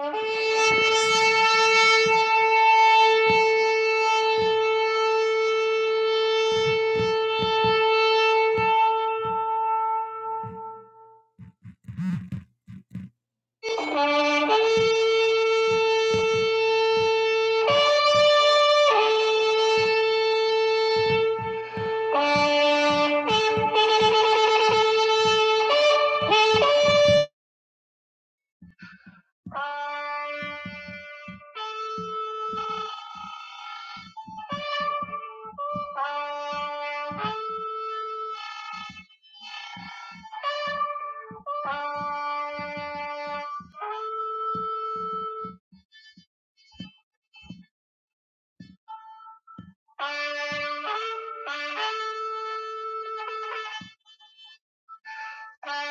Thank you. Thank you.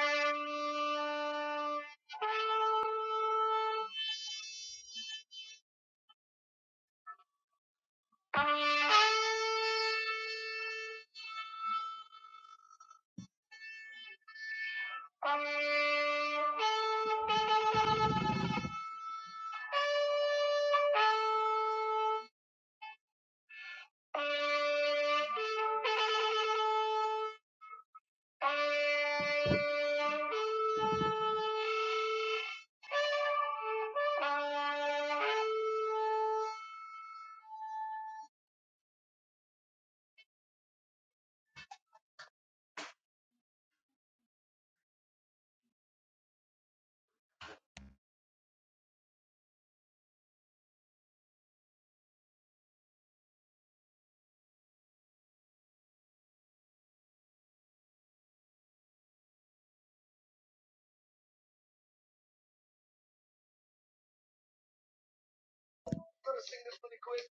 We're gonna sing this really quick.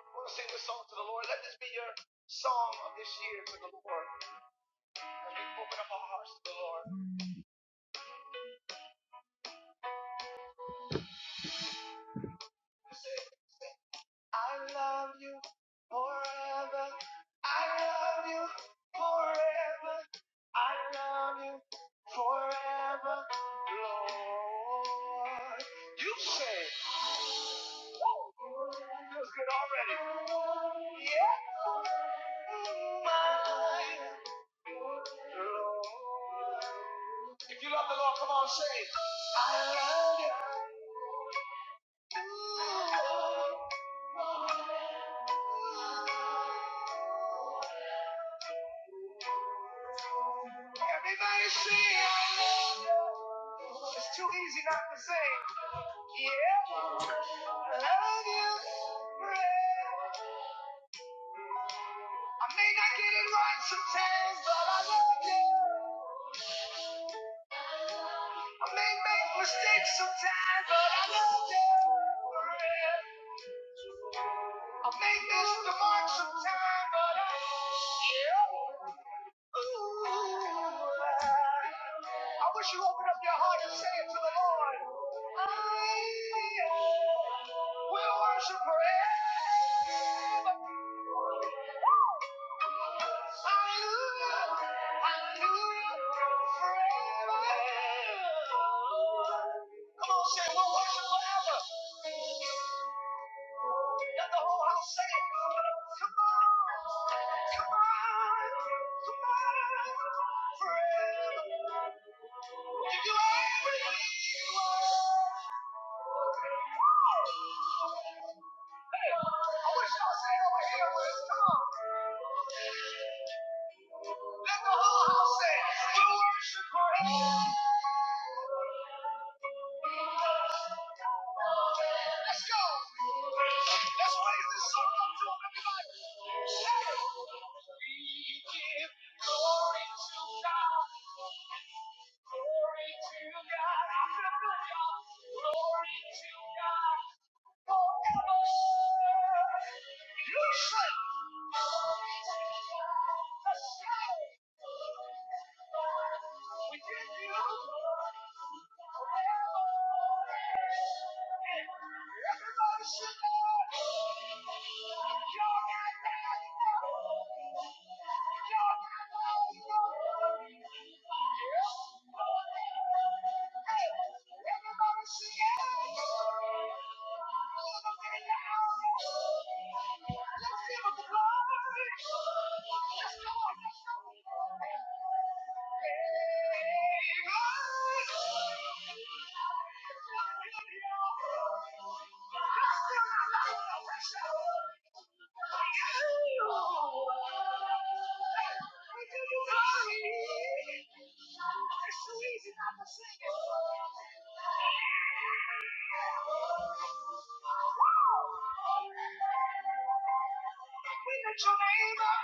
We're gonna sing this song to the Lord. Let this be your song of this year to the Lord. As we open up our hearts to the Lord. Just Say, say, I love you forever. I love you forever. I love you forever, Lord. You say. Yeah. If you love the Lord, come on, say, I love you. Everybody say, I love you. It's too easy not to say, yeah. I love you. I may not get it right sometimes, but I love you. I may make mistakes sometimes, but I love you. I'll may miss the mark sometime, but I. Ooh. I wish you open up your heart and say it to the Lord. I will worship forever. Come on, say we'll worship forever. Let the whole house sing it. Come on, come on, come on, forever. We'll Give you everything you are. Hey, I wish y'all say over here with us. Come on. Let the whole house sing. We worship her. Let's go. Let's raise this song up to him, everybody. Say We give glory to God. Glory to God. Hallelujah. Glory to God. Oh, come on. sir. You say. Glory to God. Let's go. We lift your name up.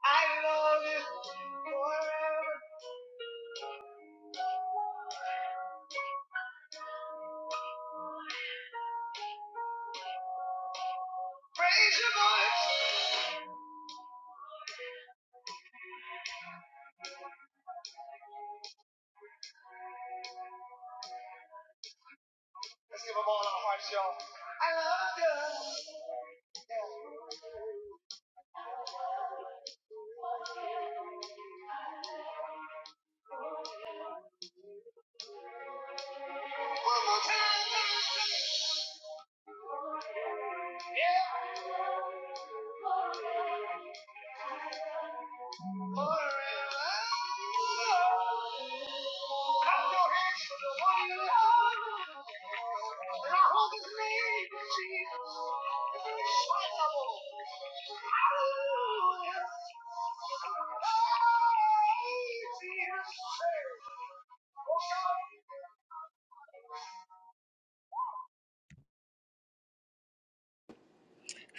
I love you forever. Praise your voice. Let's give them all our hearts, y'all. I love you. Yeah. One more time. Yeah. Forever. Clap your hands for the one you love.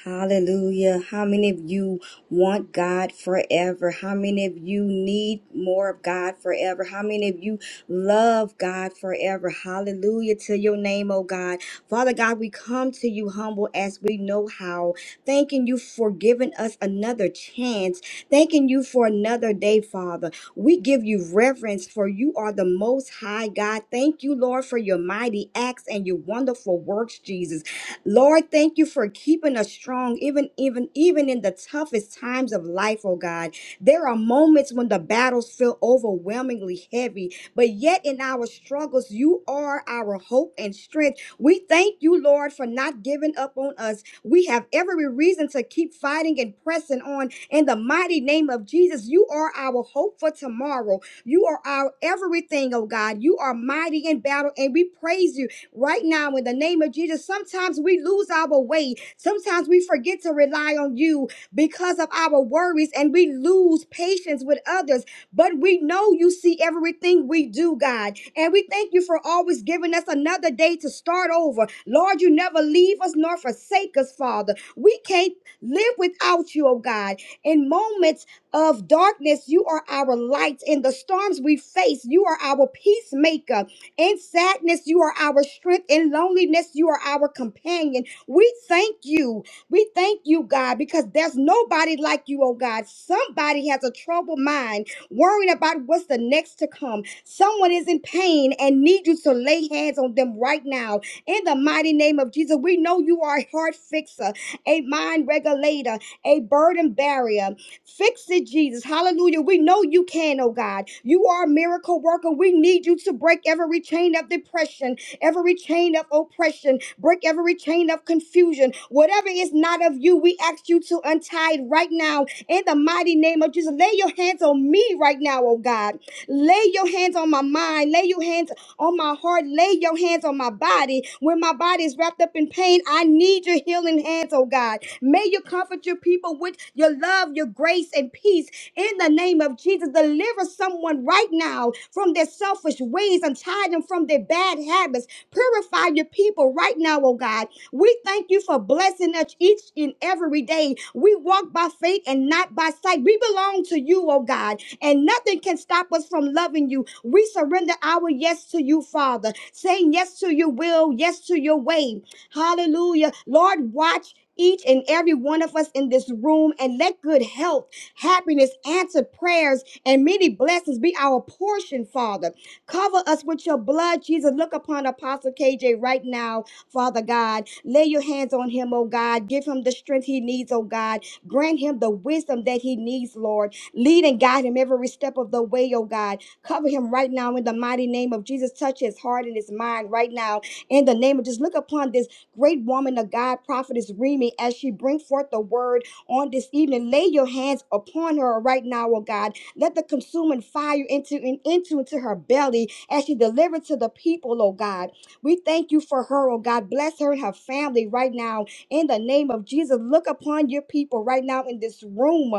Hallelujah. How many of you want God forever? How many of you need more of God forever? How many of you love God forever? Hallelujah to your name, oh God. Father God, we come to you humble as we know how, thanking you for giving us another chance, thanking you for another day, Father. We give you reverence for you are the most high God. Thank you, Lord, for your mighty acts and your wonderful works, Jesus. Lord, thank you for keeping us strong, even even even in the toughest times of life, oh God. There are moments when the battles feel overwhelmingly heavy, but yet in our struggles, you are our hope and strength. We thank you, Lord, for not giving up on us. We have every reason to keep fighting and pressing on in the mighty name of Jesus. You are our hope for tomorrow. You are our everything, oh God. You are mighty in battle, and we praise you. Right now, in the name of Jesus, sometimes we lose our way. Sometimes we forget to rely on you because of our worries and we lose patience with others. But we know you see everything we do, God. And we thank you for always giving us another day to start over. Lord, you never leave us nor forsake us, Father. We can't live without you, oh God. In moments of darkness, you are our light. In the storms we face, you are our peacemaker. In sadness, you are our strength. In loneliness, you are our companion. We thank you. We thank you, God, because there's nobody like you, oh God. Somebody has a troubled mind, worrying about what's the next to come. Someone is in pain and need you to lay hands on them right now. In the mighty name of Jesus, we know you are a heart fixer, a mind regulator, a burden barrier. Fix it, Jesus. Hallelujah. We know you can, oh God. You are a miracle worker. We need you to break every chain of depression, every chain of oppression, break every chain of confusion. Whatever is not of you, we ask you to untie it right now in the mighty name of Jesus. Lay your hands on me right now, oh God. Lay your hands on my mind. Lay your hands on my heart. Lay your hands on my body. When my body is wrapped up in pain, I need your healing hands, oh God. May you comfort your people with your love, your grace, and peace. In the name of Jesus, deliver someone right now from their selfish ways and tie them from their bad habits. Purify your people right now, oh God. We thank you for blessing us each and every day. We walk by faith and not by sight. We belong to you, oh God and nothing can stop us from loving you. We surrender our yes to you, Father, saying yes to your will, yes to your way. Hallelujah. Lord, watch. Each and every one of us in this room, and let good health, happiness, answered prayers, and many blessings be our portion, Father. Cover us with your blood, Jesus. Look upon Apostle KJ right now, Father God. Lay your hands on him, oh God. Give him the strength he needs, oh God. Grant him the wisdom that he needs, Lord. Lead and guide him every step of the way, oh God. Cover him right now in the mighty name of Jesus. Touch his heart and his mind right now in the name of just look upon this great woman of God, prophetess Remy, as she bring forth the word on this evening. Lay your hands upon her right now, oh God. Let the consuming fire into in- into into her belly as she delivered to the people, oh God. We thank you for her, oh God. Bless her and her family right now in the name of Jesus. Look upon your people right now in this room.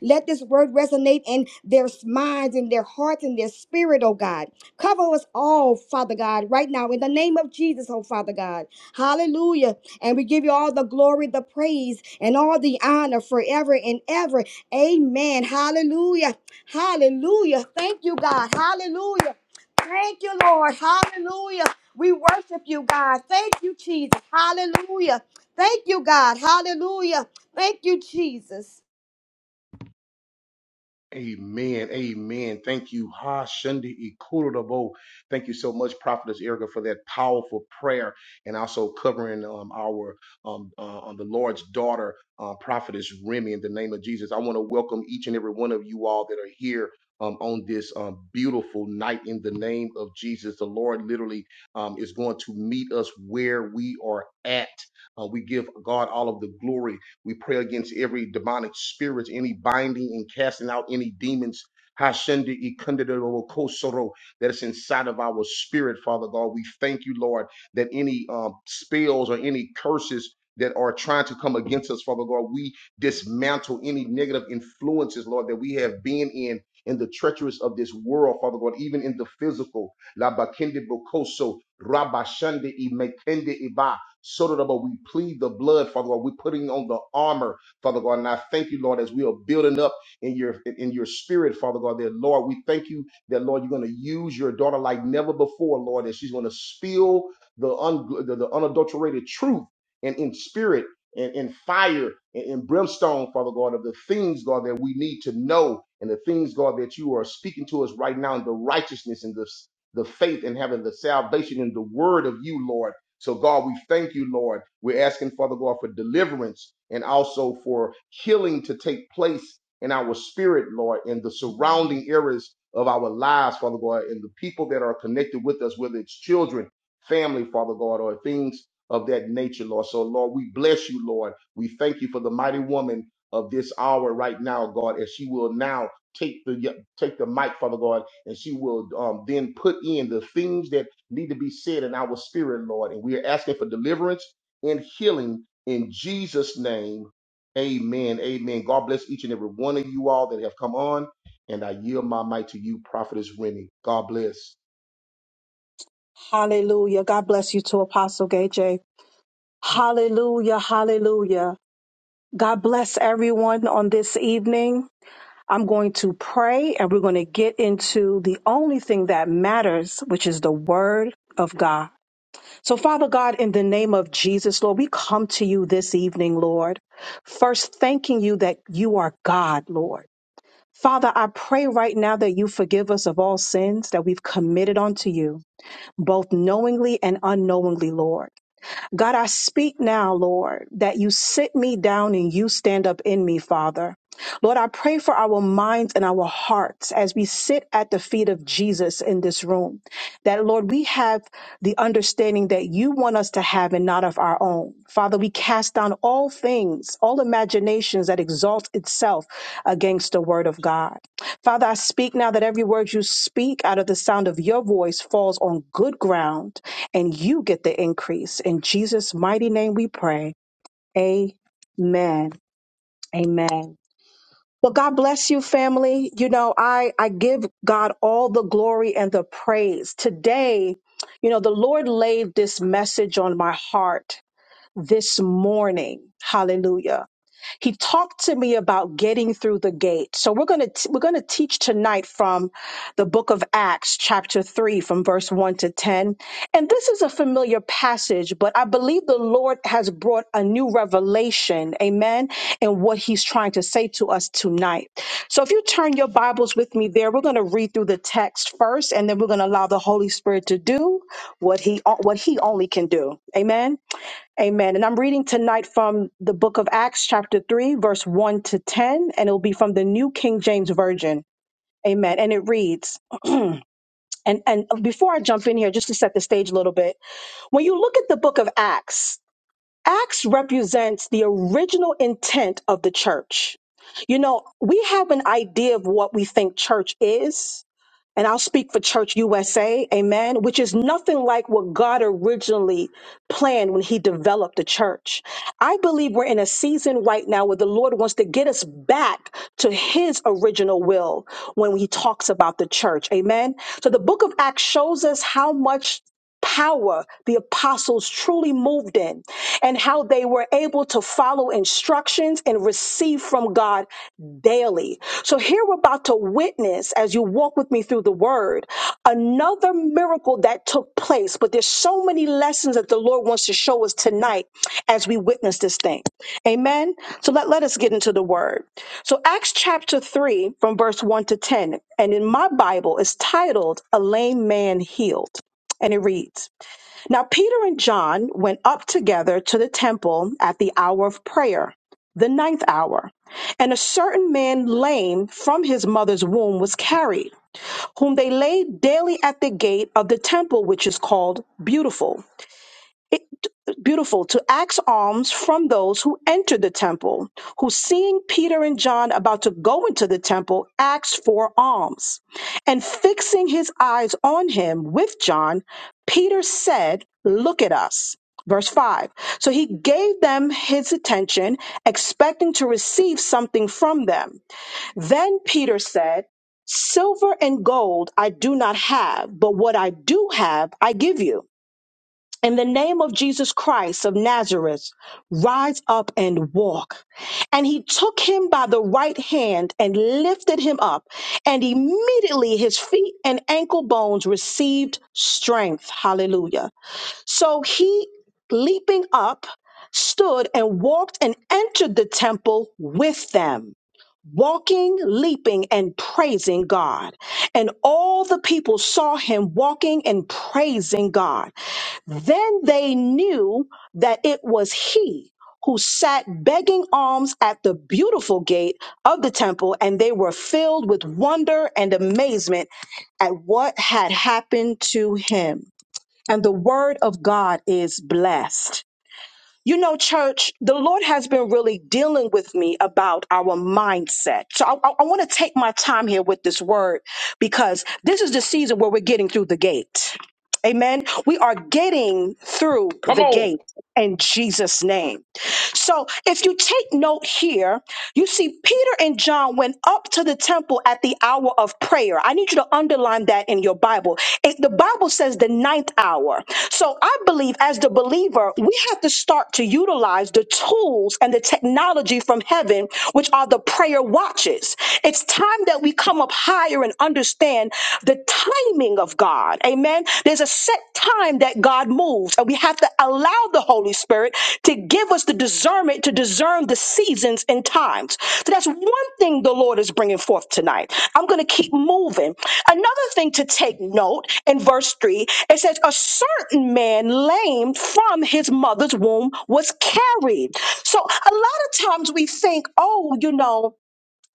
Let this word resonate in their minds, in their hearts, in their spirit, oh God. Cover us all, Father God, right now in the name of Jesus, oh Father God. Hallelujah. And we give you all the glory, the praise, and all the honor forever and ever. Amen. Hallelujah. Hallelujah. Thank you, God. Hallelujah. Thank you, Lord. Hallelujah. We worship you, God. Thank you, Jesus. Hallelujah. Thank you, God. Hallelujah. Thank you, Jesus. Our um, daughter, prophetess Remy, in the name of Jesus. I want to welcome each and every one of you all that are here um, on this beautiful night in the name of Jesus. Really, um, is where we at. We pray against every, any binding and casting out Hashenda Ikundadoro, spirit, Father God. We thank you, Lord, that any um, spells or any curses that are trying to come against us, Father God, we dismantle any negative influences, Lord, that we have been in. In the treacherous of this world, Father God, even in the physical, La Bakende Bokoso, Rabashande Imekende Iba, Sotoraba, we plead the blood, Father God. We're putting on the armor, Father God. And I thank you, Lord, as we are building up in your in your spirit, Father God, that Lord, we thank you that Lord, you're going to use your daughter like never before, Lord, that she's going to spill the, un- the, the unadulterated truth and in spirit and in fire and in brimstone, Father God, of the things, God, that we need to know and the things, God, that you are speaking to us right now, and the righteousness and the, the faith and having the salvation and the word of you, Lord. So, God, we thank you, Lord. We're asking, Father God, for deliverance and also for healing to take place in our spirit, Lord, in the surrounding areas of our lives, Father God, and the people that are connected with us, whether it's children, family, Father God, or things of that nature, Lord. So, Lord, we bless you, Lord. We thank you for the mighty woman of this hour right now, God, as she will now take the take the mic, Father God, and she will um, then put in the things that need to be said in our spirit, Lord. And we are asking for deliverance and healing in Jesus' name. Amen. Amen. God bless each and every one of you all that have come on. And I yield my mic to you, Prophetess Remy. God bless. Hallelujah. God bless you to Apostle Gay J. Hallelujah. Hallelujah. God bless everyone on this evening. I'm going to pray and we're going to get into the only thing that matters, which is the word of God. So Father God, in the name of Jesus, Lord, we come to you this evening, Lord. First, thanking you that you are God, Lord. Father, I pray right now that you forgive us of all sins that we've committed unto you, both knowingly and unknowingly, Lord. God, I speak now, Lord, that you sit me down and you stand up in me, Father. Lord, I pray for our minds and our hearts as we sit at the feet of Jesus in this room. That, Lord, we have the understanding that you want us to have and not of our own. Father, we cast down all things, all imaginations that exalt itself against the word of God. Father, I speak now that every word you speak out of the sound of your voice falls on good ground and you get the increase. In Jesus' mighty name we pray. Amen. Amen. Well, God bless you, family. You know, I, I give God all the glory and the praise. Today, you know, the Lord laid this message on my heart this morning. Hallelujah. He talked to me about getting through the gate. So we're going to we're going to teach tonight from the book of Acts chapter 3 from verse 1 to 10. And this is a familiar passage, but I believe the Lord has brought a new revelation, amen, and what he's trying to say to us tonight. So if you turn your Bibles with me there, we're going to read through the text first and then we're going to allow the Holy Spirit to do what he what he only can do. Amen. Amen. And I'm reading tonight from the book of Acts, chapter 3, verse 1 to 10, and it'll be from the New King James Version. Amen. And it reads, and, and before I jump in here, just to set the stage a little bit, when you look at the book of Acts, Acts represents the original intent of the church. You know, we have an idea of what we think church is, and I'll speak for Church USA, amen, which is nothing like what God originally planned when He developed the church. I believe we're in a season right now where the Lord wants to get us back to His original will when He talks about the church, amen. So the book of Acts shows us how much. Power the apostles truly moved in, and how they were able to follow instructions and receive from God daily. So here we're about to witness as you walk with me through the word, another miracle that took place. But there's so many lessons that the Lord wants to show us tonight as we witness this thing. Amen. So let, let us get into the word. So Acts chapter 3 from verse 1 to 10. And in my Bible, it's titled A Lame Man Healed. And it reads, now, Peter and John went up together to the temple at the hour of prayer, the ninth hour. And a certain man lame from his mother's womb was carried, whom they laid daily at the gate of the temple, which is called Beautiful Beautiful to ask alms from those who enter the temple, who seeing Peter and John about to go into the temple, asked for alms. And fixing his eyes on him with John, Peter said, Look at us. Verse 5. So he gave them his attention, expecting to receive something from them. Then Peter said, Silver and gold I do not have, but what I do have, I give you. In the name of Jesus Christ of Nazareth, rise up and walk. And he took him by the right hand and lifted him up, and immediately his feet and ankle bones received strength. Hallelujah. So he, leaping up, stood and walked and entered the temple with them. Walking, leaping, and praising God. And all the people saw him walking and praising God. Then they knew that it was he who sat begging alms at the beautiful gate of the temple, and they were filled with wonder and amazement at what had happened to him. And the word of God is blessed. You know, church, the Lord has been really dealing with me about our mindset. So I, I want to take my time here with this word because this is the season where we're getting through the gate. Amen. We are getting through the gate in Jesus' name. So if you take note here, you see Peter and John went up to the temple at the hour of prayer. I need you to underline that in your Bible. It, the Bible says the ninth hour. So I believe as the believer, we have to start to utilize the tools and the technology from heaven, which are the prayer watches. It's time that we come up higher and understand the timing of God. Amen. There's a set time that God moves, and we have to allow the Holy Spirit to give us the discernment to discern the seasons and times. So that's one thing the Lord is bringing forth tonight. I'm going to keep moving. Another thing to take note in verse 3, it says, A certain man lame from his mother's womb was carried. So a lot of times we think, oh, you know,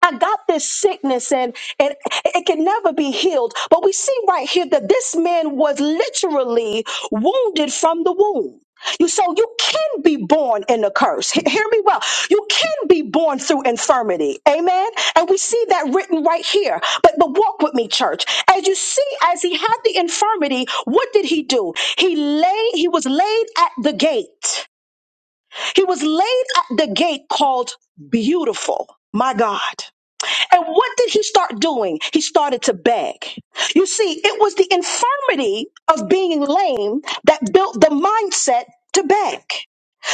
I got this sickness and, and it can never be healed. But we see right here that this man was literally wounded from the womb. You so you can be born in a curse. He- hear me well. You can be born through infirmity. Amen. And we see that written right here. But but walk with me, church. As you see, as he had the infirmity, what did he do? He lay, he was laid at the gate. He was laid at the gate called beautiful. My God. And what did he start doing? He started to beg. You see, it was the infirmity of being lame that built the mindset to beg.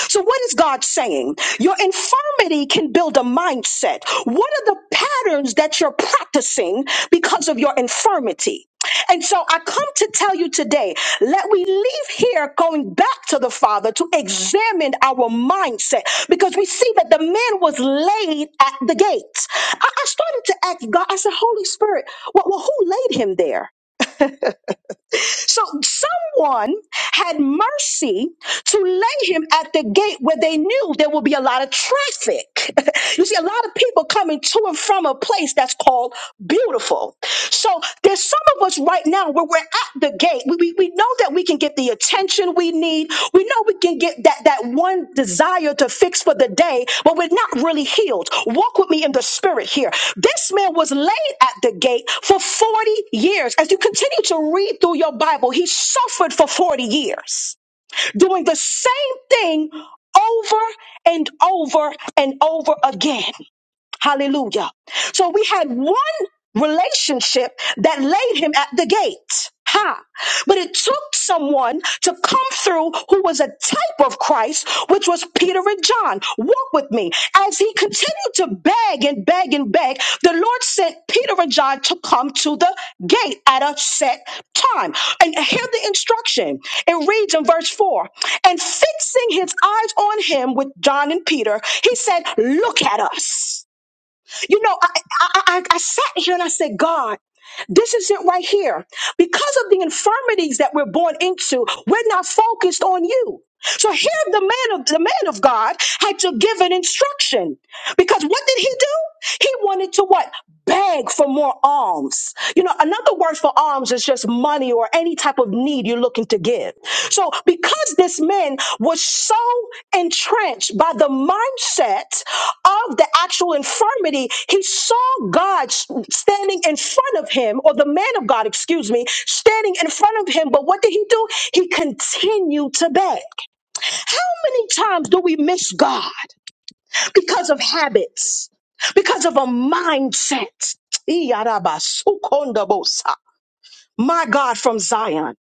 So, what is God saying? Your infirmity can build a mindset. What are the patterns that you're practicing because of your infirmity? And so I come to tell you today, let we leave here going back to the Father to examine our mindset because we see that the man was laid at the gate. I, I started to ask God, I said, Holy Spirit, well, well, who laid him there? So someone had mercy to lay him at the gate where they knew there would be a lot of traffic. you see, a lot of people coming to and from a place that's called beautiful. So there's some of us right now where we're at the gate. We, we, we know that we can get the attention we need. We know we can get that, that one desire to fix for the day, but we're not really healed. Walk with me in the spirit here. This man was laid at the gate for 40 years. As you continue to read through your Bible, he suffered for 40 years doing the same thing over and over and over again. Hallelujah. So we had one relationship that laid him at the gate. Ha. But it took someone to come through who was a type of Christ, which was Peter and John. Walk with me. As he continued to beg and beg and beg, the Lord sent Peter and John to come to the gate at a set time. And hear the instruction. It reads in verse 4 And fixing his eyes on him with John and Peter, he said, Look at us. You know, I, I, I, I sat here and I said, God, this is it right here. Because of the infirmities that we're born into, we're not focused on you. So here the man of the man of God had to give an instruction. Because what did he do? He wanted to what? Beg for more alms. You know, another word for alms is just money or any type of need you're looking to give. So because this man was so entrenched by the mindset of the actual infirmity, he saw God s- standing in front of him, or the man of God, excuse me, standing in front of him. But what did he do? He continued to beg. How many times do we miss God? because of habits, because of a mindset. Iyarabasukondabosai my God, from Zion.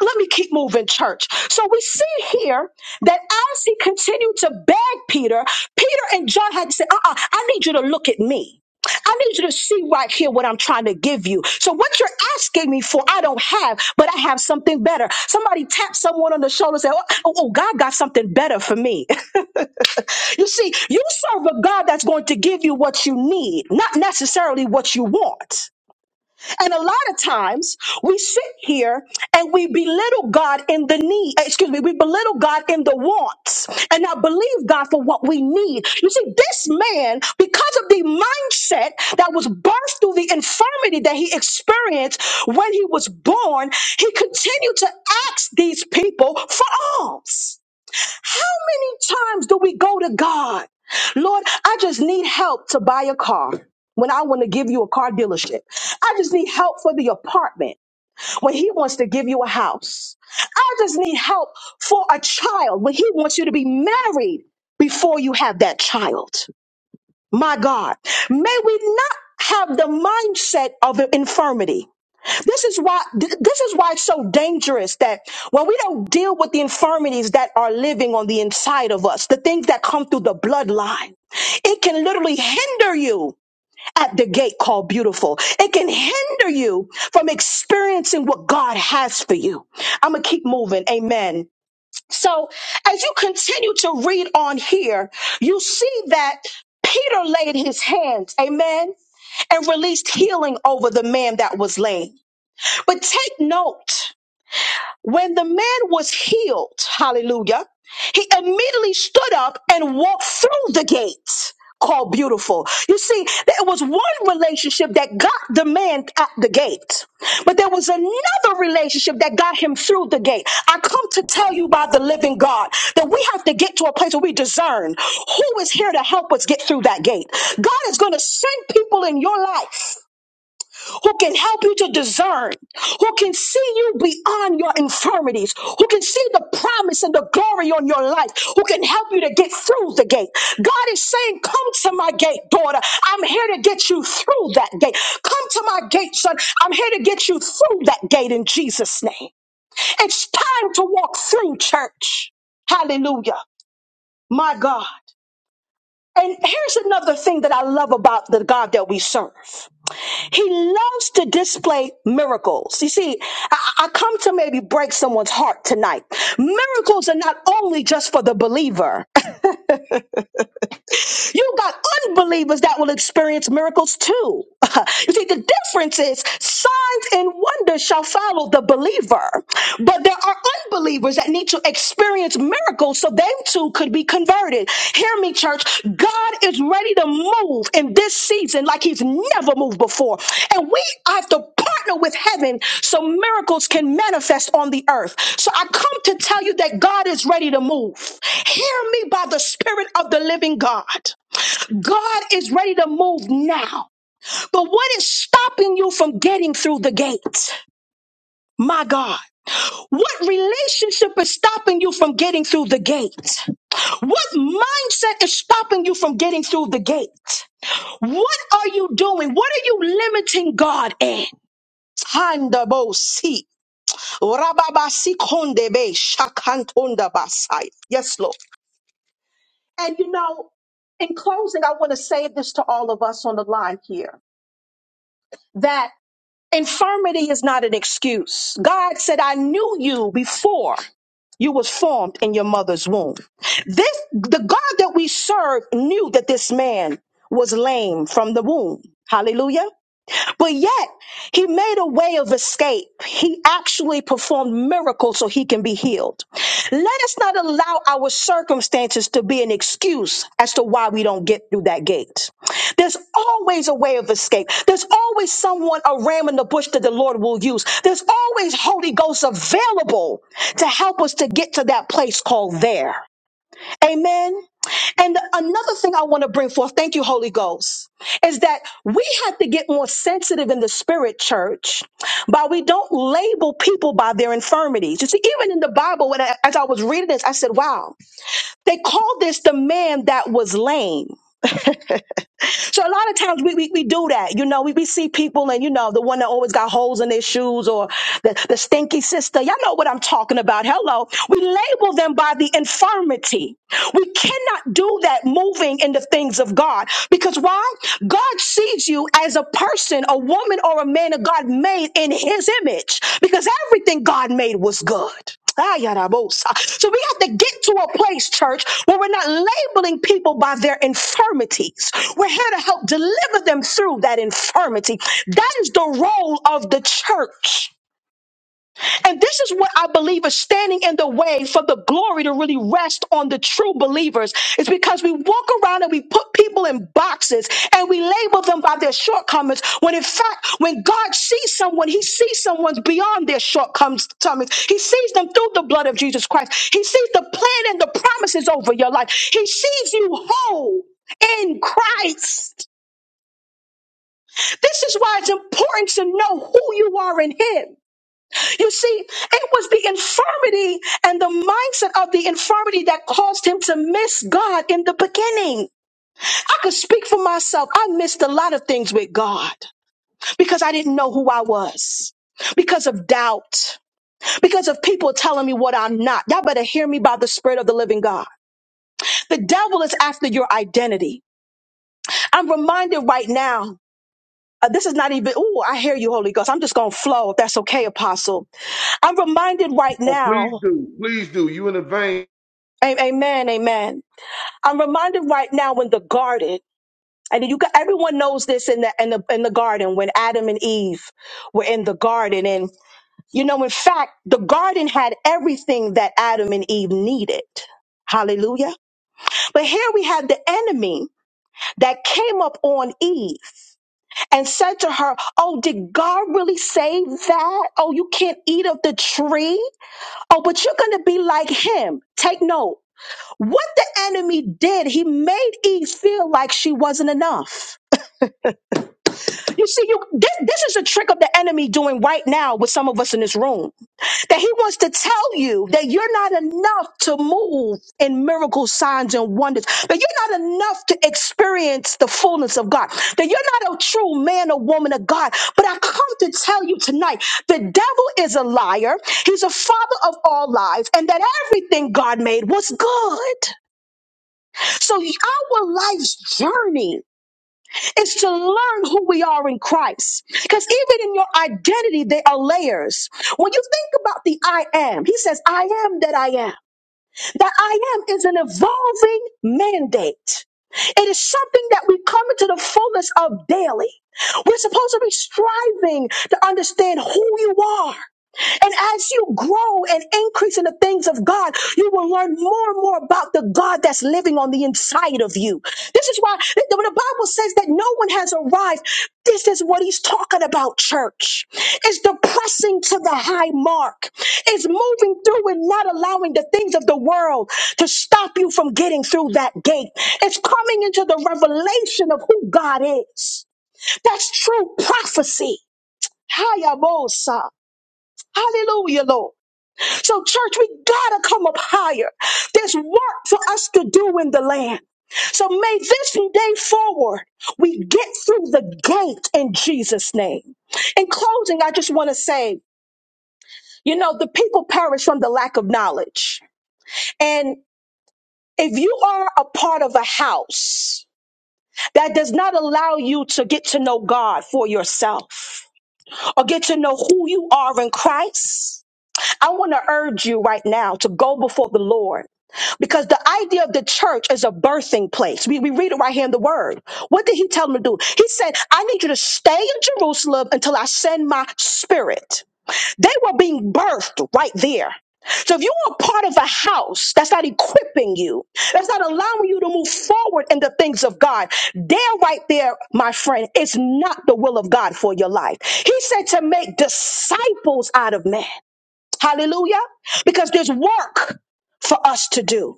Let me keep moving, church. So we see here that as he continued to beg Peter, Peter and John had to say, uh uh I need you to look at me. I need you to see right here what I'm trying to give you. So what you're asking me for, I don't have, but I have something better. Somebody tap someone on the shoulder and say, oh, oh oh, God got something better for me. You see, you serve a God that's going to give you what you need, not necessarily what you want. And a lot of times we sit here and we belittle God in the need, excuse me, we belittle God in the wants and not believe God for what we need. You see, this man, because of the mindset that was birthed through the infirmity that he experienced when he was born, he continued to ask these people for alms. How many times do we go to God? Lord, I just need help to buy a car. When I want to give you a car dealership, I just need help for the apartment. When he wants to give you a house, I just need help for a child. When he wants you to be married before you have that child. My God, may we not have the mindset of infirmity. This is why th- this is why it's so dangerous that when we don't deal with the infirmities that are living on the inside of us, the things that come through the bloodline, it can literally hinder you at the gate called beautiful. It can hinder you from experiencing what God has for you. I'm going to keep moving. Amen. So, as you continue to read on here, you see that Peter laid his hands, amen, and released healing over the man that was lame. But take note, when the man was healed, hallelujah, he immediately stood up and walked through the gates called beautiful. You see, there was one relationship that got the man at the gate, but there was another relationship that got him through the gate. I come to tell you by the living God that we have to get to a place where we discern who is here to help us get through that gate. God is going to send people in your life who can help you to discern, who can see you beyond your infirmities, who can see the promise and the glory on your life, who can help you to get through the gate. God is saying, Come to my gate, daughter. I'm here to get you through that gate. Come to my gate, son. I'm here to get you through that gate in Jesus' name. It's time to walk through church. Hallelujah. My God. And here's another thing that I love about the God that we serve. He loves to display miracles. You see, I, I come to maybe break someone's heart tonight. Miracles are not only just for the believer. You got unbelievers that will experience miracles too. you see, the difference is signs and wonders shall follow the believer, but there are unbelievers that need to experience miracles so they too could be converted. Hear me, church. God is ready to move in this season like He's never moved before, and we have to partner with heaven so miracles can manifest on the earth. So I come to tell you that God is ready to move. Hear me by the Spirit of the living God. God is ready to move now. But what is stopping you from getting through the gate? My God. What relationship is stopping you from getting through the gate? What mindset is stopping you from getting through the gate? What are you doing? What are you limiting God in? Handabose. Rababasikonde shakantondabasai. Yes, Lord. And you know, in closing, I want to say this to all of us on the line here that. Infirmity is not an excuse. God said, I knew you before you was formed in your mother's womb. This, the God that we serve knew that this man was lame from the womb. Hallelujah. But yet, he made a way of escape. He actually performed miracles so he can be healed. Let us not allow our circumstances to be an excuse as to why we don't get through that gate. There's always a way of escape. There's always someone, a ram in the bush that the Lord will use. There's always Holy Ghost available to help us to get to that place called there. Amen. And another thing I want to bring forth, thank you, Holy Ghost, is that we have to get more sensitive in the spirit church by we don't label people by their infirmities. You see, even in the Bible, when I, as I was reading this, I said, wow, they called this the man that was lame. So a lot of times we, we, we do that. You know, we, we see people and, you know, the one that always got holes in their shoes or the, the stinky sister. Y'all know what I'm talking about. Hello. We label them by the infirmity. We cannot do that moving in the things of God because why? God sees you as a person, a woman or a man that God made in his image because everything God made was good. Ah, yada, So we have to get to a place, church, where we're not labeling people by their infirmities. We're here to help deliver them through that infirmity. That is the role of the church. And this is what I believe is standing in the way for the glory to really rest on the true believers. It's because we walk around and we put people in boxes and we label them by their shortcomings. When in fact, when God sees someone, he sees someone's beyond their shortcomings. He sees them through the blood of Jesus Christ. He sees the plan and the promises over your life. He sees you whole in Christ. This is why it's important to know who you are in him. You see, it was the infirmity and the mindset of the infirmity that caused him to miss God in the beginning. I could speak for myself. I missed a lot of things with God because I didn't know who I was. Because of doubt, because of people telling me what I'm not. Y'all better hear me by the Spirit of the living God. The devil is after your identity. I'm reminded right now, uh, this is not even, ooh, I hear you, Holy Ghost. I'm just going to flow if that's okay, Apostle. I'm reminded right Oh, please now, do. Please do. You in the vein. a- amen, amen I'm reminded right now in the garden, and you got everyone knows this in the in the in the garden when Adam and Eve were in the garden, and you know, in fact, the garden had everything that Adam and Eve needed. Hallelujah. But here we have the enemy that came up on Eve and said to her, Oh, did God really say that? Oh, you can't eat of the tree? Oh, but you're going to be like him. Take note. What the enemy did, he made Eve feel like she wasn't enough. You see, you this, this is a trick of the enemy doing right now with some of us in this room. That he wants to tell you that you're not enough to move in miracles, signs, and wonders. That you're not enough to experience the fullness of God. That you're not a true man or woman of God. But I come to tell you tonight, the devil is a liar. He's a father of all lies, and that everything God made was good. So our life's journey is to learn who we are in Christ. Because even in your identity, there are layers. When you think about the I am, he says, I am that I am. That I am is an evolving mandate. It is something that we come into the fullness of daily. We're supposed to be striving to understand who you are and as you grow and increase in the things of God, you will learn more and more about the God that's living on the inside of you. This is why when the Bible says that no one has arrived, this is what he's talking about, church. It's the pressing to the high mark. It's moving through and not allowing the things of the world to stop you from getting through that gate. It's coming into the revelation of who God is. That's true prophecy. Hayabosa. Hallelujah, Lord. So, church, we gotta come up higher. There's work for us to do in the land. So, may this day forward, we get through the gate in Jesus' name. In closing, I just wanna say, you know, the people perish from the lack of knowledge. And if you are a part of a house, that does not allow you to get to know God for yourself or get to know who you are in Christ. I want to urge you right now to go before the Lord Because the idea of the church is a birthing place. We, we read it right here in the word. What did he tell them to do? He said, I need you to stay in Jerusalem until I send my spirit. They were being birthed right there. So if you are part of a house that's not equipping you, that's not allowing you to move forward in the things of God, there right there, my friend, is not the will of God for your life. He said to make disciples out of men. Hallelujah. Because there's work for us to do.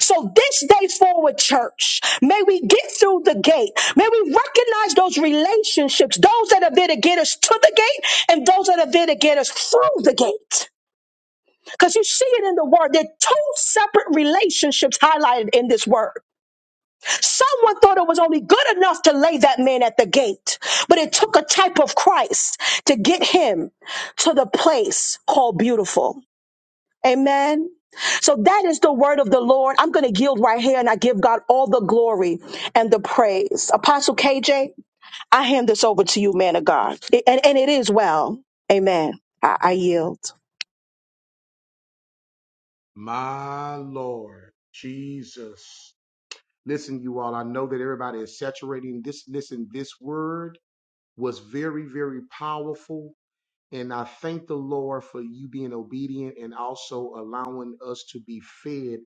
So this day forward, church, may we get through the gate. May we recognize those relationships, those that are there to get us to the gate and those that are there to get us through the gate. Because you see it in the word. There are two separate relationships highlighted in this word. Someone thought it was only good enough to lay that man at the gate, but it took a type of Christ to get him to the place called beautiful. Amen. So that is the word of the Lord. I'm going to yield right here and I give God all the glory and the praise. Apostle KJ, I hand this over to you, man of God. It- and, and it is well. Amen. I, I yield. My Lord Jesus. Listen, you all, I know that everybody is saturating this. Listen, this word was very, very powerful. And I thank the Lord for you being obedient and also allowing us to be fed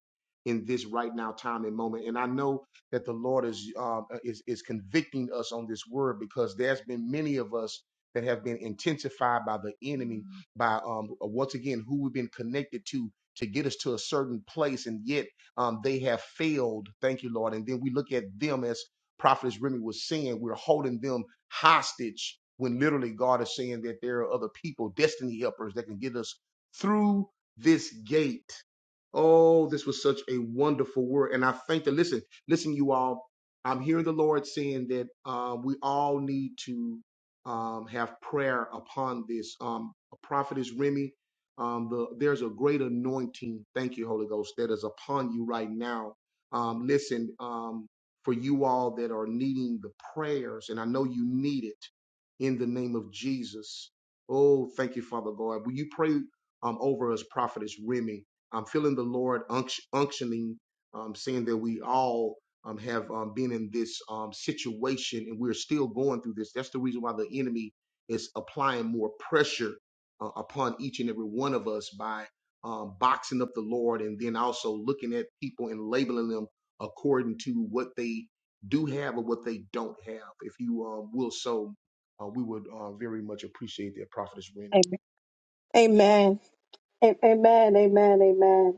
in this right now time and moment. And I know that the Lord is um, uh, is is convicting us on this word because there's been many of us that have been intensified by the enemy by um uh, once again who we've been connected to to get us to a certain place and yet um they have failed thank you lord and then we look at them as prophetess remy was saying we're holding them hostage when literally God is saying that there are other people, destiny helpers, that can get us through this gate. Oh, this was such a wonderful word. And I think that, listen, listen, you all, I'm hearing the Lord saying that um, we all need to um, have prayer upon this. Um, prophetess Remy, um, the, there's a great anointing. Thank you, Holy Ghost, that is upon you right now. Um, listen, um, for you all that are needing the prayers. And I know you need it in the name of Jesus. Oh, thank you, Father God. Will you pray um, over us, Prophetess Remy? I'm feeling the Lord unct- unctioning, um, saying that we all um, have um, been in this um, situation and we're still going through this. That's the reason why the enemy is applying more pressure uh, upon each and every one of us by um, boxing up the Lord and then also looking at people and labeling them according to what they do have or what they don't have. If you um, will so, uh, we would uh, very much appreciate that, Prophetess Rennie. Amen. Amen. A- Amen. Amen. Amen.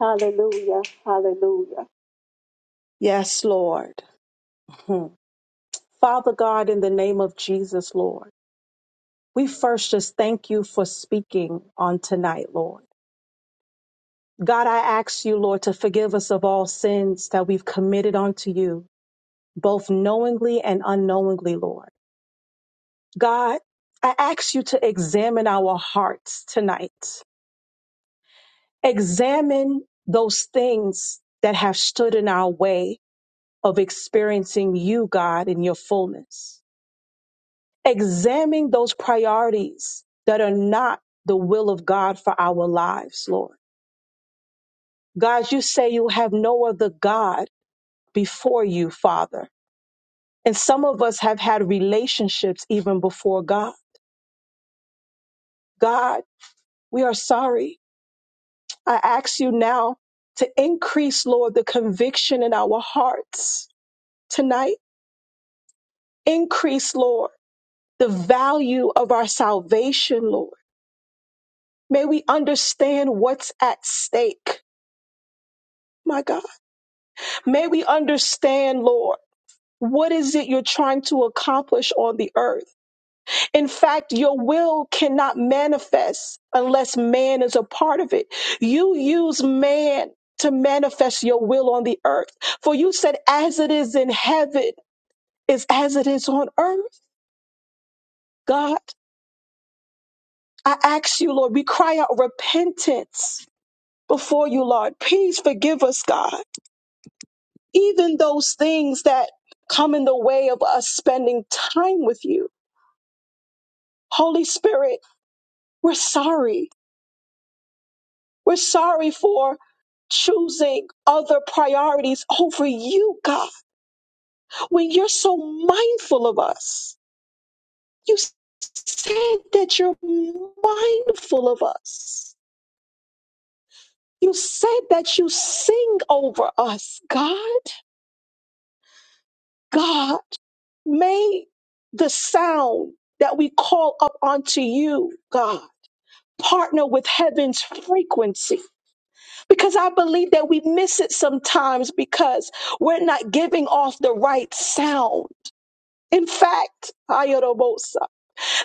Hallelujah. Hallelujah. Yes, Lord. Hmm. Father God, in the name of Jesus, Lord, we first just thank you for speaking on tonight, Lord. God, I ask you, Lord, to forgive us of all sins that we've committed unto you, both knowingly and unknowingly, Lord. God, I ask you to examine our hearts tonight. Examine those things that have stood in our way of experiencing you, God, in your fullness. Examine those priorities that are not the will of God for our lives, Lord. God, you say you have no other God before you, Father. And some of us have had relationships even before God. God, we are sorry. I ask you now to increase, Lord, the conviction in our hearts tonight. Increase, Lord, the value of our salvation, Lord. May we understand what's at stake, my God. May we understand, Lord, what is it you're trying to accomplish on the earth? In fact, your will cannot manifest unless man is a part of it. You use man to manifest your will on the earth. For you said, as it is in heaven, is as it is on earth. God, I ask you, Lord, we cry out repentance before you, Lord. Please forgive us, God. Even those things that come in the way of us spending time with you. Holy Spirit, we're sorry. We're sorry for choosing other priorities over you, God, when you're so mindful of us. You said that you're mindful of us. You said that you sing over us, God. God, may the sound that we call up onto you, God, partner with heaven's frequency Because I believe that we miss it sometimes because we're not giving off the right sound. In fact, Ayorobosa,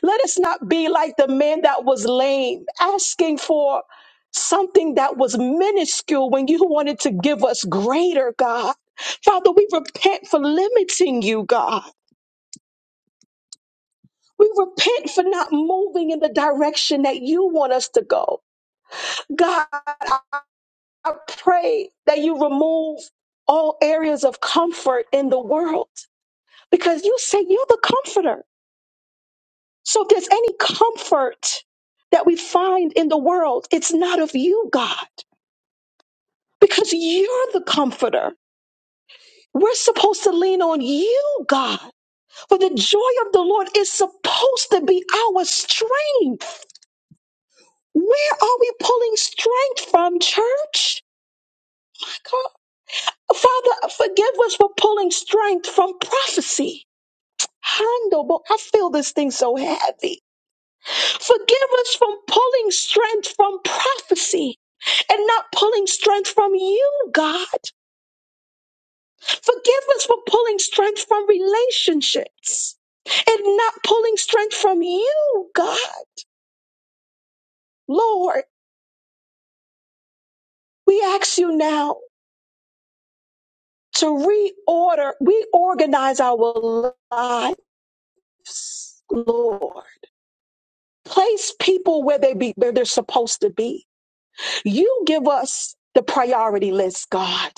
let us not be like the man that was lame, asking for something that was minuscule when you wanted to give us greater, God. Father, we repent for limiting you, God. We repent for not moving in the direction that you want us to go. God, I pray that you remove all areas of comfort in the world because you say you're the comforter. So if there's any comfort that we find in the world, it's not of you, God, because you're the comforter. We're supposed to lean on you, God, for the joy of the Lord is supposed to be our strength. Where are we pulling strength from, church? God, Father, forgive us for pulling strength from prophecy handle, but I feel this thing so heavy. Forgive us from pulling strength from prophecy and not pulling strength from you, God. Forgive us for pulling strength from relationships and not pulling strength from you, God. Lord, we ask you now to reorder, reorganize our lives, Lord. Place people where they be, where they're supposed to be You give us the priority list, God.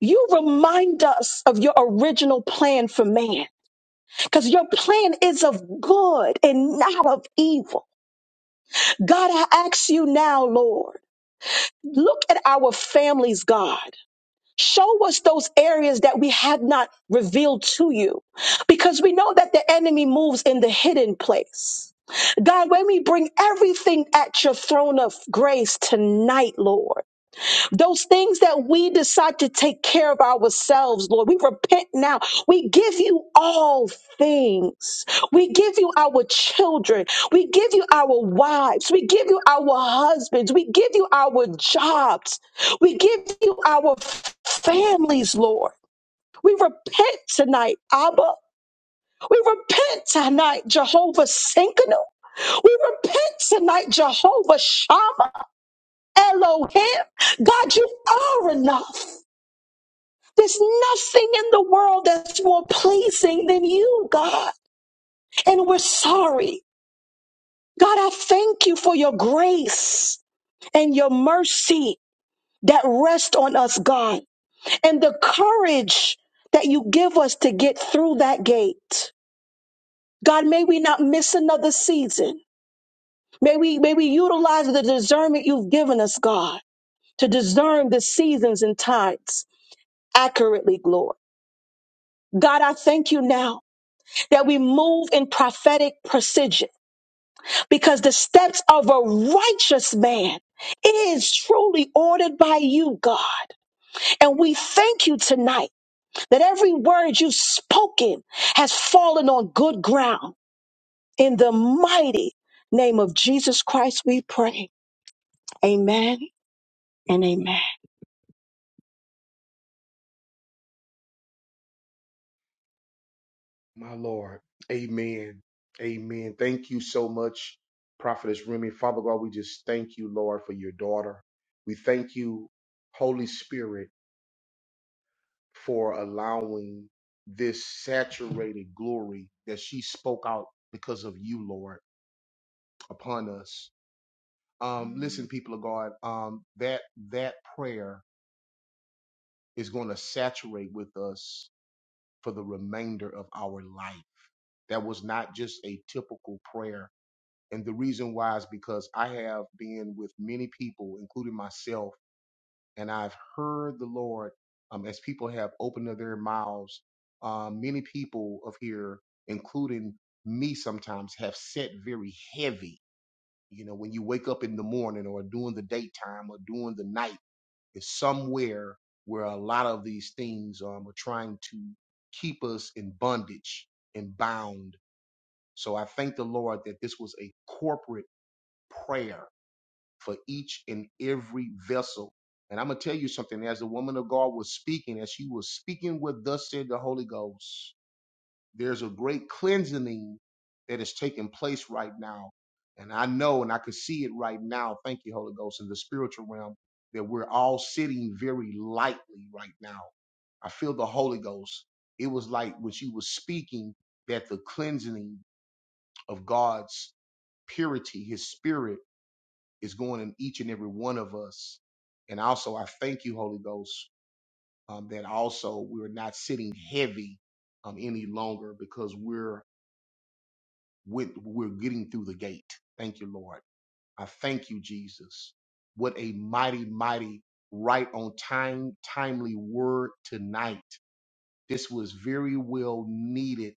You remind us of your original plan for man because your plan is of good and not of evil. God, I ask you now, Lord, look at our families, God. Show us those areas that we have not revealed to you because we know that the enemy moves in the hidden place. God, when we bring everything at your throne of grace tonight, Lord. Those things that we decide to take care of ourselves, Lord, we repent now. We give you all things. We give you our children. We give you our wives. We give you our husbands. We give you our jobs. We give you our families, Lord. We repent tonight, Abba. We repent tonight, Jehovah Sinkano. We repent tonight, Jehovah Shammah, Elohim. God, you are enough. There's nothing in the world that's more pleasing than you, God. And we're sorry. God, I thank you for your grace and your mercy that rest on us, God, and the courage that you give us to get through that gate. God, may we not miss another season. May we, may we utilize the discernment you've given us, God, to discern the seasons and times accurately, Lord. God, I thank you now that we move in prophetic precision because the steps of a righteous man is truly ordered by you, God. And we thank you tonight that every word you've spoken has fallen on good ground. In the mighty name of Jesus Christ, we pray. Amen and amen. My Lord. Amen. Amen. Thank you so much, Prophetess Remy. Father God, we just thank you, Lord, for your daughter. We thank you, Holy Spirit, for allowing this saturated glory that she spoke out because of you, Lord, upon us. Um, listen, people of God, um, that that prayer is going to saturate with us for the remainder of our life. That was not just a typical prayer. And the reason why is because I have been with many people, including myself, and I've heard the Lord um, as people have opened up their mouths. Uh, many people of here, including me sometimes, have set very heavy. You know, when you wake up in the morning or during the daytime or during the night is somewhere where a lot of these things um, are trying to keep us in bondage and bound. So I thank the Lord that this was a corporate prayer for each and every vessel. And I'm going to tell you something. As the woman of God was speaking, as she was speaking with thus said the Holy Ghost, there's a great cleansing that is taking place right now. And I know and I can see it right now. Thank you, Holy Ghost, in the spiritual realm that we're all sitting very lightly right now. I feel the Holy Ghost. It was like when she was speaking that the cleansing of God's purity, his spirit is going in each and every one of us. And also, I thank you, Holy Ghost, um, that also we're not sitting heavy um, any longer because we're with we're getting through the gate. Thank you, Lord. I thank you, Jesus. What a mighty, mighty, right on time, timely word tonight. This was very well needed.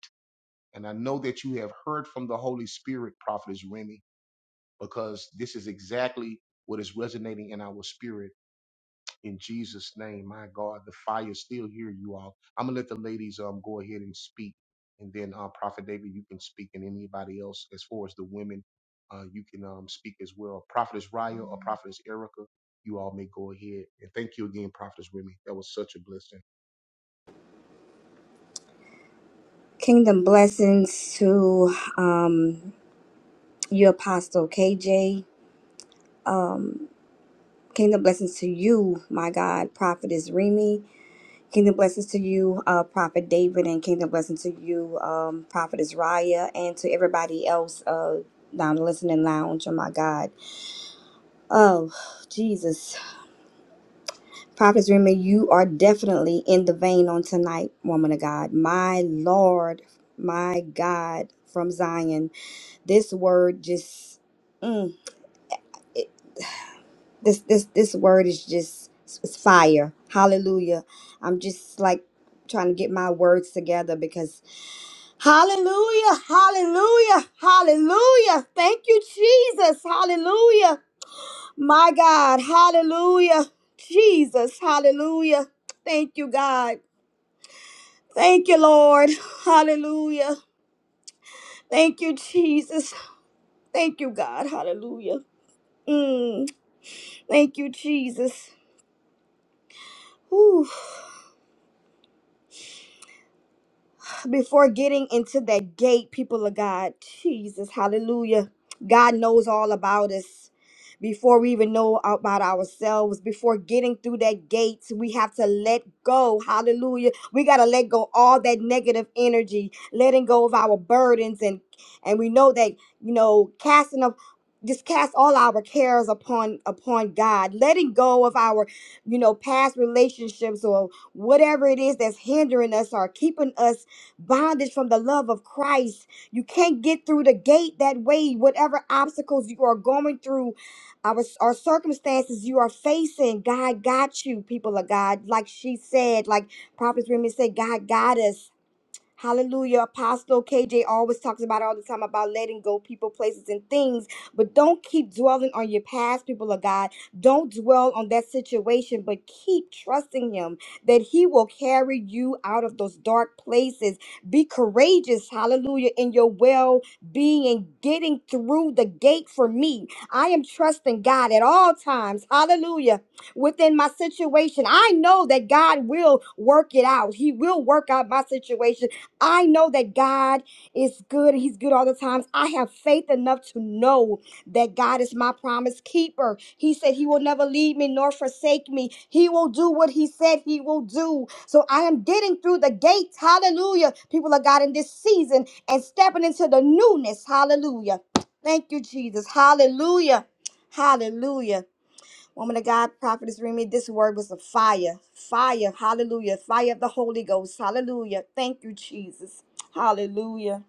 And I know that you have heard from the Holy Spirit, Prophetess Remy, because this is exactly what is resonating in our spirit in Jesus' name. My God, the fire's still here, you all. I'm gonna let the ladies um go ahead and speak, and then uh, Prophet David, you can speak, and anybody else as far as the women, uh, you can um speak as well. Prophetess Raya or Prophetess Erica, you all may go ahead. And thank you again, Prophetess Remy. That was such a blessing. Kingdom blessings to um, you, Apostle KJ. Um, kingdom blessings to you, my God, Prophetess Remy. Kingdom blessings to you, uh, Prophet David, and kingdom blessings to you, um, Prophetess Raya, and to everybody else uh, down the listening lounge. Oh, my God. Oh, Jesus. Prophetess Remy, you are definitely in the vein on tonight, woman of God. My Lord, my God, from Zion. This word just, mm, it, this this this word is just it's fire. Hallelujah. I'm just like trying to get my words together because hallelujah, hallelujah, hallelujah. Thank you, Jesus. Hallelujah. My God, hallelujah. Jesus, hallelujah. Thank you, God. Thank you, Lord. Hallelujah. Thank you, Jesus. Thank you, God. Hallelujah. Mm. Thank you, Jesus. Whew. before getting into that gate, people of God, Jesus, hallelujah. God knows all about us. Before we even know about ourselves, before getting through that gate, we have to let go. Hallelujah. We got to let go all that negative energy, letting go of our burdens. And, and we know that, you know, casting up, just cast all our cares upon, upon God, letting go of our, you know, past relationships or whatever it is that's hindering us or keeping us bondage from the love of Christ. You can't get through the gate that way. Whatever obstacles you are going through, our, our circumstances you are facing, God got you, people of God. Like she said, like Prophet Remy said, God got us. Hallelujah. Apostle KJ always talks about it all the time about letting go people, places, and things. But don't keep dwelling on your past, people of God. Don't dwell on that situation, but keep trusting Him that He will carry you out of those dark places. Be courageous, hallelujah, in your well being and getting through the gate for me. I am trusting God at all times, hallelujah within my situation. I know that God will work it out. He will work out my situation. I know that God is good and He's good all the times. I have faith enough to know that God is my promise keeper. He said He will never leave me nor forsake me. He will do what He said He will do. So I am getting through the gates, hallelujah, people of God, in this season and stepping into the newness, hallelujah. Thank you, Jesus, hallelujah, hallelujah. Woman of God, prophetess Remy, this word was a fire. Fire. Hallelujah. Fire of the Holy Ghost. Hallelujah. Thank you, Jesus. Hallelujah.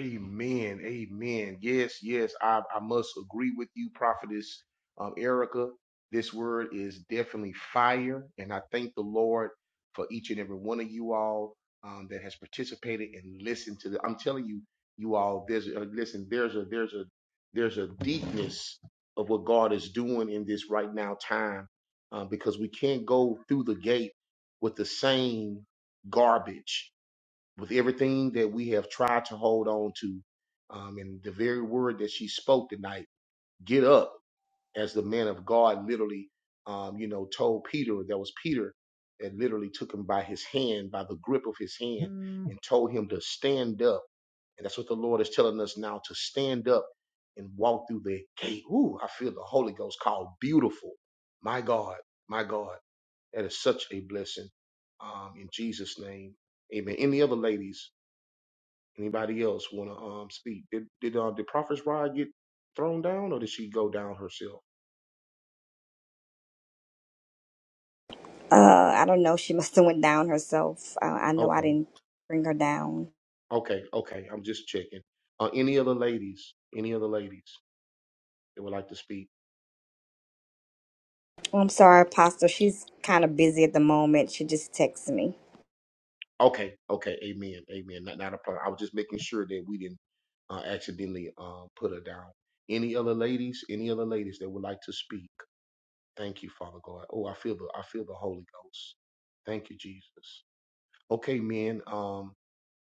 Amen. Amen. Yes, yes. I, I must agree with you, Prophetess um, Erica. This word is definitely fire. And I thank the Lord for each and every one of you all um, that has participated and listened to the, I'm telling you, you all, there's a, listen, there's a, there's a, there's a deepness of what God is doing in this right now time uh, because we can't go through the gate with the same garbage with everything that we have tried to hold on to, um, and the very word that she spoke tonight, get up, as the man of God literally, um, you know, told Peter, that was Peter that literally took him by his hand, by the grip of his hand, Mm. and told him to stand up. And that's what the Lord is telling us now to stand up and walk through the gate. Ooh, I feel the Holy Ghost called beautiful. My God, my God, that is such a blessing. Um, in Jesus' name, amen. Any other ladies? Anybody else want to um speak? Did did uh, did Prophet's Rod get thrown down, or did she go down herself? Uh, I don't know. She must have went down herself. Uh, I know I Okay, didn't bring her down. okay, okay. I'm just checking. Uh, any other ladies? Any other ladies that would like to speak? Oh, I'm sorry, Apostle. She's kind of busy at the moment. She just texted me. Okay, okay. Amen, amen. Not not a problem. I was just making sure that we didn't uh, accidentally uh, put her down. Any other ladies? Any other ladies that would like to speak? Thank you, Father God. Oh, I feel the I feel the Holy Ghost. Thank you, Jesus. Okay, men. Um,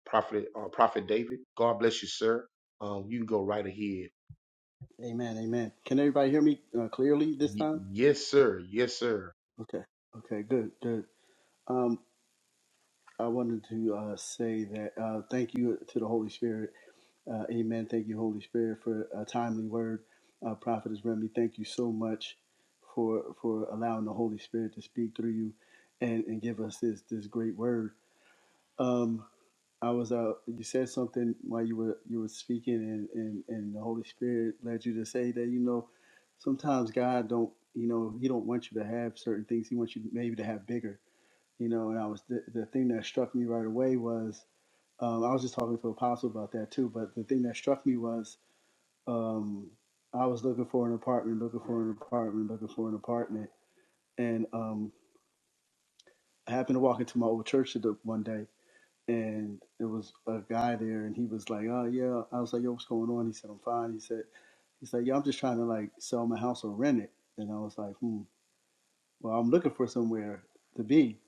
Prophet uh, Prophet David. God bless you, sir. Um, you can go right ahead. Amen. Amen. Can everybody hear me uh, clearly this Y- time? yes, sir. Yes, sir. Okay. Okay. Good. Good. Um, I wanted to uh, say that uh, thank you to the Holy Spirit. Uh, amen. Thank you, Holy Spirit, for a timely word. Uh, Prophetess Remy, thank you so much for for allowing the Holy Spirit to speak through you and, and give us this this great word. Um, I was uh you said something while you were you were speaking and, and and the Holy Spirit led you to say that you know sometimes God don't you know he don't want you to have certain things he wants you maybe to have bigger you know and I was the, the thing that struck me right away was um, I was just talking to Apostle about that too but the thing that struck me was um, I was looking for an apartment looking for an apartment looking for an apartment and um, I happened to walk into my old church one day and there was a guy there, and he was like, "Oh yeah," I was like, "Yo, what's going on?" He said, "I'm fine." He said, "He's like, yeah, I'm just trying to like sell my house or rent it," and I was like, "Hmm." Well, I'm looking for somewhere to be,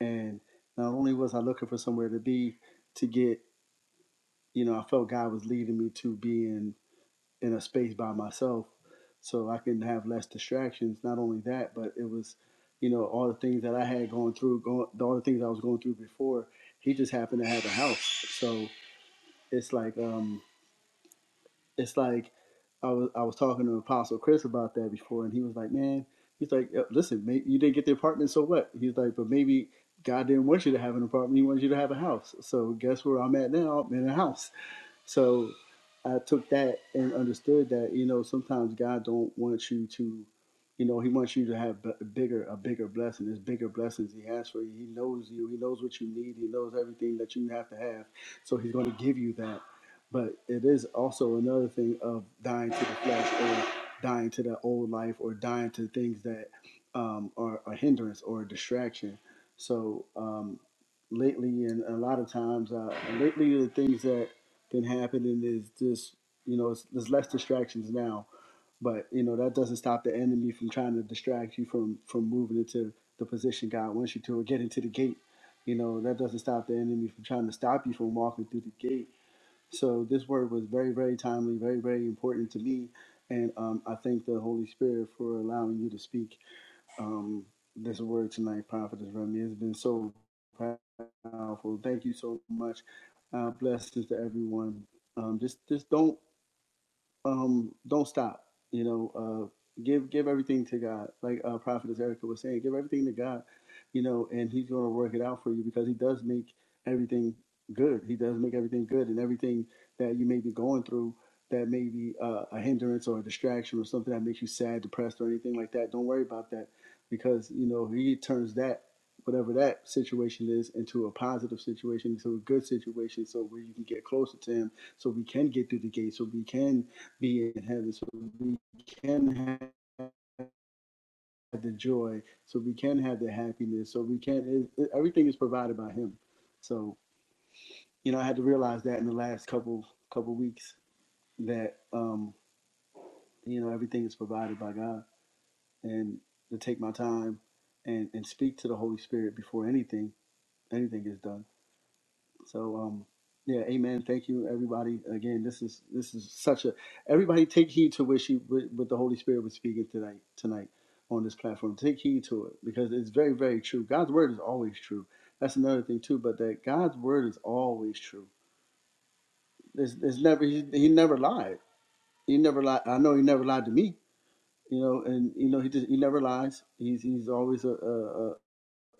and not only was I looking for somewhere to be to get, you know, I felt God was leading me to being in a space by myself, so I can have less distractions. Not only that, but it was, you know, all the things that I had going through, going, all the things I was going through before. He just happened to have a house, so it's like um it's like I was I was talking to Apostle Chris about that before, and he was like, "Man, he's like, "Uh, listen, mate, you didn't get the apartment, so what?" He's like, "But maybe God didn't want you to have an apartment; He wanted you to have a house. So guess where I'm at now? I'm in a house." So I took that and understood that you know sometimes God don't want you to, you know, He wants you to have b- bigger a bigger blessing. There's bigger blessings He has for you. He knows you. He knows what you need. He knows everything that you have to have. So He's going to give you that. But it is also another thing of dying to the flesh or dying to that old life or dying to things that um, are a hindrance or a distraction. So um, lately, and a lot of times, uh, lately the things that can happen, and it's just you know there's less distractions now. But you know that doesn't stop the enemy from trying to distract you from from moving into the position God wants you to, or get into the gate. You know that doesn't stop the enemy from trying to stop you from walking through the gate. So this word was very very timely, very very important to me, and um, I thank the Holy Spirit for allowing you to speak um, this word tonight, Prophetess Remy. It's been so powerful. Thank you so much. Uh, blessings to everyone. Um, just, just don't um, don't stop. You know, uh, give give everything to God. Like uh, Prophetess Erica was saying, give everything to God. You know, and He's going to work it out for you because He does make everything good. He does make everything good, and everything that you may be going through that may be uh, a hindrance or a distraction or something that makes you sad, depressed, or anything like that. Don't worry about that because you know He turns that whatever that situation is into a positive situation into a good situation so where you can get closer to him so we can get through the gate so we can be in heaven so we can have the joy so we can have the happiness so we can it, everything is provided by him so you know i had to realize that in the last couple couple weeks that um you know everything is provided by god and to take my time and and speak to the holy spirit before anything anything is done So um yeah, amen. Thank you, everybody. Again, this is this is such a everybody take heed to what she what, what the Holy Spirit was speaking tonight tonight on this platform. Take heed to it because it's very, very true. God's word is always true. That's another thing too, but that God's word is always true. There's, there's never he, he never lied. He never lied. I know he never lied to me. You know, and you know he just he never lies. He's he's always a a, a,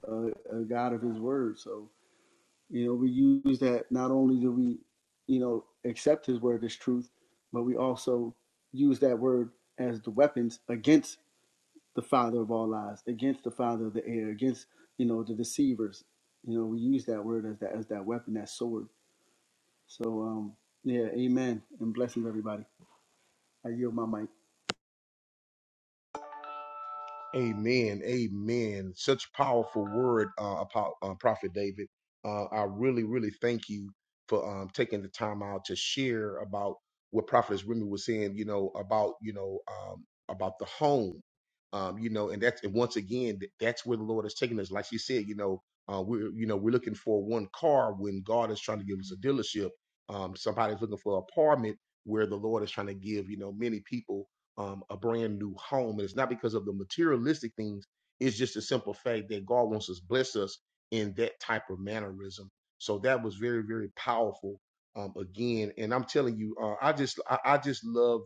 a a God of his word. So You know, we use that not only do we, you know, accept his word as truth, but we also use that word as the weapons against the father of all lies, against the father of the air, against, you know, the deceivers. You know, we use that word as that as that weapon, that sword. So um yeah, amen. And blessings everybody. I yield my mic. Amen. Amen. Such powerful word, uh, Apo- uh, Prophet David. Uh, I really, really thank you for um, taking the time out to share about what Prophetess Remy was saying. You know about you know um, about the home. Um, you know, and that's and once again, th- that's where the Lord is taking us. Like she said, you know, uh, we're you know we're looking for one car when God is trying to give us a dealership. Um, somebody's looking for an apartment where the Lord is trying to give you know many people um, a brand new home. And it's not because of the materialistic things, it's just a simple fact that God wants us, to bless us in that type of mannerism. So that was very, very powerful. Um, again, and I'm telling you, uh, I just, I, I just love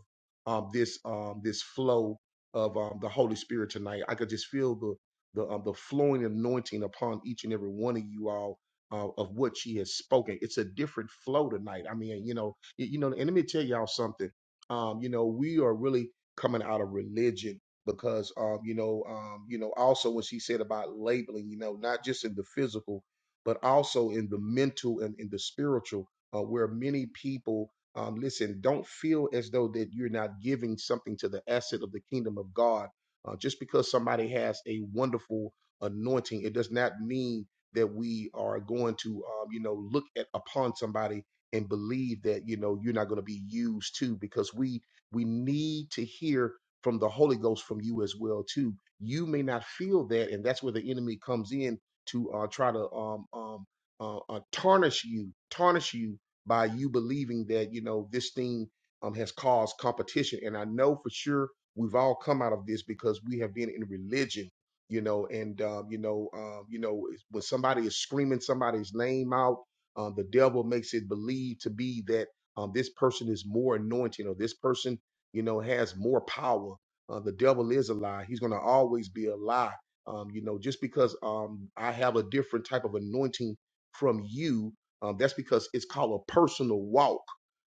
um, this, um, this flow of um, the Holy Spirit tonight. I could just feel the, the, um, the flowing anointing upon each and every one of you all uh, of what she has spoken. It's a different flow tonight. I mean, you know, y- you know, and let me tell y'all something um, you know, we are really coming out of religion because um you know um you know also what she said about labeling you know not just in the physical but also in the mental and in the spiritual uh, where many people um listen don't feel as though that you're not giving something to the asset of the kingdom of God uh, just because somebody has a wonderful anointing it does not mean that we are going to um you know look at upon somebody and believe that you know you're not going to be used too because we we need to hear from the Holy Ghost from you as well too. You may not feel that, and that's where the enemy comes in to uh, try to um, um, uh, uh, tarnish you, tarnish you by you believing that you know this thing um, has caused competition. And I know for sure we've all come out of this because we have been in religion you know, and um, you know, um, you know, when somebody is screaming somebody's name out, um, the devil makes it believe to be that um, this person is more anointed or this person you know, has more power. Uh, the devil is a lie. He's going to always be a lie. Um, you know, just because um, I have a different type of anointing from you, um, that's because it's called a personal walk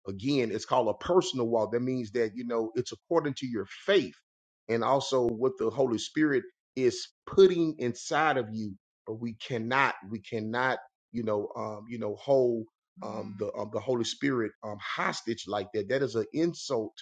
Again, it's called a personal walk. That means that, you know, it's according to your faith and also what the Holy Spirit is putting inside of you. But we cannot, we cannot, you know, um, you know, hold um, the um, the Holy Spirit um, hostage like that. That is an insult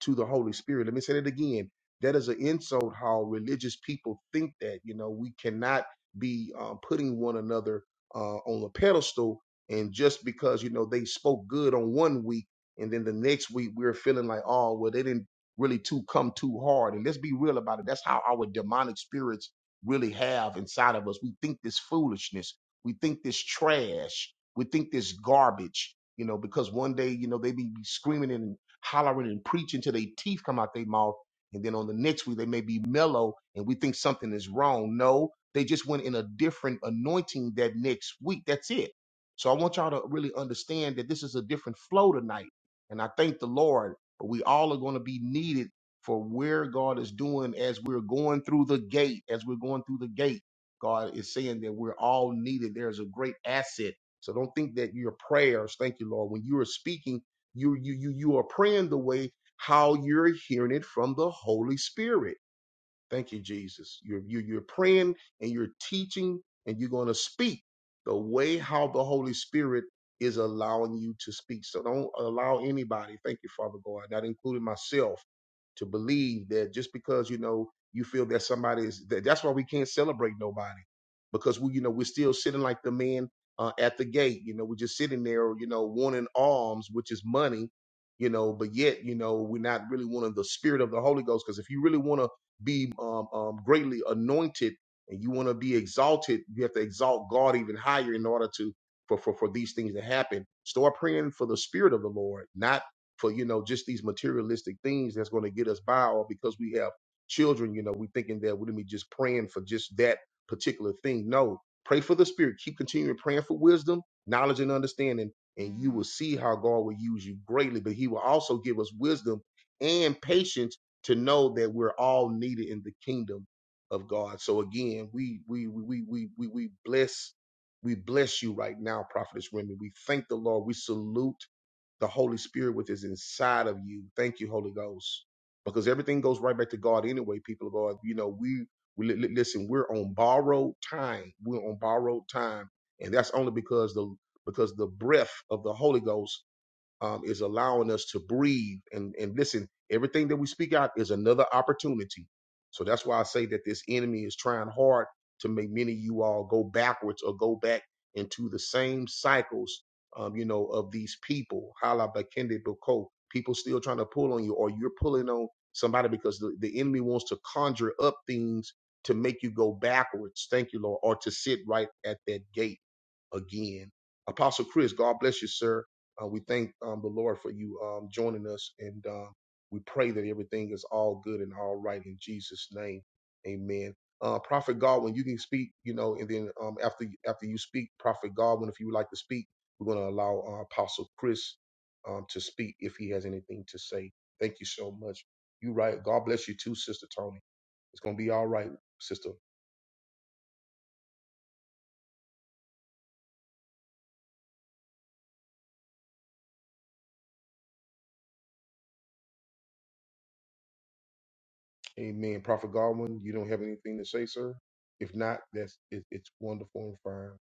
to the Holy Spirit. Let me say that again. That is an insult how religious people think that. You know, we cannot be um, putting one another uh, on a pedestal. And just because, you know, they spoke good on one week, and then the next week we're feeling like, oh, well, they didn't really too come too hard. And let's be real about it. That's how our demonic spirits really have inside of us. We think this foolishness, we think this trash, we think this garbage, you know, because one day, you know, they be be screaming and hollering and preaching till their teeth come out their mouth. And then on the next week, they may be mellow and we think something is wrong. No, they just went in a different anointing that next week. That's it. So I want y'all to really understand that this is a different flow tonight and I thank the Lord. We all are going to be needed for where God is doing as we're going through the gate. As we're going through the gate, God is saying that we're all needed. There's a great asset. So don't think that your prayers, thank you, Lord, when you are speaking, you you you you are praying the way how you're hearing it from the Holy Spirit. Thank you, Jesus. You're, you're, you're praying and you're teaching and you're going to speak the way how the Holy Spirit is allowing you to speak. So don't allow anybody, thank you, Father God, not including myself, to believe that just because, you know, you feel that somebody is, that, that's why we can't celebrate nobody because we, you know, we're still sitting like the man uh, at the gate. You know, we're just sitting there, you know, wanting alms, which is money, you know, but yet, you know, we're not really wanting the spirit of the Holy Ghost because if you really want to be um, um, greatly anointed and you want to be exalted, you have to exalt God even higher in order to for, for for these things to happen. Start praying for the Spirit of the Lord, not for you know just these materialistic things that's going to get us by, or because we have children, you know, we thinking that we're gonna be just praying for just that particular thing. No, pray for the Spirit. Keep continuing praying for wisdom, knowledge, and understanding, and you will see how God will use you greatly. But He will also give us wisdom and patience to know that we're all needed in the kingdom of God. So again, we we we we we we bless we bless you right now, Prophetess Remy. We thank the Lord. We salute the Holy Spirit with is inside of you. Thank you, Holy Ghost, because everything goes right back to God anyway. People of God, you know we. we li- li- Listen, we're on borrowed time. We're on borrowed time, and that's only because the because the breath of the Holy Ghost um, is allowing us to breathe and and listen. Everything that we speak out is another opportunity. So that's why I say that this enemy is trying hard to make many of you all go backwards or go back into the same cycles, um, you know, of these people. Hala bakende boko. People still trying to pull on you, or you're pulling on somebody because the, the enemy wants to conjure up things to make you go backwards. Thank you, Lord, or to sit right at that gate again. Apostle Chris, God bless you, sir. Uh, we thank um, the Lord for you um, joining us, and um, we pray that everything is all good and all right in Jesus' name. Amen. Uh, Prophet Godwin, you can speak, you know, and then um, after after you speak, Prophet Godwin, if you would like to speak, we're going to allow uh, Apostle Chris um, to speak if he has anything to say. Thank you so much. You right. God bless you too, Sister Tony. It's going to be all right, Sister. Amen. Prophet Godwin, you don't have anything to say, sir? If not, that's it, it's wonderful and fine.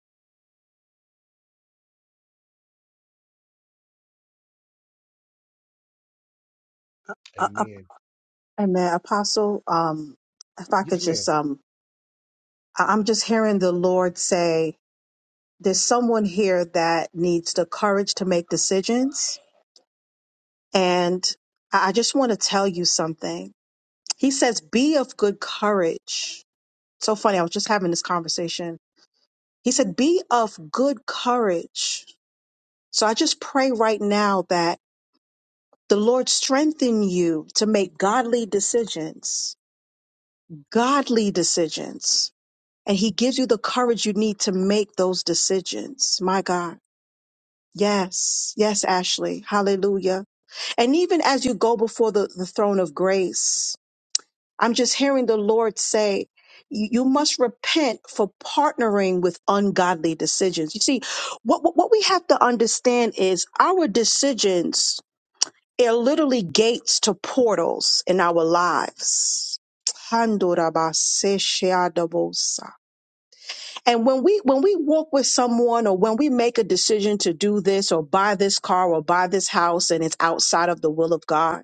Uh, uh, Amen. amen. Apostle, um, if I could Yes, ma'am. just, um, I- I'm just hearing the Lord say. there's someone here that needs the courage to make decisions. And I I just want to tell you something. He says, be of good courage. So funny. I was just having this conversation. He said, be of good courage. So I just pray right now that the Lord strengthen you to make godly decisions, godly decisions. And he gives you the courage you need to make those decisions. My God. Yes. Yes, Ashley. Hallelujah. And even as you go before the, the throne of grace, I'm just hearing the Lord say, you you must repent for partnering with ungodly decisions. You see, what, what what we have to understand is our decisions are literally gates to portals in our lives. Handorabasesheadobosa. And when we when we walk with someone or when we make a decision to do this or buy this car or buy this house and it's outside of the will of God,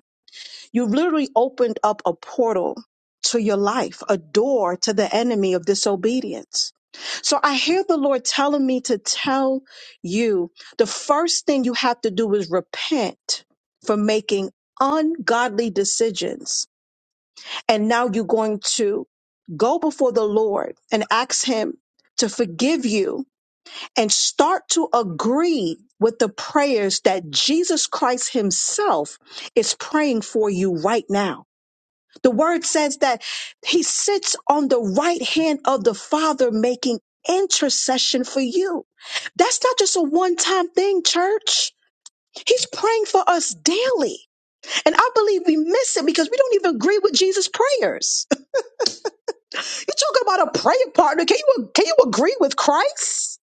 You've literally opened up a portal to your life, a door to the enemy of disobedience. So I hear the Lord telling me to tell you the first thing you have to do is repent for making ungodly decisions. And now you're going to go before the Lord and ask Him to forgive you and start to agree with the prayers that Jesus Christ Himself is praying for you right now. The word says that he sits on the right hand of the Father making intercession for you. That's not just a one time thing, church. He's praying for us daily. And I believe we miss it because we don't even agree with Jesus' prayers. You talk about a prayer partner. Can you, can you agree with Christ?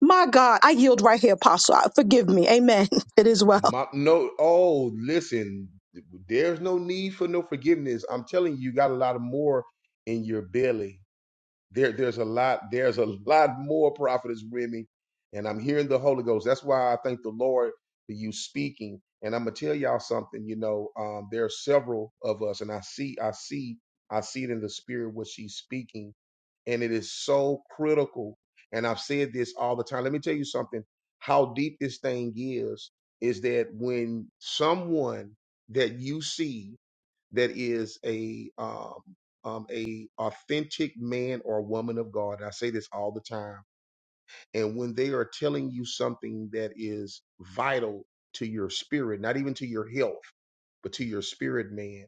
My God, I yield right here, Apostle. Forgive me. Amen. It is well. My, no, oh, listen, there's no need for no forgiveness. I'm telling you, you got a lot of more in your belly. There, there's a lot, there's a lot more, Prophetess Remy. And I'm hearing the Holy Ghost. That's why I thank the Lord for you speaking. And I'm gonna tell y'all something, you know, um, there are several of us, and I see, I see, I see it in the spirit what she's speaking and it is so critical. And I've said this all the time. Let me tell you something. How deep this thing is is that when someone that you see that is a um, um, a authentic man or woman of God, and I say this all the time, and when they are telling you something that is vital to your spirit, not even to your health, but to your spirit, man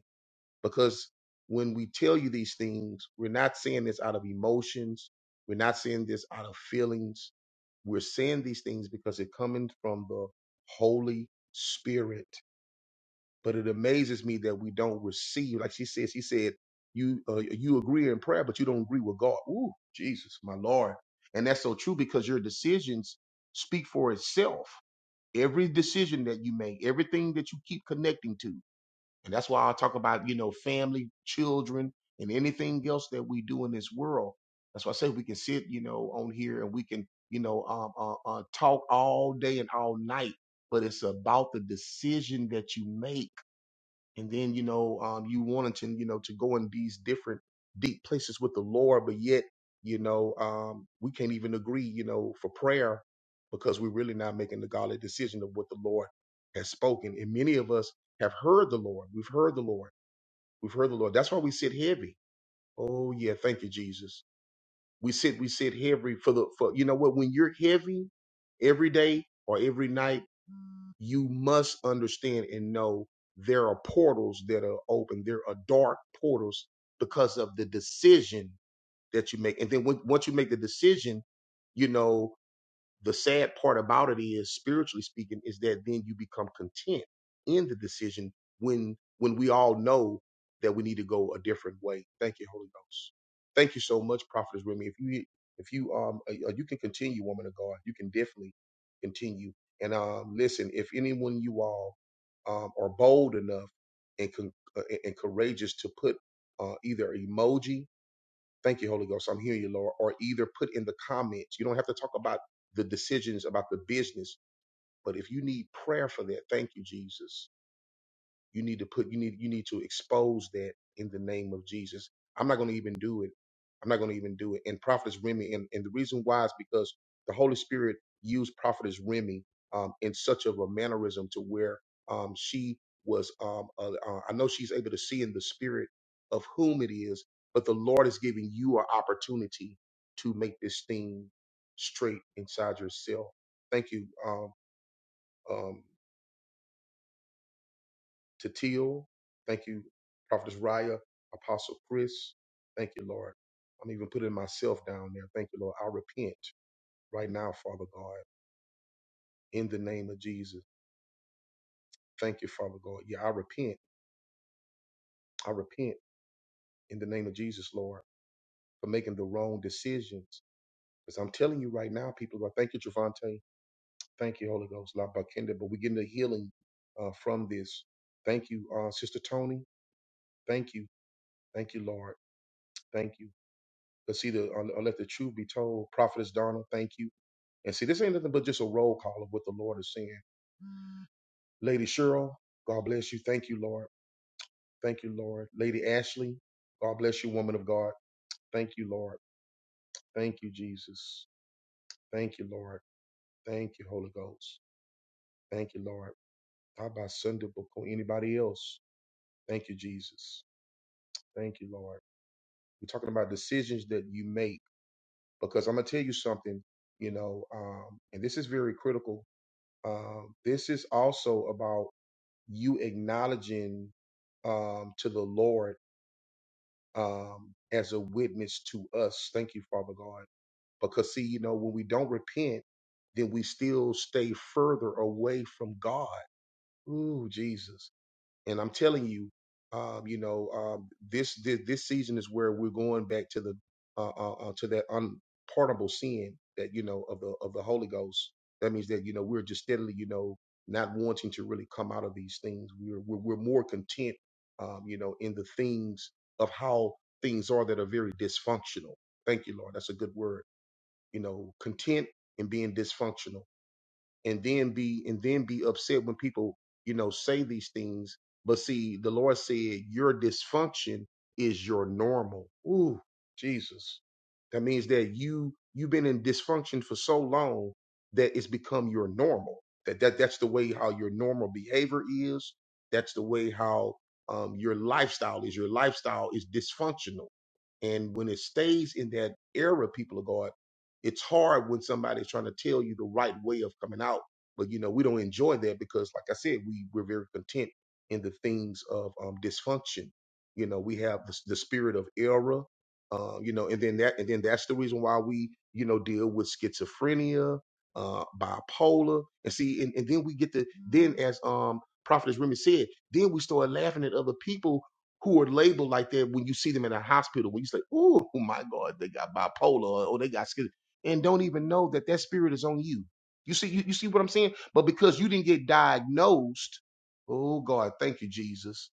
because when we tell you these things, we're not saying this out of emotions. We're not saying this out of feelings. We're saying these things because it coming from the Holy Spirit. But it amazes me that we don't receive. Like she said, she said, you uh, you agree in prayer, but you don't agree with God. Ooh, Jesus, my Lord. And that's so true because your decisions speak for itself. Every decision that you make, everything that you keep connecting to, and that's why I talk about, you know, family, children, and anything else that we do in this world. That's why I say we can sit, you know, on here and we can, you know, um, uh, uh, talk all day and all night. But it's about the decision that you make and then you know um, you wanted to you know to go in these different deep places with the lord but yet you know um, we can't even agree you know for prayer because we're really not making the godly decision of what the lord has spoken and many of us have heard the lord we've heard the lord we've heard the lord that's why we sit heavy oh yeah thank you jesus we sit we sit heavy for the for you know what when you're heavy every day or every night you must understand and know there are portals that are open. There are dark portals because of the decision that you make. And then when, once you make the decision, you know the sad part about it is spiritually speaking is that then you become content in the decision when when we all know that we need to go a different way thank you holy ghost thank you so much prophetess remy if you if you um uh, uh, you can continue woman of god you can definitely continue and um listen if anyone you all um are bold enough and con- uh, and courageous to put uh, either emoji Thank you, Holy Ghost. I'm hearing you, Lord. Or either put in the comments. You don't have to talk about the decisions about the business, but if you need prayer for that, thank you, Jesus. You need to put you need you need to expose that in the name of Jesus. I'm not going to even do it. I'm not going to even do it. And prophetess Remy, and, and the reason why is because the Holy Spirit used prophetess Remy um, in such of a mannerism to where um, she was. Um, uh, uh, I know she's able to see in the spirit of whom it is, but the Lord is giving you an opportunity to make this thing straight inside yourself. Thank you. Um, um, to Teal. Thank you, Prophetess Raya, Apostle Chris. Thank you, Lord. I'm even putting myself down there. Thank you, Lord. I repent right now, Father God, in the name of Jesus. Thank you, Father God. Yeah, I repent. I repent in the name of Jesus, Lord, for making the wrong decisions. Because I'm telling you right now, people, God, thank you, Javante. Thank you, Holy Ghost, La Bakenda. But we're getting a healing uh, from this. Thank you, uh, Sister Tony. Thank you. Thank you, Lord. Thank you. But see, the un- unless the truth be told, prophetess Donna, thank you. And see, this ain't nothing but just a roll call of what the Lord is saying. Lady Cheryl, God bless you. Thank you, Lord. Thank you, Lord. Lady Ashley, God bless you, woman of God. Thank you, Lord. Thank you, Jesus. Thank you, Lord. Thank you, Holy Ghost. Thank you, Lord. How about Sunday before anybody else? Thank you, Jesus. Thank you, Lord. We're talking about decisions that you make because I'm gonna tell you something, you know, um, and this is very critical Um, this is also about you acknowledging um, to the Lord um, as a witness to us. Thank you, Father God. Because, see, you know, when we don't repent, then we still stay further away from God. Ooh, Jesus and I'm telling you, um, you know, um, this, this this season is where we're going back to the uh, uh, uh, to that unpardonable sin that you know of the of the Holy Ghost. That means that you know we're just steadily, you know, not wanting to really come out of these things. We're we're, we're more content, um, you know, in the things of how things are that are very dysfunctional. Thank you, Lord. That's a good word. You know, content in being dysfunctional and then be and then be upset when people you know say these things but see the lord said your dysfunction is your normal ooh jesus that means that you you've been in dysfunction for so long that it's become your normal that, that that's the way how your normal behavior is that's the way how um, your lifestyle is your lifestyle is dysfunctional and when it stays in that era people of God it's hard when somebody's trying to tell you the right way of coming out. But you know, we don't enjoy that because, like I said, we we're very content in the things of um, dysfunction. You know, we have the, the spirit of error. Uh, you know, and then that and then that's the reason why we you know deal with schizophrenia, uh, bipolar, and see, and, and then we get the then as um prophetess Remy said, then we start laughing at other people who are labeled like that when you see them in a hospital. When you say, "Oh my God, they got bipolar," or "Oh, they got schiz and don't even know that that spirit is on you. You see, you, you see what I'm saying? But because you didn't get diagnosed, oh God, thank you, Jesus.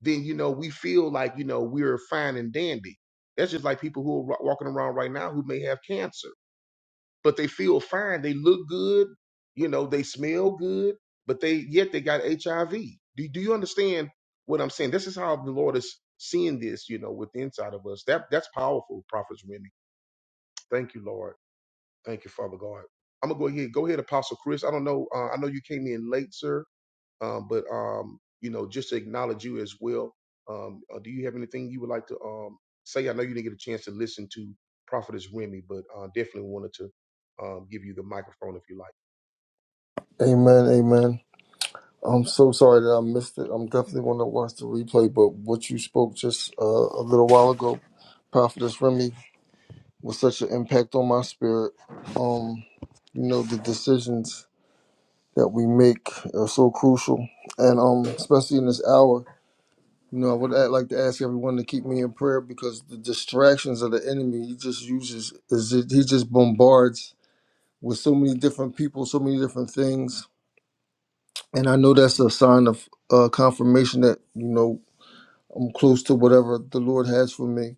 Then you know we feel like you know we're fine and dandy. That's just like people who are wa- walking around right now who may have cancer, but they feel fine. They look good, you know, they smell good, but they yet they got HIV. Do, do you understand what I'm saying? This is how the Lord is seeing this, you know, with the inside of us. That that's powerful, prophets, Remy. Thank you, Lord. Thank you, Father God. I'm gonna go ahead. Go ahead, Apostle Chris. I don't know. Uh, I know you came in late, sir, um, but um, you know, just to acknowledge you as well. Um, uh, do you have anything you would like to um, say? I know you didn't get a chance to listen to Prophetess Remy, but uh, definitely wanted to um, give you the microphone if you like. Amen, amen. I'm so sorry that I missed it. I'm definitely going to watch the replay, but what you spoke just uh, a little while ago, Prophetess Remy, was such an impact on my spirit. Um, you know, the decisions that we make are so crucial, and um, especially in this hour. You know, I would like to ask everyone to keep me in prayer because the distractions of the enemy, he just uses, is it, he just bombards with so many different people, so many different things and I know that's a sign of uh, confirmation that you know I'm close to whatever the Lord has for me.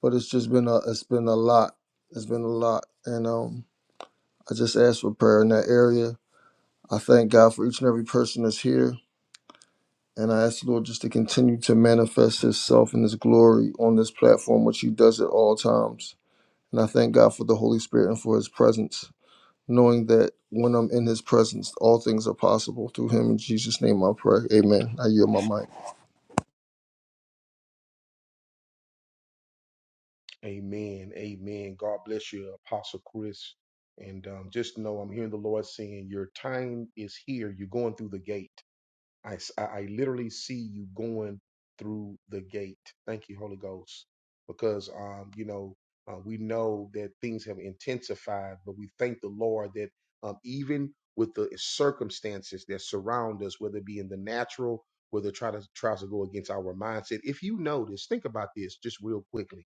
But it's just been a it's been a lot. It's been a lot, and um, I just ask for prayer in that area. I thank God for each and every person that's here, and I ask the Lord just to continue to manifest Himself and His glory on this platform, which He does at all times. And I thank God for the Holy Spirit and for His presence, knowing that when I'm in His presence, all things are possible through Him. In Jesus' name, I pray. Amen. I yield my mic. Amen. Amen. God bless you, Apostle Chris. And um, just know I'm hearing the Lord saying, Your time is here. You're going through the gate. I, s- I- I literally see you going through the gate. Thank you, Holy Ghost, because um, you know uh, we know that things have intensified, but we thank the Lord that um, even with the circumstances that surround us, whether it be in the natural, whether try to tries to go against our mindset. If you notice, think about this just real quickly.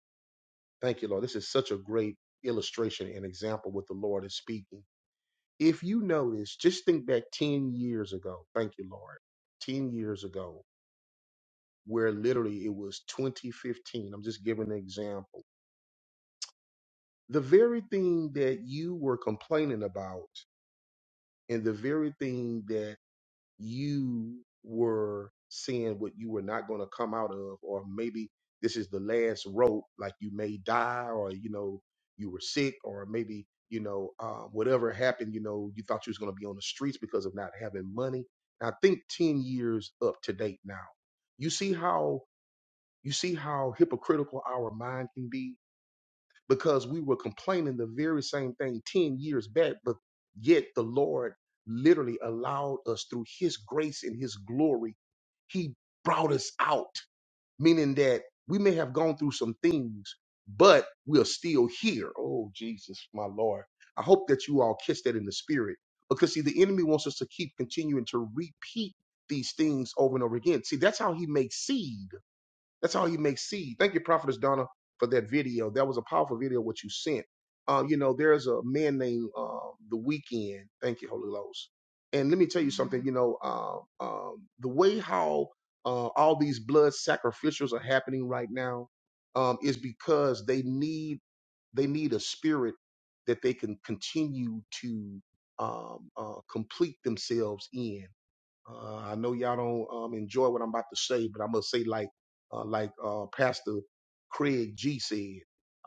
Thank you, Lord. This is such a great illustration and example what the Lord is speaking if you notice, just think back 10 years ago. Thank you, Lord. 10 years ago, where literally it was 2015. I'm just giving an example. The very thing that you were complaining about and the very thing that you were seeing what you were not going to come out of, or maybe this is the last rope, like you may die, or you know, you were sick, or maybe you know, uh, whatever happened, you know, you thought you was going to be on the streets because of not having money. And I think ten years up to date now. You see how you see how hypocritical our mind can be because we were complaining the very same thing 10 years back, but yet the Lord literally allowed us through His grace and His glory. He brought us out, meaning that we may have gone through some things, but we are still here. Oh, Jesus, my Lord. I hope that you all catch that in the spirit because, see, the enemy wants us to keep continuing to repeat these things over and over again. See, that's how he makes seed. That's how you make seed. Thank you, Prophetess Donna, for that video. That was a powerful video what you sent. Uh, you know, there's a man named uh, The Weekend. Thank you, Holy Ghost. And let me tell you something. You know, um, um, the way how uh, all these blood sacrificials are happening right now um, is because they need they need a spirit that they can continue to um, uh, complete themselves in. Uh, I know y'all don't um, enjoy what I'm about to say, but I'm gonna say like uh, like uh, Pastor Craig G said.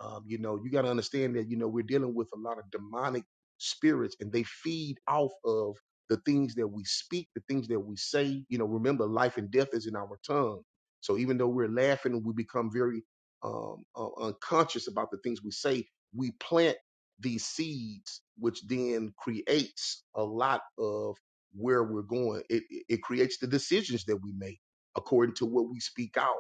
Um, you know, you got to understand that you know we're dealing with a lot of demonic spirits, and they feed off of the things that we speak, the things that we say. You know, remember, life and death is in our tongue. So even though we're laughing, we become very um, uh, unconscious about the things we say. We plant these seeds, which then creates a lot of where we're going. It it creates the decisions that we make according to what we speak out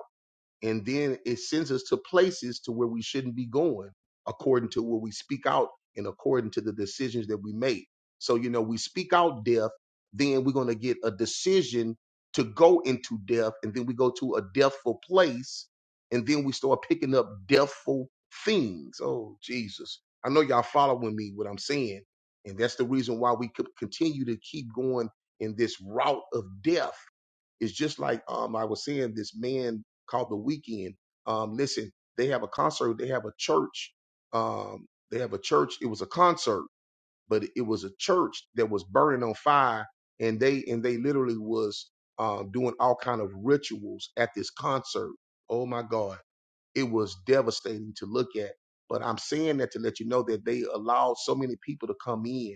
and then it sends us to places to where we shouldn't be going according to what we speak out and according to the decisions that we make so you know we speak out death then we're going to get a decision to go into death and then we go to a deathful place and then we start picking up deathful things oh jesus i know y'all following me what i'm saying and that's the reason why we could continue to keep going in this route of death it's just like um I was seeing this man called The Weekend. Um, listen, they have a concert. They have a church. Um, they have a church. It was a concert, but it was a church that was burning on fire, and they and they literally was um doing all kind of rituals at this concert. Oh my God, it was devastating to look at. But I'm saying that to let you know that they allowed so many people to come in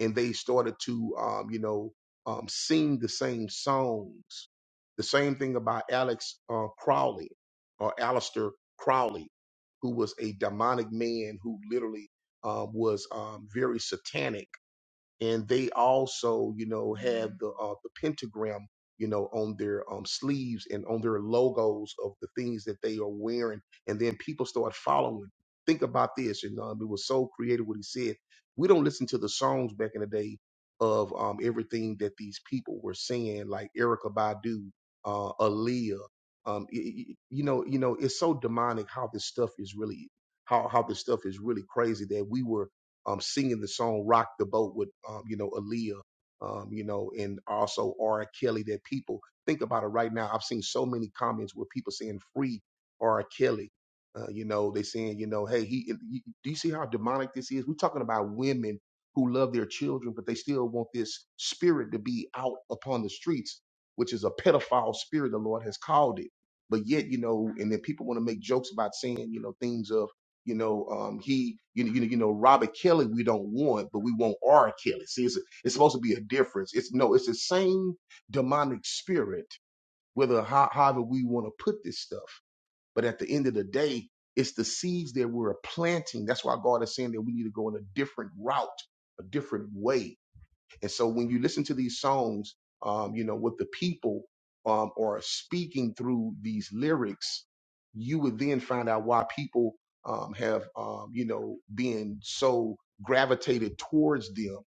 and they started to um, you know um, sing the same songs. The same thing about Alex uh, Crowley or Aleister Crowley, who was a demonic man who literally um, was um, very satanic and they also you know have the uh, the pentagram you know on their um, sleeves and on their logos of the things that they are wearing and then people start following think about this and um, it was so creative what he said we don't listen to the songs back in the day of um, everything that these people were saying like erica badu uh, aaliyah um, y- y- you know you know it's so demonic how this stuff is really how how this stuff is really crazy that we were um, singing the song "Rock the Boat" with um, you know Aaliyah, um, you know, and also R. Kelly. That people think about it right now. I've seen so many comments where people saying "Free R. Kelly." Uh, you know, they saying, you know, hey, he. you- Do you see how demonic this is? We're talking about women who love their children, but they still want this spirit to be out upon the streets, which is a pedophile spirit. The Lord has called it. But yet, you know, and then people want to make jokes about saying, you know, things of you know, um, he, you know, you know, you know, Robert Kelly, we don't want, but we want R. Kelly. See, it's, it's supposed to be a difference. It's no, it's the same demonic spirit, whether how, however we want to put this stuff. But at the end of the day, it's the seeds that we're planting. That's why God is saying that we need to go in a different route, a different way and so when you listen to these songs, um, you know, what the people um, are speaking through these lyrics, you would then find out why people um, have, um, you know, been so gravitated towards them.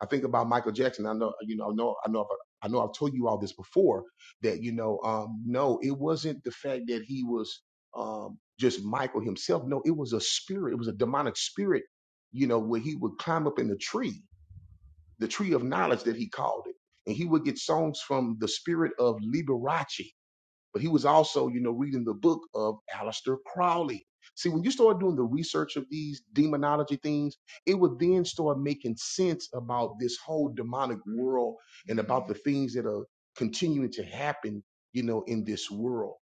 I think about Michael Jackson. I know, you know, I know, I know, I've- I know I've told you all this before that, you know, um, no, it wasn't the fact that he was um, just Michael himself. No, it was a spirit. It was a demonic spirit, you know, where he would climb up in the tree the tree of knowledge that he called it. And he would get songs from the spirit of Liberace, but he was also, you know, reading the book of Aleister Crowley. See, when you start doing the research of these demonology things, it would then start making sense about this whole demonic world and about the things that are continuing to happen, you know, in this world.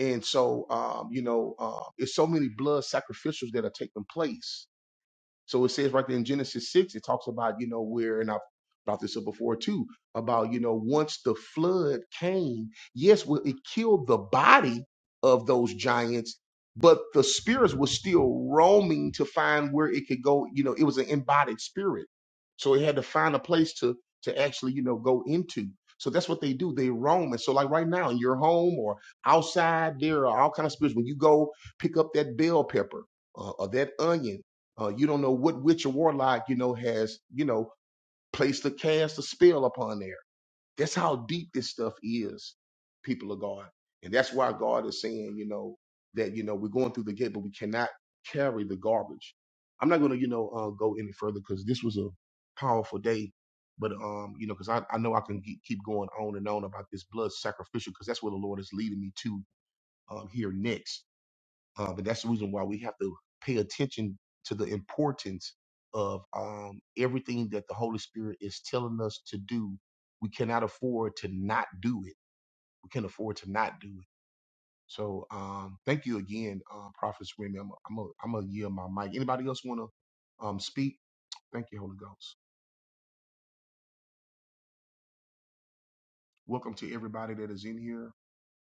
And so, um, you know, uh, it's so many blood sacrificials that are taking place so it says right there in Genesis 6, it talks about, you know, where, and I've brought this up before too, about, you know, once the flood came, yes, well, it killed the body of those giants, but the spirits were still roaming to find where it could go. You know, it was an embodied spirit. So it had to find a place to to actually, you know, go into. So that's what they do. They roam. And so like right now in your home or outside, there are all kind of spirits. When you go pick up that bell pepper uh, or that onion uh, you don't know what witch or warlock, you know, has, you know, placed a cast a spell upon there. That's how deep this stuff is, people of God. And that's why God is saying, you know, that, you know, we're going through the gate, but we cannot carry the garbage. I'm not going to, you know, uh, go any further because this was a powerful day. But, um, you know, because I, I know I can ge- keep going on and on about this blood sacrificial because that's where the Lord is leading me to um, here next um, and that's the reason why we have to pay attention to the importance of um, everything that the Holy Spirit is telling us to do. We cannot afford to not do it. We can afford to not do it. So um, thank you again, uh, Prophet Remy. I'm i I'm gonna yield my mic. Anybody else want to um, speak? Thank you, Holy Ghost. Welcome to everybody that is in here,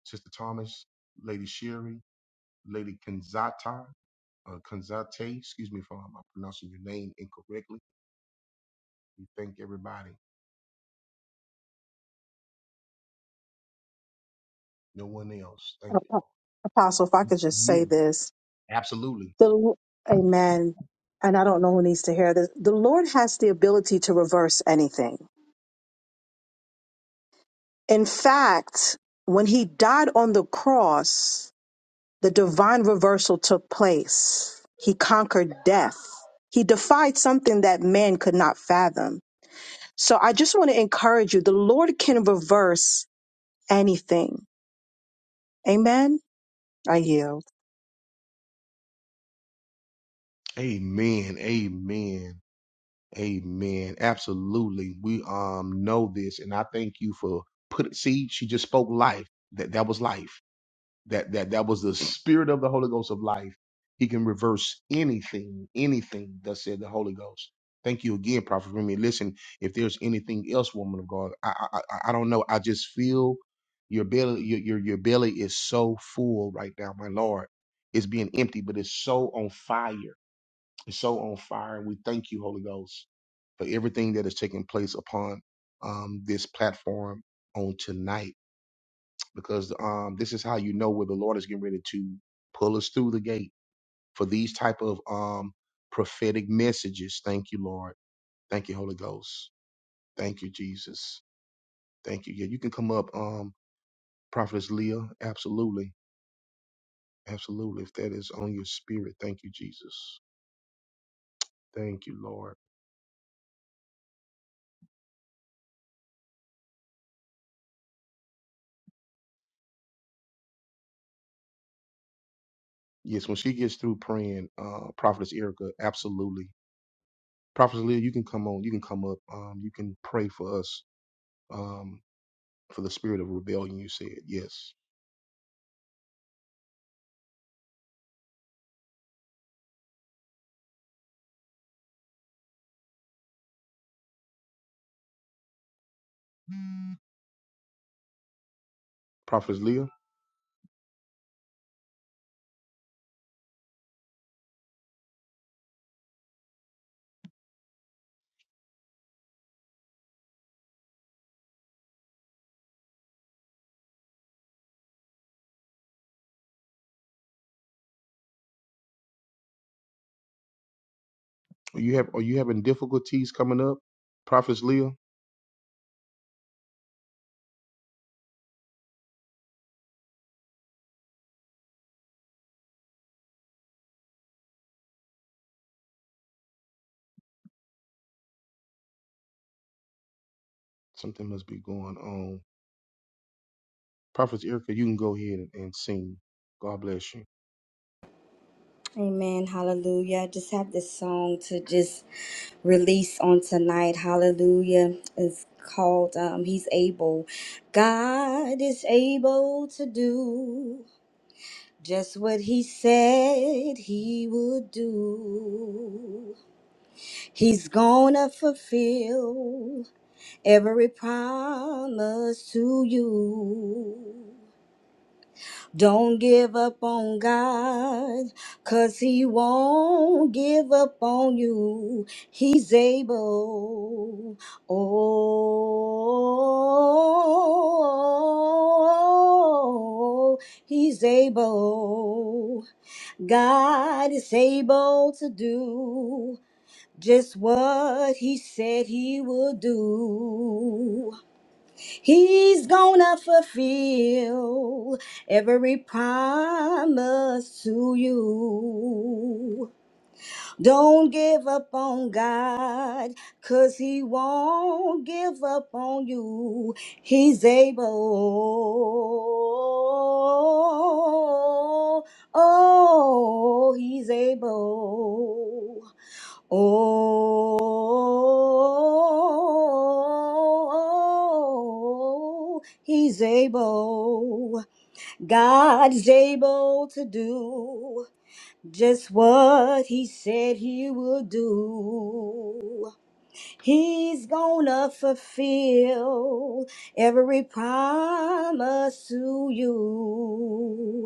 Sister Thomas, Lady Sherry, Lady Kanzata, uh, Kanzate. Excuse me if I'm I'm pronouncing your name incorrectly We thank everybody, no one else. Thank you, Lord. Apostle, if I could just say Yeah, this. absolutely. The Amen. And I don't know who needs to hear this. The Lord has the ability to reverse anything. In fact, when he died on the cross, the divine reversal took place. He conquered death. He defied something that man could not fathom. So I just want to encourage you. The Lord can reverse anything. Amen. I yield. Amen. Amen. Amen. Absolutely. We um know this, and I thank you for put. See, she just spoke life. That that was life. that that that was the spirit of the Holy Ghost of life. He can reverse anything, anything that said the Holy Ghost. Thank you again, Prophet Remy. Listen, if there's anything else, woman of God, I I, I I don't know. I just feel your belly, your, your your belly is so full right now, my Lord. It's being empty, but it's so on fire. It's so on fire, and we thank you, Holy Ghost, for everything that is taking place upon um, this platform on tonight because um this is how you know where the Lord is getting ready to pull us through the gate for these type of um prophetic messages. Thank you, Lord. Thank you, Holy Ghost. Thank you, Jesus. Thank you. Yeah, you can come up, um, Prophetess Leah. Absolutely. Absolutely. If that is on your spirit, thank you, Jesus. Thank you, Lord. Yes, when she gets through praying, uh, Prophetess Erica, absolutely. Prophetess Leah, you can come on, you can come up. Um, you can pray for us. Um, for the spirit of rebellion, you said. Yes. Prophetess Leah, are you have are you having difficulties coming up? Prophetess Leah, something must be going on. Prophetess Erica, you can go ahead and, and sing. God bless you. Amen. Hallelujah. I just have this song to just release on tonight. Hallelujah. It's called um, He's Able. God is able to do Just what he said he would do. He's gonna fulfill every promise to you. Don't give up on God, cause He won't give up on you. He's able. Oh, He's able. God is able to do just what He said He would do. He's gonna fulfill every promise to you. Don't give up on God, cause He won't give up on you. He's able. Oh, He's able. Oh, he's able. God's able to do just what he said he will do. He's gonna fulfill every promise to you.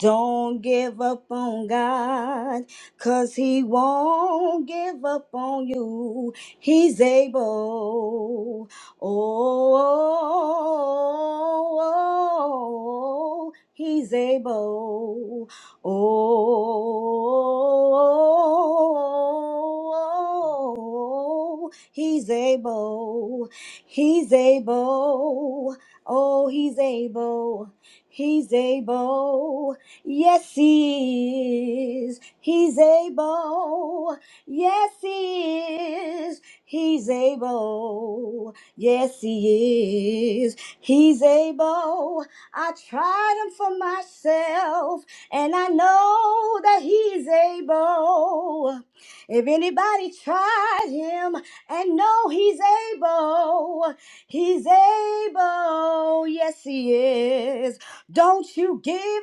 Don't give up on God, cause He won't give up on you. He's able. Oh, He's able. Oh, He's able. He's able. Oh, He's able. He's able. Yes, He is. He's able. Yes, He is. He's able. Yes, He is. He's able. I tried Him for myself, and I know that He's able. If anybody tried Him and know He's able, He's able. Yes, He is. Don't you give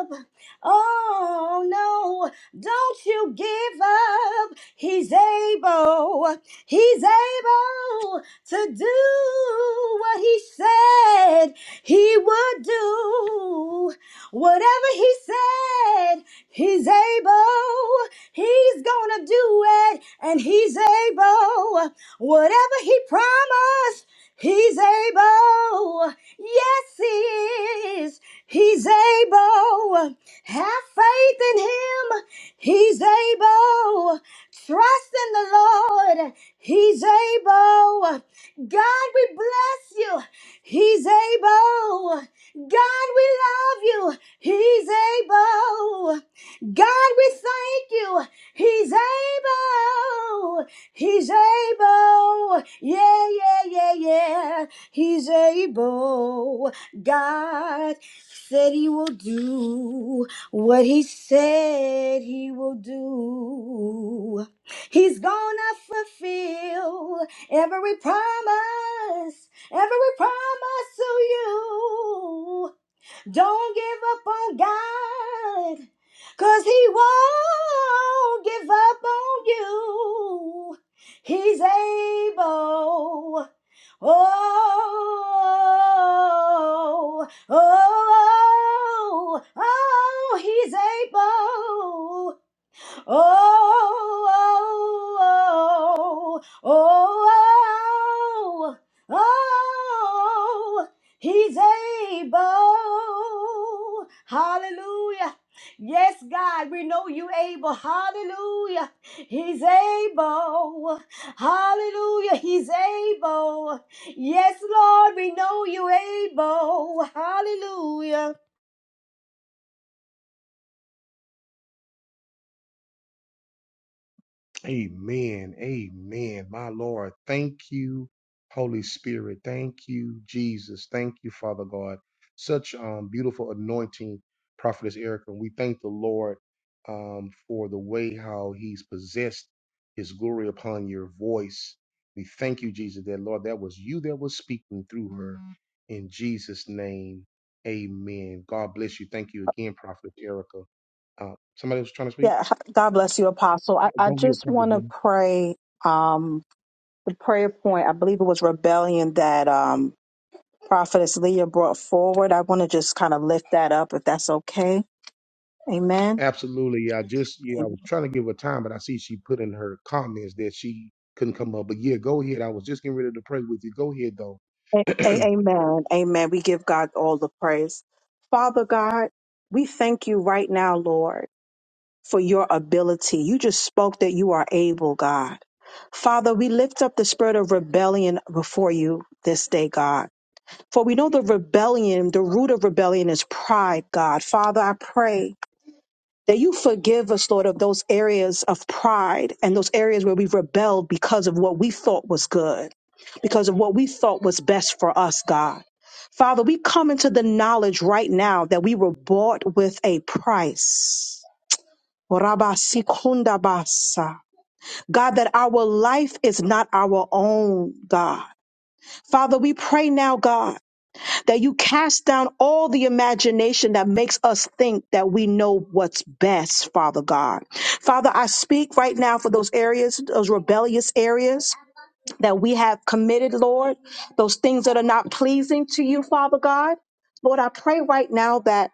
up. Oh no, don't you give up. He's able, he's able to do what he said he would do. Whatever he said, he's able, he's gonna do it, and he's able. Whatever he promised, he's able. Yes, He is. He's able. Have faith in Him. He's able. Trust in the Lord. He's able. God, we bless you. He's able. God, we love you. He's able. God, we thank you. He's able. He's able. Yeah, yeah, yeah, yeah. He's able. God said he will do what he said he will do. He's gonna fulfill every promise, every promise to you. Don't give up on God, cause He won't give up on you. He's able. Oh, oh, oh, oh, He's able. Oh, oh, oh, oh, oh, he's able. Hallelujah. Yes, God, we know you able. Hallelujah. He's able. Hallelujah. He's able. Yes, Lord, we know you able. Hallelujah. Amen. Amen. My Lord, thank you, Holy Spirit. Thank you, Jesus. Thank you, Father God. Such um, beautiful anointing, Prophetess Erica. we thank the Lord um, for the way how He's possessed His glory upon your voice. We thank you, Jesus, that Lord, that was you that was speaking through her. In Jesus' name, amen. God bless you. Thank you again, Prophetess Erica. Uh, somebody was trying to speak? Yeah. God bless you, Apostle. I, I Go ahead, just Prophetess. want to Erica. pray. Um, the prayer point, I believe it was rebellion that um, Prophetess Leah brought forward. I want to just kind of lift that up, if that's okay. Amen. Absolutely. yeah, I just yeah, I was A- trying to give her time, but I see she put in her comments that she couldn't come up. But yeah, go ahead. I was just getting ready to pray with you. Go ahead though. a- Amen. Amen. We give God all the praise. Father God, we thank you right now, Lord, for your ability. You just spoke that you are able, God. Father, we lift up the spirit of rebellion before you this day, God. For we know the rebellion, the root of rebellion is pride, God. Father, I pray that you forgive us, Lord, of those areas of pride and those areas where we've rebelled because of what we thought was good, because of what we thought was best for us, God. Father, we come into the knowledge right now that we were bought with a price. Rabasikundabasa. God, that our life is not our own, God. Father, we pray now, God that you cast down all the imagination that makes us think that we know what's best, Father God. Father, I speak right now for those areas, those rebellious areas that we have committed, Lord, those things that are not pleasing to you, Father God. Lord, I pray right now that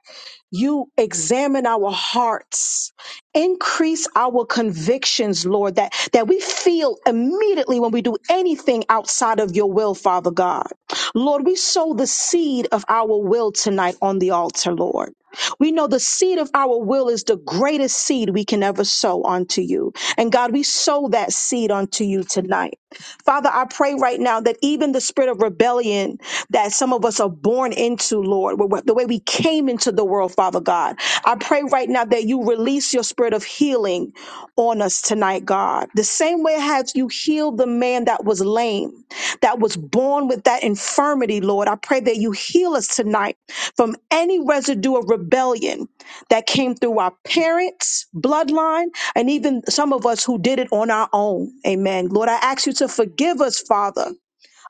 you examine our hearts increase our convictions lord that that we feel immediately when we do anything outside of your will father god lord we sow the seed of our will tonight on the altar lord we know the seed of our will is the greatest seed we can ever sow unto you. And God, we sow that seed unto you tonight. Father, I pray right now that even the spirit of rebellion that some of us are born into, Lord, wh- the way we came into the world, Father God. I pray right now that you release your spirit of healing on us tonight, God. The same way as you healed the man that was lame, that was born with that infirmity, Lord. I pray that you heal us tonight from any residue of rebellion that came through our parents' bloodline and even some of us who did it on our own. Amen. Lord, I ask you to forgive us, Father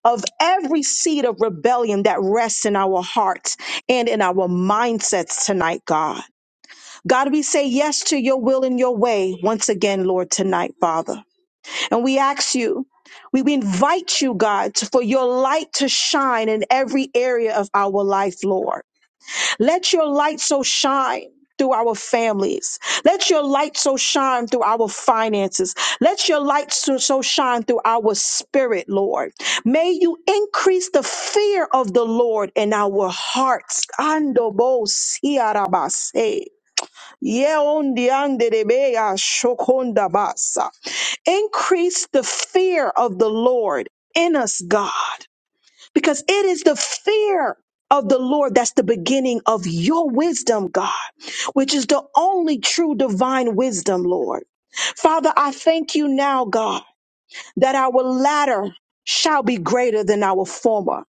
of every seed of rebellion that rests in our hearts and in our mindsets tonight, God. God, we say yes to your will and your way once again, Lord, tonight, Father. And we ask you, we we invite you, God, to- for your light to shine in every area of our life, Lord. Let your light so shine. Through our families. Let your light so shine through our finances. Let your light so, so shine through our spirit, Lord. May you increase the fear of the Lord in our hearts. Ando bo siarabase. Yeondianderebeya shokondabasa. Increase the fear of the Lord in us, God because it is the fear of the Lord that's the beginning of your wisdom, God, which is the only true divine wisdom, Lord. Father, I thank you now, God, that our latter shall be greater than our former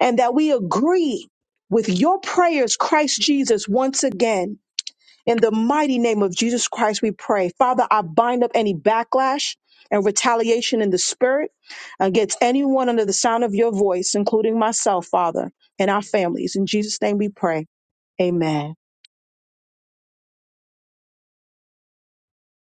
and that we agree with your prayers, Christ Jesus, once again. In the mighty name of Jesus Christ, we pray. Father, I bind up any backlash and retaliation in the spirit against anyone under the sound of your voice, including myself, Father, and our families. In Jesus' name we pray. Amen.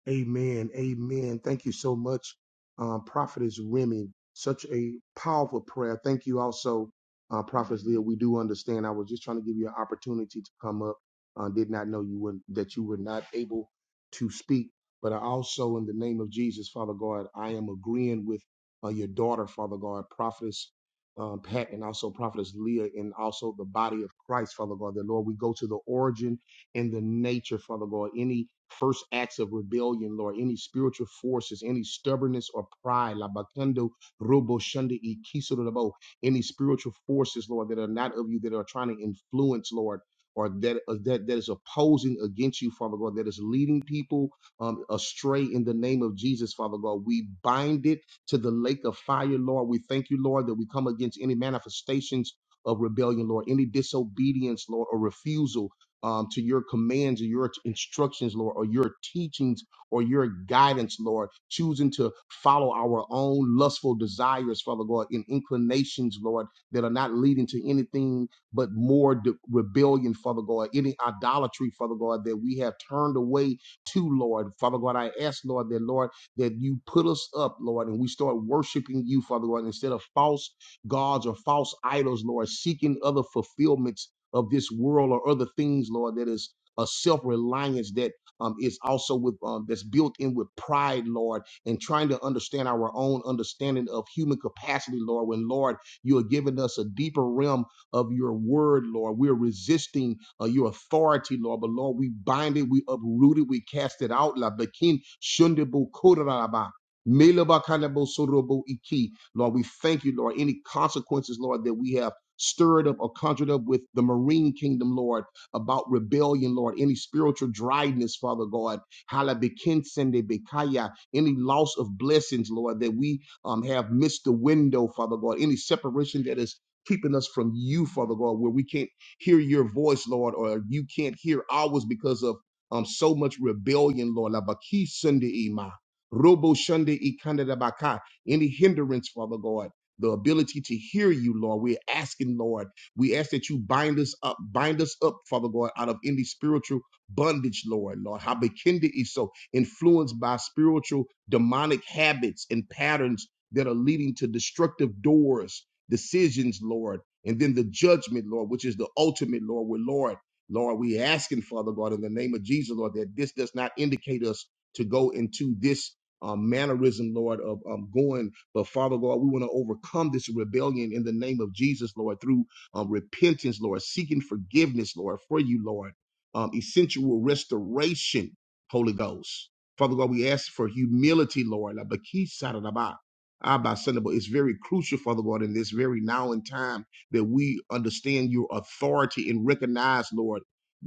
Amen. Amen. Thank you so much, um, Prophetess Remy. Such a powerful prayer. Thank you also, uh, Prophetess Leah. We do understand. I was just trying to give you an opportunity to come up. Uh, did not know you were that you were not able to speak. But I also, in the name of Jesus, Father God, I am agreeing with uh, your daughter, Father God, Prophetess uh, Pat, and also Prophetess Leah, and also the body of Christ, Father God. That Lord, we go to the origin in the nature, Father God, any first acts of rebellion, Lord, any spiritual forces, any stubbornness or pride, labakando robo shunda ikisurabo, any spiritual forces, Lord, that are not of you, that are trying to influence, Lord. Or that, uh, that that is opposing against you, Father God, that is leading people um, astray in the name of Jesus, Father God. We bind it to the lake of fire, Lord. We thank you, Lord, that we come against any manifestations of rebellion, Lord, any disobedience, Lord, or refusal um, to your commands or your instructions, Lord, or your teachings or your guidance, Lord, choosing to follow our own lustful desires, Father God, and inclinations, Lord, that are not leading to anything but more de- rebellion, Father God, any idolatry, Father God, that we have turned away to, Lord. Father God, I ask, Lord, that, Lord, that you put us up, Lord, and we start worshiping you, Father God, instead of false gods or false idols, Lord, seeking other fulfillments of this world or other things, Lord, that is a self-reliance that um, is also with um, that's built in with pride, Lord, and trying to understand our own understanding of human capacity, Lord. When Lord, you are giving us a deeper realm of your word, Lord. We are resisting uh, your authority, Lord. But Lord, we bind it, we uproot it, we cast it out. La bakin shundibu kuraraba. Meleba kanabo sorobo iki. Lord, we thank you, Lord. Any consequences, Lord, that we have. Stirred up or conjured up with the marine kingdom, Lord, about rebellion, Lord, any spiritual dryness, Father God, Hala bekinsende bekaya, any loss of blessings, Lord, that we um, have missed the window, Father God, any separation that is keeping us from you, Father God, where we can't hear your voice, Lord, or you can't hear ours because of um, so much rebellion, Lord. Labaki Sunday Ima. Robo Shunday Ikanda Labaka. Any hindrance, Father God the ability to hear you, Lord. We're asking, Lord, we ask that you bind us up, bind us up, Father God, out of any spiritual bondage, Lord, Lord. How bekinded is so influenced by spiritual demonic habits and patterns that are leading to destructive doors, decisions, Lord, and then the judgment, Lord, which is the ultimate, Lord. We're Lord. Lord, we asking, Father God, in the name of Jesus, Lord, that this does not indicate us to go into this um, mannerism, Lord, of um, going but Father God, we want to overcome this rebellion in the name of Jesus, Lord, through um, repentance, Lord, seeking forgiveness, Lord, for you, Lord, um, essential restoration, Holy Ghost. Father God, we ask for humility, Lord. Like but keep side of the box. Abba, Sunday, but It's very crucial, Father God, in this very now and time that we understand your authority and recognize, Lord,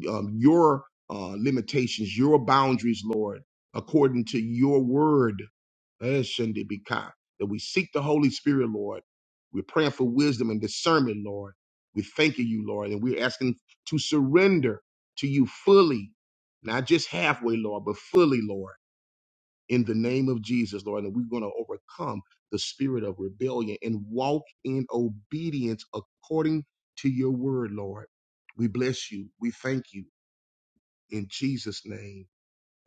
um, your uh, limitations, your boundaries, Lord, according to your word. Eh, Shundi Bika, That we seek the Holy Spirit, Lord. We're praying for wisdom and discernment, Lord. We're thanking you, Lord, and we're asking to surrender to you fully, not just halfway, Lord, but fully, Lord, in the name of Jesus, Lord. And we're going to overcome the spirit of rebellion and walk in obedience according to your word, Lord. We bless you. We thank you in Jesus' name,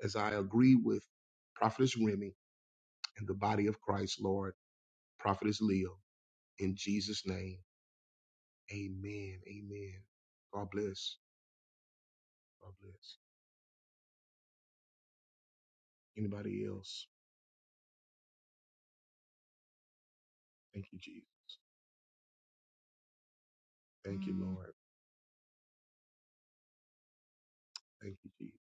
as I agree with Prophetess Remy and the body of Christ, Lord. Prophetess Leo. In Jesus' name, amen. Amen. God bless. God bless. Anybody else? Thank you, Jesus. Thank you, Lord. Thank you, Jesus.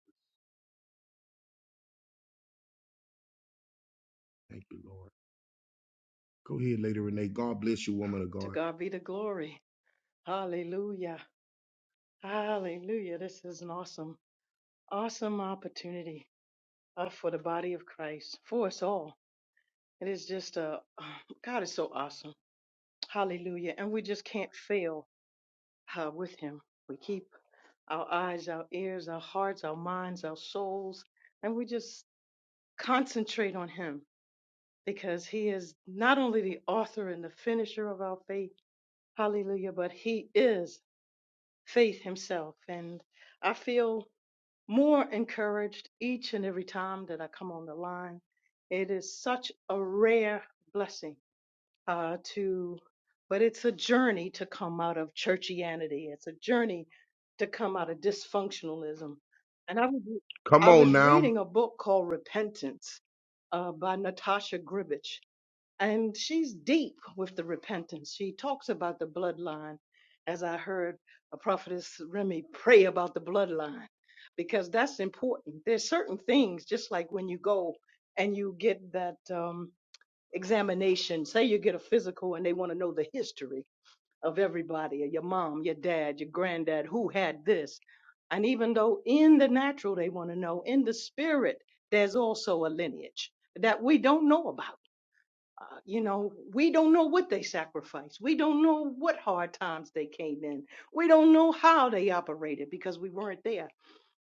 Thank you, Lord. Go ahead, Lady Renee. God bless you, woman of To God. God be the glory. Hallelujah. Hallelujah. This is an awesome, awesome opportunity uh, for the body of Christ, for us all. It is just a, God is so awesome. Hallelujah. And we just can't fail uh, with Him. We keep our eyes, our ears, our hearts, our minds, our souls, and we just concentrate on Him because He is not only the author and the finisher of our faith, hallelujah, but He is. faith himself. And I feel more encouraged each and every time that I come on the line. It is such a rare blessing uh, to, but it's a journey to come out of churchianity. It's a journey to come out of dysfunctionalism. And I was, Come I on was now. reading a book called Repentance uh, by Natasha Gribich and she's deep with the repentance. She talks about the bloodline, as I heard a prophetess Remy pray about the bloodline, because that's important. There's certain things, just like when you go and you get that um, examination, say you get a physical and they want to know the history of everybody, your mom, your dad, your granddad, who had this. And even though in the natural they want to know, in the spirit, there's also a lineage that we don't know about uh, you know, we don't know what they sacrificed. We don't know what hard times they came in. We don't know how they operated because we weren't there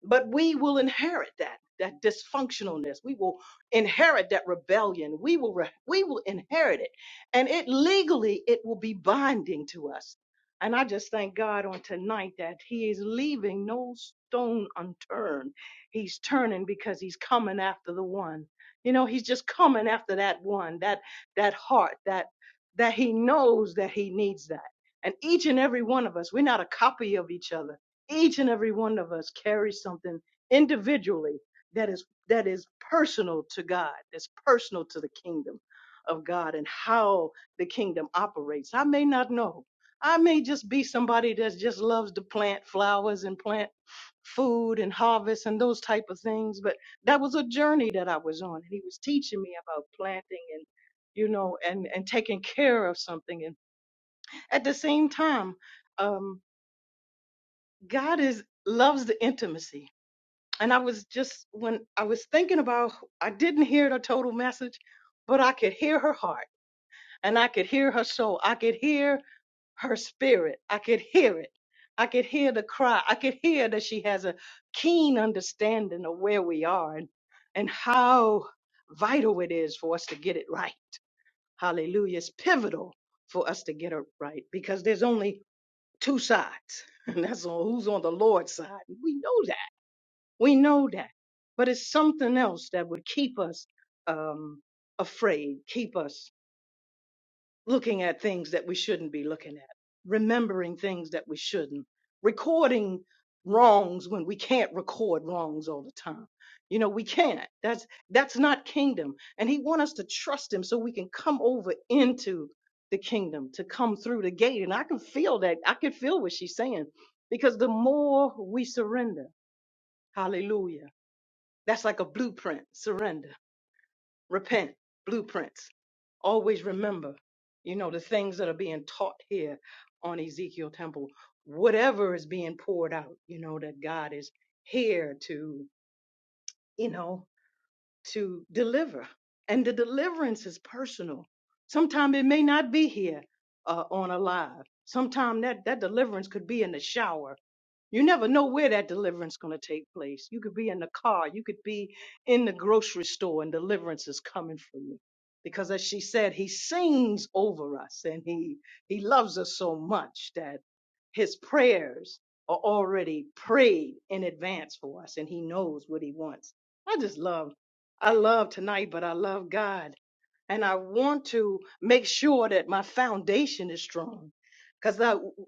but we will inherit that that dysfunctionalness we will inherit that rebellion we will re- we will inherit it and it legally it will be binding to us and i just thank god on tonight that he is leaving no stone unturned he's turning because he's coming after the one you know he's just coming after that one that that heart that that he knows that he needs that and each and every one of us we're not a copy of each other each and every one of us carries something individually that is that is personal to God, that's personal to the kingdom of God and how the kingdom operates. I may not know. I may just be somebody that just loves to plant flowers and plant food and harvest and those type of things, but that was a journey that I was on. And he was teaching me about planting and you know and and taking care of something and at the same time um God is loves the intimacy. And I was just when I was thinking about I didn't hear the total message, but I could hear her heart and I could hear her soul. I could hear her spirit. I could hear it. I could hear the cry. I could hear that she has a keen understanding of where we are and, and how vital it is for us to get it right. Hallelujah. It's pivotal for us to get it right because there's only two sides. And that's on who's on the Lord's side. We know that we know that, but it's something else that would keep us um, afraid, keep us looking at things that we shouldn't be looking at, remembering things that we shouldn't, recording wrongs when we can't record wrongs all the time. You know, we can't. That's that's not kingdom. And he wants us to trust him so we can come over into the kingdom, to come through the gate. And I can feel that. I can feel what she's saying because the more we surrender, hallelujah that's like a blueprint. Surrender, repent, blueprints. Always remember, you know, the things that are being taught here on Ezekiel Temple. Whatever is being poured out, you know, that God is here to, you know, to deliver. And the deliverance is personal. Sometimes it may not be here uh, on a live. Sometimes that, that deliverance could be in the shower you never know where that deliverance is going to take place. You could be in the car, you could be in the grocery store, and deliverance is coming for you. Because as she said, he sings over us and he he loves us so much that his prayers are already prayed in advance for us and he knows what he wants. I just love I love tonight, but I love God and I want to make sure that my foundation is strong. Cause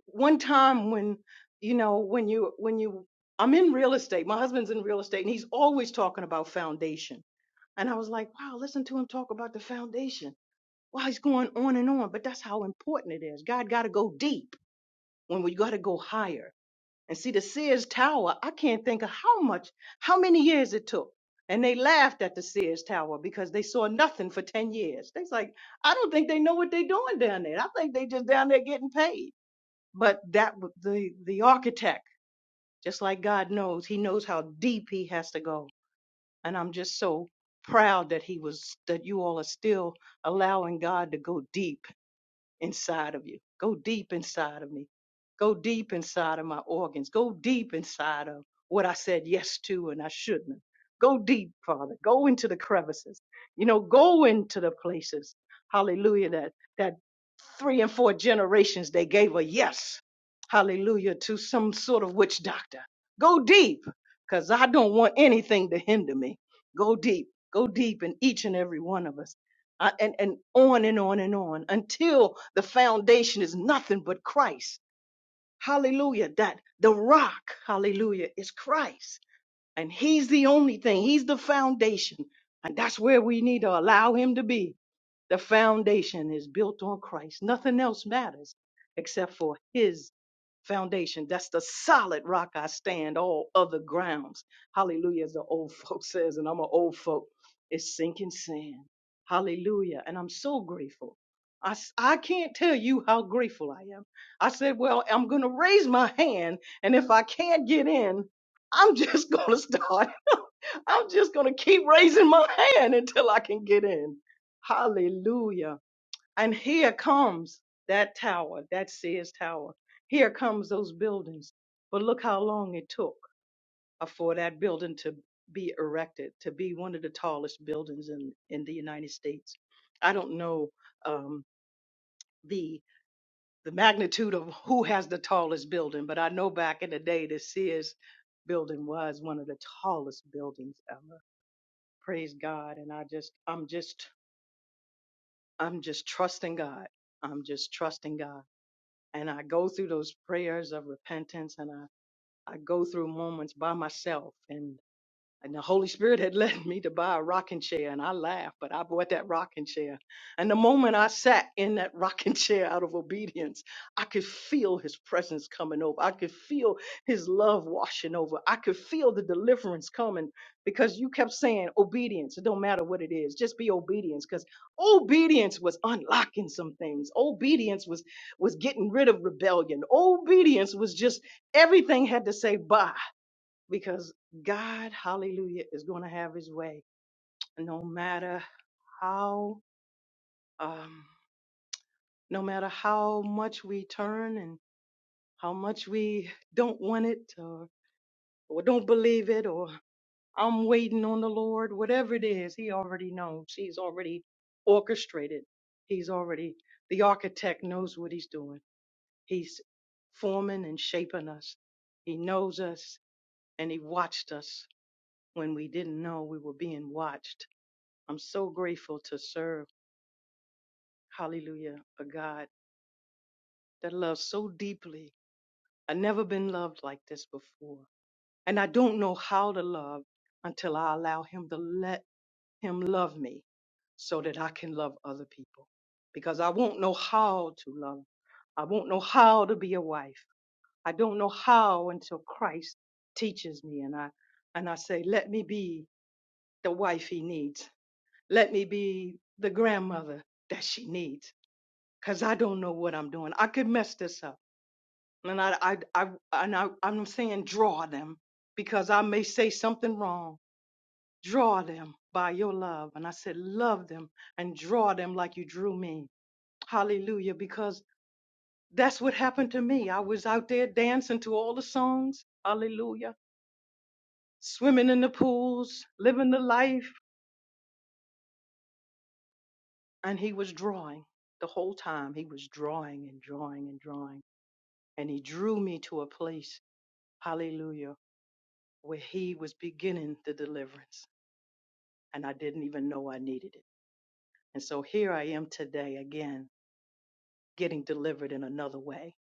one time when, you know, when you, when you, I'm in real estate, my husband's in real estate and he's always talking about foundation. And I was like, wow, listen to him talk about the foundation. Wow, he's going on and on, but that's how important it is. God got to go deep when we got to go higher. And see, the Sears Tower, I can't think of how much, how many years it took. And they laughed at the Sears Tower because they saw nothing for 10 years. They's like, I don't think they know what they're doing down there. I think they just down there getting paid. But that w- the the architect, just like God knows, he knows how deep he has to go. And I'm just so proud that he was that you all are still allowing God to go deep inside of you. Go deep inside of me. Go deep inside of my organs. Go deep inside of what I said yes to and I shouldn't. have. Go deep, Father. Go into the crevices. You know, go into the places. Hallelujah. That that three and four generations they gave a yes. Hallelujah to some sort of witch doctor. Go deep, because I don't want anything to hinder me. Go deep. Go deep in each and every one of us uh, and, and on and on and on until the foundation is nothing but Christ. Hallelujah. That the rock, hallelujah, is Christ. And he's the only thing, he's the foundation. And that's where we need to allow him to be. The foundation is built on Christ. Nothing else matters except for his foundation. That's the solid rock I stand. All other grounds. Hallelujah, as the old folk says, and I'm an old folk. It's sinking sand. Hallelujah. And I'm so grateful. I, s- I can't tell you how grateful I am. I said, well, I'm going to raise my hand. And if I can't get in, I'm just going to start. I'm just going to keep raising my hand until I can get in. Hallelujah. And here comes that tower, that Sears Tower. Here comes those buildings. But look how long it took uh, for that building to be erected, to be one of the tallest buildings in, in the United States. I don't know um, the the magnitude of who has the tallest building, but I know back in the day the Sears building was one of the tallest buildings ever. Praise God. And I just I'm just I'm just trusting God. I'm just trusting God and I go through those prayers of repentance and I, I go through moments by myself. And and the Holy Spirit had led me to buy a rocking chair, and I laughed, but I bought that rocking chair. And the moment I sat in that rocking chair out of obedience, I could feel His presence coming over. I could feel His love washing over. I could feel the deliverance coming because you kept saying obedience. It don't matter what it is, just be obedience. Because obedience was unlocking some things. Obedience was was getting rid of rebellion. Obedience was just everything had to say bye because God, hallelujah, is going to have his way no matter how um no matter how much we turn and how much we don't want it or, or don't believe it or I'm waiting on the Lord, whatever it is, he already knows. He's already orchestrated. He's already the architect knows what he's doing. He's forming and shaping us. He knows us and he watched us when we didn't know we were being watched I'm so grateful to serve, hallelujah, a God that loves so deeply. I've never been loved like this before. And I don't know how to love until I allow Him to let Him love me so that I can love other people. Because I won't know how to love. I won't know how to be a wife. I don't know how until Christ teaches me and I and I say, let me be the wife he needs. Let me be the grandmother that she needs because I don't know what I'm doing. I could mess this up. And I, I, I, and I, I'm saying draw them because I may say something wrong. Draw them by your love. And I said, love them and draw them like you drew me. Hallelujah. Because that's what happened to me. I was out there dancing to all the songs. Hallelujah. Swimming in the pools, living the life. And he was drawing the whole time. He was drawing and drawing and drawing. And he drew me to a place. Hallelujah where he was beginning the deliverance and I didn't even know I needed it. And so here I am today again, getting delivered in another way,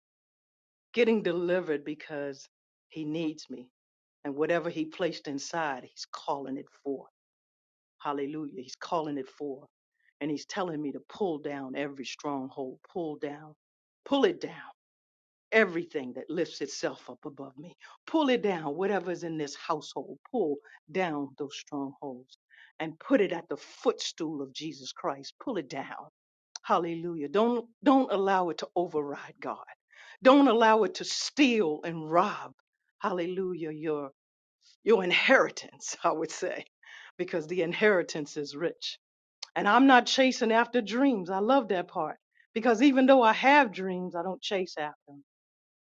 getting delivered because he needs me. And whatever he placed inside, he's calling it forth. Hallelujah. He's calling it forth. And he's telling me to pull down every stronghold, pull down, pull it down. everything that lifts itself up above me. Pull it down, whatever's in this household, pull down those strongholds and put it at the footstool of Jesus Christ. Pull it down. Hallelujah. Don't don't allow it to override God. Don't allow it to steal and rob. Hallelujah. Your your inheritance, I would say, because the inheritance is rich. And I'm not chasing after dreams. I love that part. Because even though I have dreams, I don't chase after them.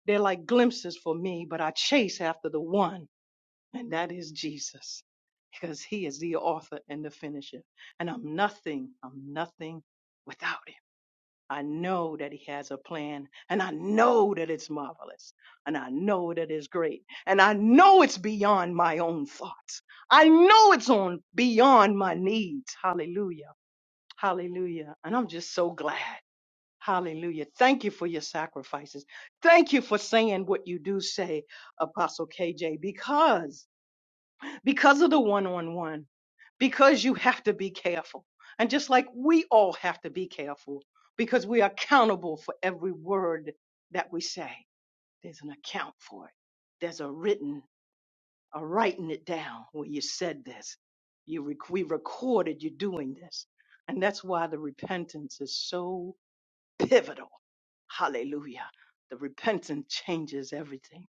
They're like glimpses for me, but I chase after the one, and that is Jesus, because he is the author and the finisher. And I'm nothing, I'm nothing without him. I know that he has a plan, and I know that it's marvelous, and I know that it's great, and I know it's beyond my own thoughts. I know it's on beyond my needs. Hallelujah. Hallelujah. And I'm just so glad. Hallelujah. Thank you for your sacrifices. Thank you for saying what you do say, Apostle KJ, because because of the one-on-one, because you have to be careful. And just like we all have to be careful because we are accountable for every word that we say. There's an account for it. There's a written, a writing it down where you said this. You rec- we recorded you doing this. And that's why the repentance is so pivotal Hallelujah. The repentance changes everything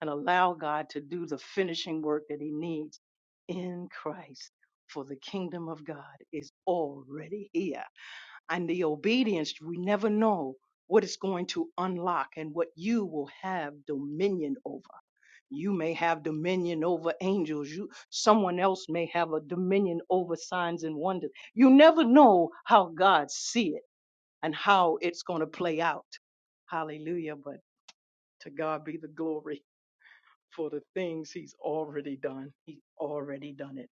and allow God to do the finishing work that he needs in Christ. For the kingdom of God is already here. And the obedience, we never know what it's going to unlock and what you will have dominion over. You may have dominion over angels. You someone else may have a dominion over signs and wonders. You never know how God sees it and how it's going to play out. Hallelujah. But to God be the glory for the things He's already done. He's already done it.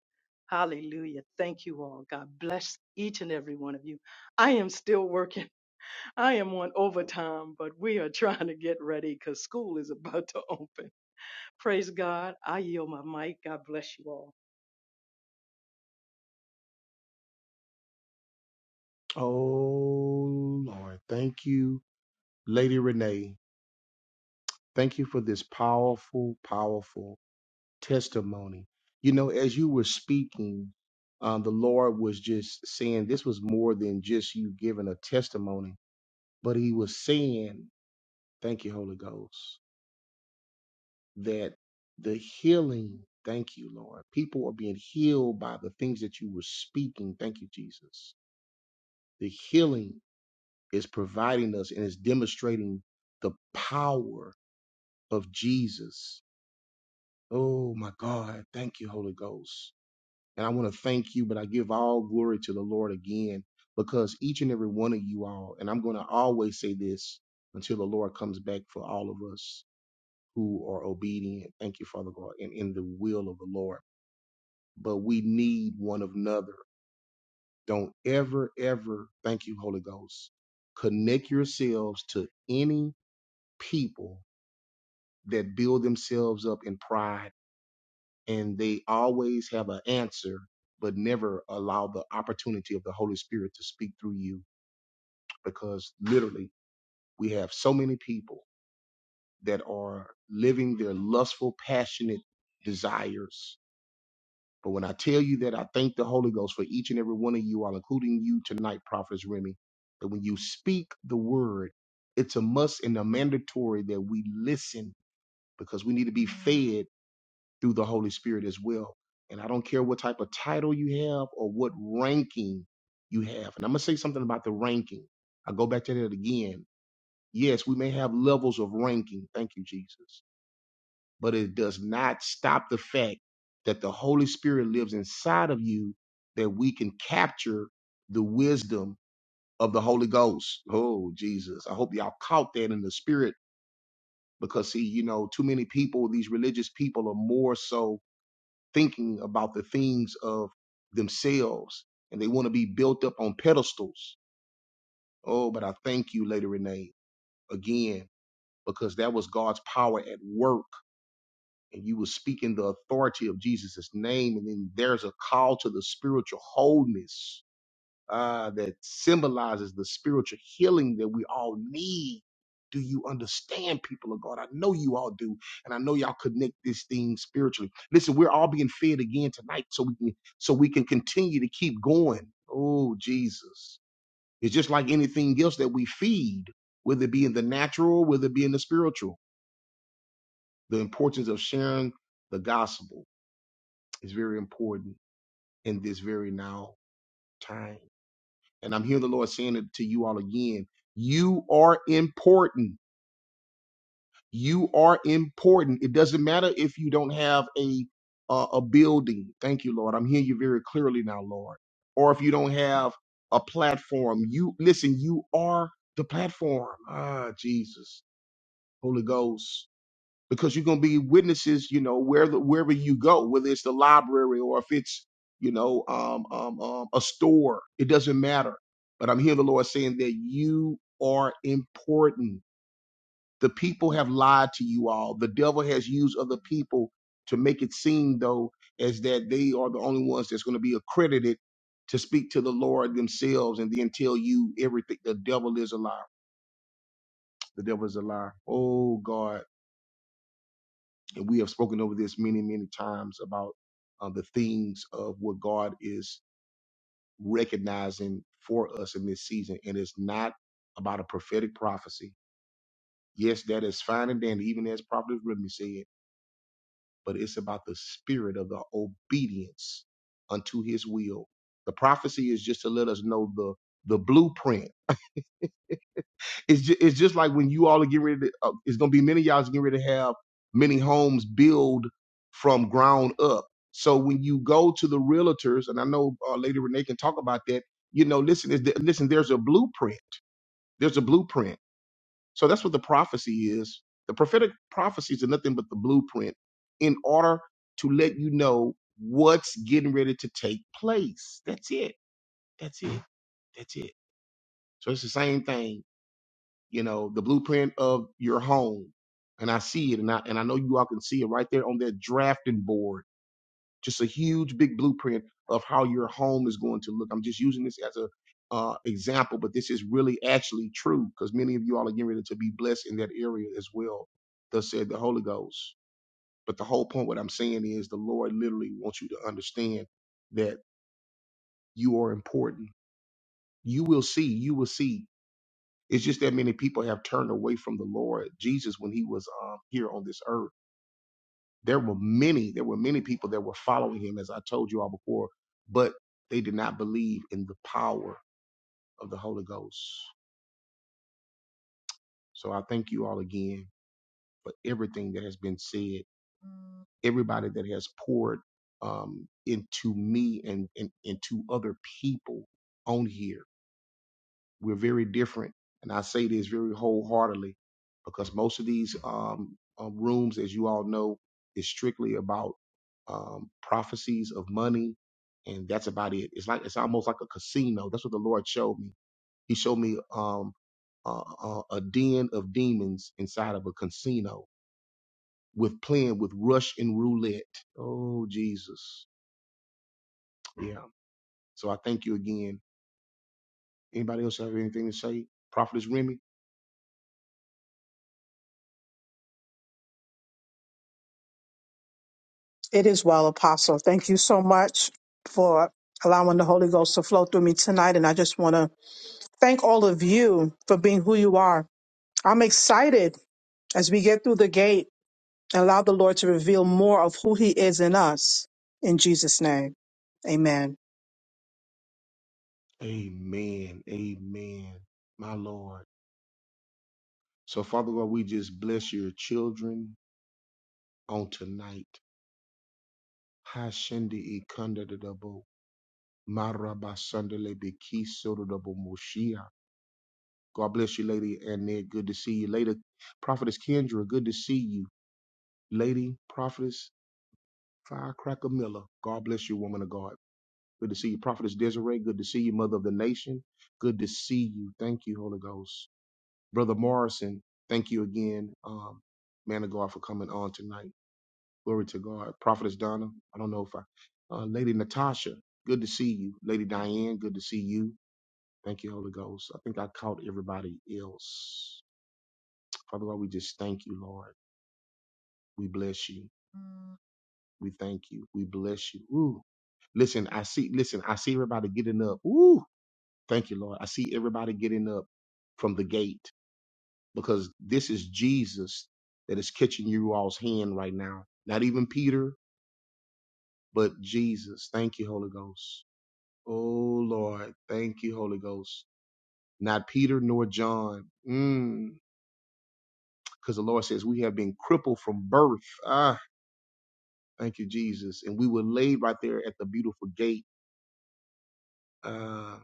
Hallelujah. Thank you all. God bless each and every one of you. I am still working. I am on overtime, but we are trying to get ready because school is about to open. Praise God. I yield my mic. God bless you all. Oh, Lord. Thank you, Lady Renee. Thank you for this powerful, powerful testimony. You know, as you were speaking, um, the Lord was just saying this was more than just you giving a testimony But he was saying, Thank you, Holy Ghost, that the healing, thank you, Lord. People are being healed by the things that you were speaking. Thank you, Jesus. The healing is providing us and is demonstrating the power of Jesus. Oh my God. Thank you, Holy Ghost. And I want to thank you, but I give all glory to the Lord again because each and every one of you all, and I'm going to always say this until the Lord comes back for all of us who are obedient. Thank you, Father God, and in the will of the Lord. But we need one another. Don't ever, ever, thank you, Holy Ghost, connect yourselves to any people that build themselves up in pride and they always have an answer, but never allow the opportunity of the Holy Spirit to speak through you because literally we have so many people that are living their lustful, passionate desires But when I tell you that, I thank the Holy Ghost for each and every one of you all, including you tonight, Prophetess Remy, that when you speak the word, it's a must and a mandatory that we listen because we need to be fed through the Holy Spirit as well. And I don't care what type of title you have or what ranking you have. And I'm going to say something about the ranking. I go back to that again. Yes, we may have levels of ranking. Thank you, Jesus but it does not stop the fact that the Holy Spirit lives inside of you, that we can capture the wisdom of the Holy Ghost. Oh, Jesus. I hope y'all caught that in the spirit because, see, you know, too many people, these religious people, are more so thinking about the things of themselves and they want to be built up on pedestals. Oh, but I thank you, Lady Renee, again, because that was God's power at work and you will speak in the authority of Jesus' name. And then there's a call to the spiritual wholeness uh, that symbolizes the spiritual healing that we all need. Do you understand, people of God? I know you all do, and I know y'all connect this thing spiritually. Listen, we're all being fed again tonight, so we can so we can continue to keep going. Oh, Jesus! It's just like anything else that we feed, whether it be in the natural, whether it be in the spiritual. The importance of sharing the gospel is very important in this very now time. And I'm hearing the Lord saying it to you all again. You are important. You are important. It doesn't matter if you don't have a uh, a building. Thank you, Lord. I'm hearing you very clearly now, Lord. Or if you don't have a platform, you listen. You are the platform. Ah, Jesus, Holy Ghost. because you're going to be witnesses, you know, wherever wherever you go, whether it's the library or if it's, you know, um, um, um, a store, it doesn't matter. But I'm hearing the Lord saying that you are important. The people have lied to you all. The devil has used other people to make it seem though as that they are the only ones that's going to be accredited to speak to the Lord themselves and then tell you everything. The devil is a liar. The devil is a liar. Oh God. And we have spoken over this many, many times about uh, the things of what God is recognizing for us in this season. And it's not about a prophetic prophecy. Yes, that is fine and dandy, even as Prophet Remy said, but it's about the spirit of the obedience unto his will. The prophecy is just to let us know the the blueprint it's just, it's just like when you all are getting ready to, uh, it's going to be many of y'all is getting ready to have many homes build from ground up. So when you go to the realtors, and I know uh, Lady Renee can talk about that, you know, listen, is th- listen, there's a blueprint. There's a blueprint. So that's what the prophecy is. The prophetic prophecies are nothing but the blueprint in order to let you know what's getting ready to take place. That's it. That's it. So it's the same thing you know, the blueprint of your home. And I see it, and I and I know you all can see it right there on that drafting board. Just a huge big blueprint of how your home is going to look. I'm just using this as a uh, example, but this is really actually true because many of you all are getting ready to be blessed in that area as well. Thus said the Holy Ghost. But the whole point, what I'm saying is, the Lord literally wants you to understand that you are important. You will see. You will see It's just that many people have turned away from the Lord Jesus when he was um, here on this earth. There were many, there were many people that were following him, as I told you all before, but they did not believe in the power of the Holy Ghost. So I thank you all again for everything that has been said, everybody that has poured um, into me and, and into other people on here. We're very different. And I say this very wholeheartedly because most of these um, um, rooms, as you all know, is strictly about um, prophecies of money. And that's about it. It's like it's almost like a casino. That's what the Lord showed me. He showed me um, uh, uh, a den of demons inside of a casino with playing with rush and roulette. Oh Jesus, yeah. So I thank you again. Anybody else have anything to say? Prophetess Remy. It is well, Apostle. Thank you so much for allowing the Holy Ghost to flow through me tonight. And I just want to thank all of you for being who you are. I'm excited as we get through the gate and allow the Lord to reveal more of who He is in us. In Jesus' name, amen. Amen. Amen. My Lord. So, Father God, we just bless your children on tonight. Hashende ikanda de dabo, maraba sandele bekiso de dabo moshia. God bless you, Lady Annette. Good to see you. Lady Prophetess Kendra, good to see you. Lady Prophetess Firecracker Miller, God bless you, woman of God. Good to see you. Prophetess Desiree, good to see you, Mother of the Nation. Good to see you. Thank you, Holy Ghost. Brother Morrison, thank you again, um, man of God, for coming on tonight. Glory to God. Prophetess Donna, I don't know if I, uh, Lady Natasha, good to see you. Lady Diane, good to see you. Thank you, Holy Ghost. I think I caught everybody else. Father God, we just thank you, Lord. We bless you. We thank you. We bless you. Ooh. Listen, I see, listen, I see everybody getting up. Ooh. Thank you, Lord. I see everybody getting up from the gate. because this is Jesus that is catching you all's hand right now. Not even Peter, but Jesus. Thank you, Holy Ghost. Oh, Lord. Thank you, Holy Ghost. Not Peter nor John. Mm. Because the Lord says we have been crippled from birth. Ah, thank you, Jesus. And we were laid right there at the beautiful gate, uh,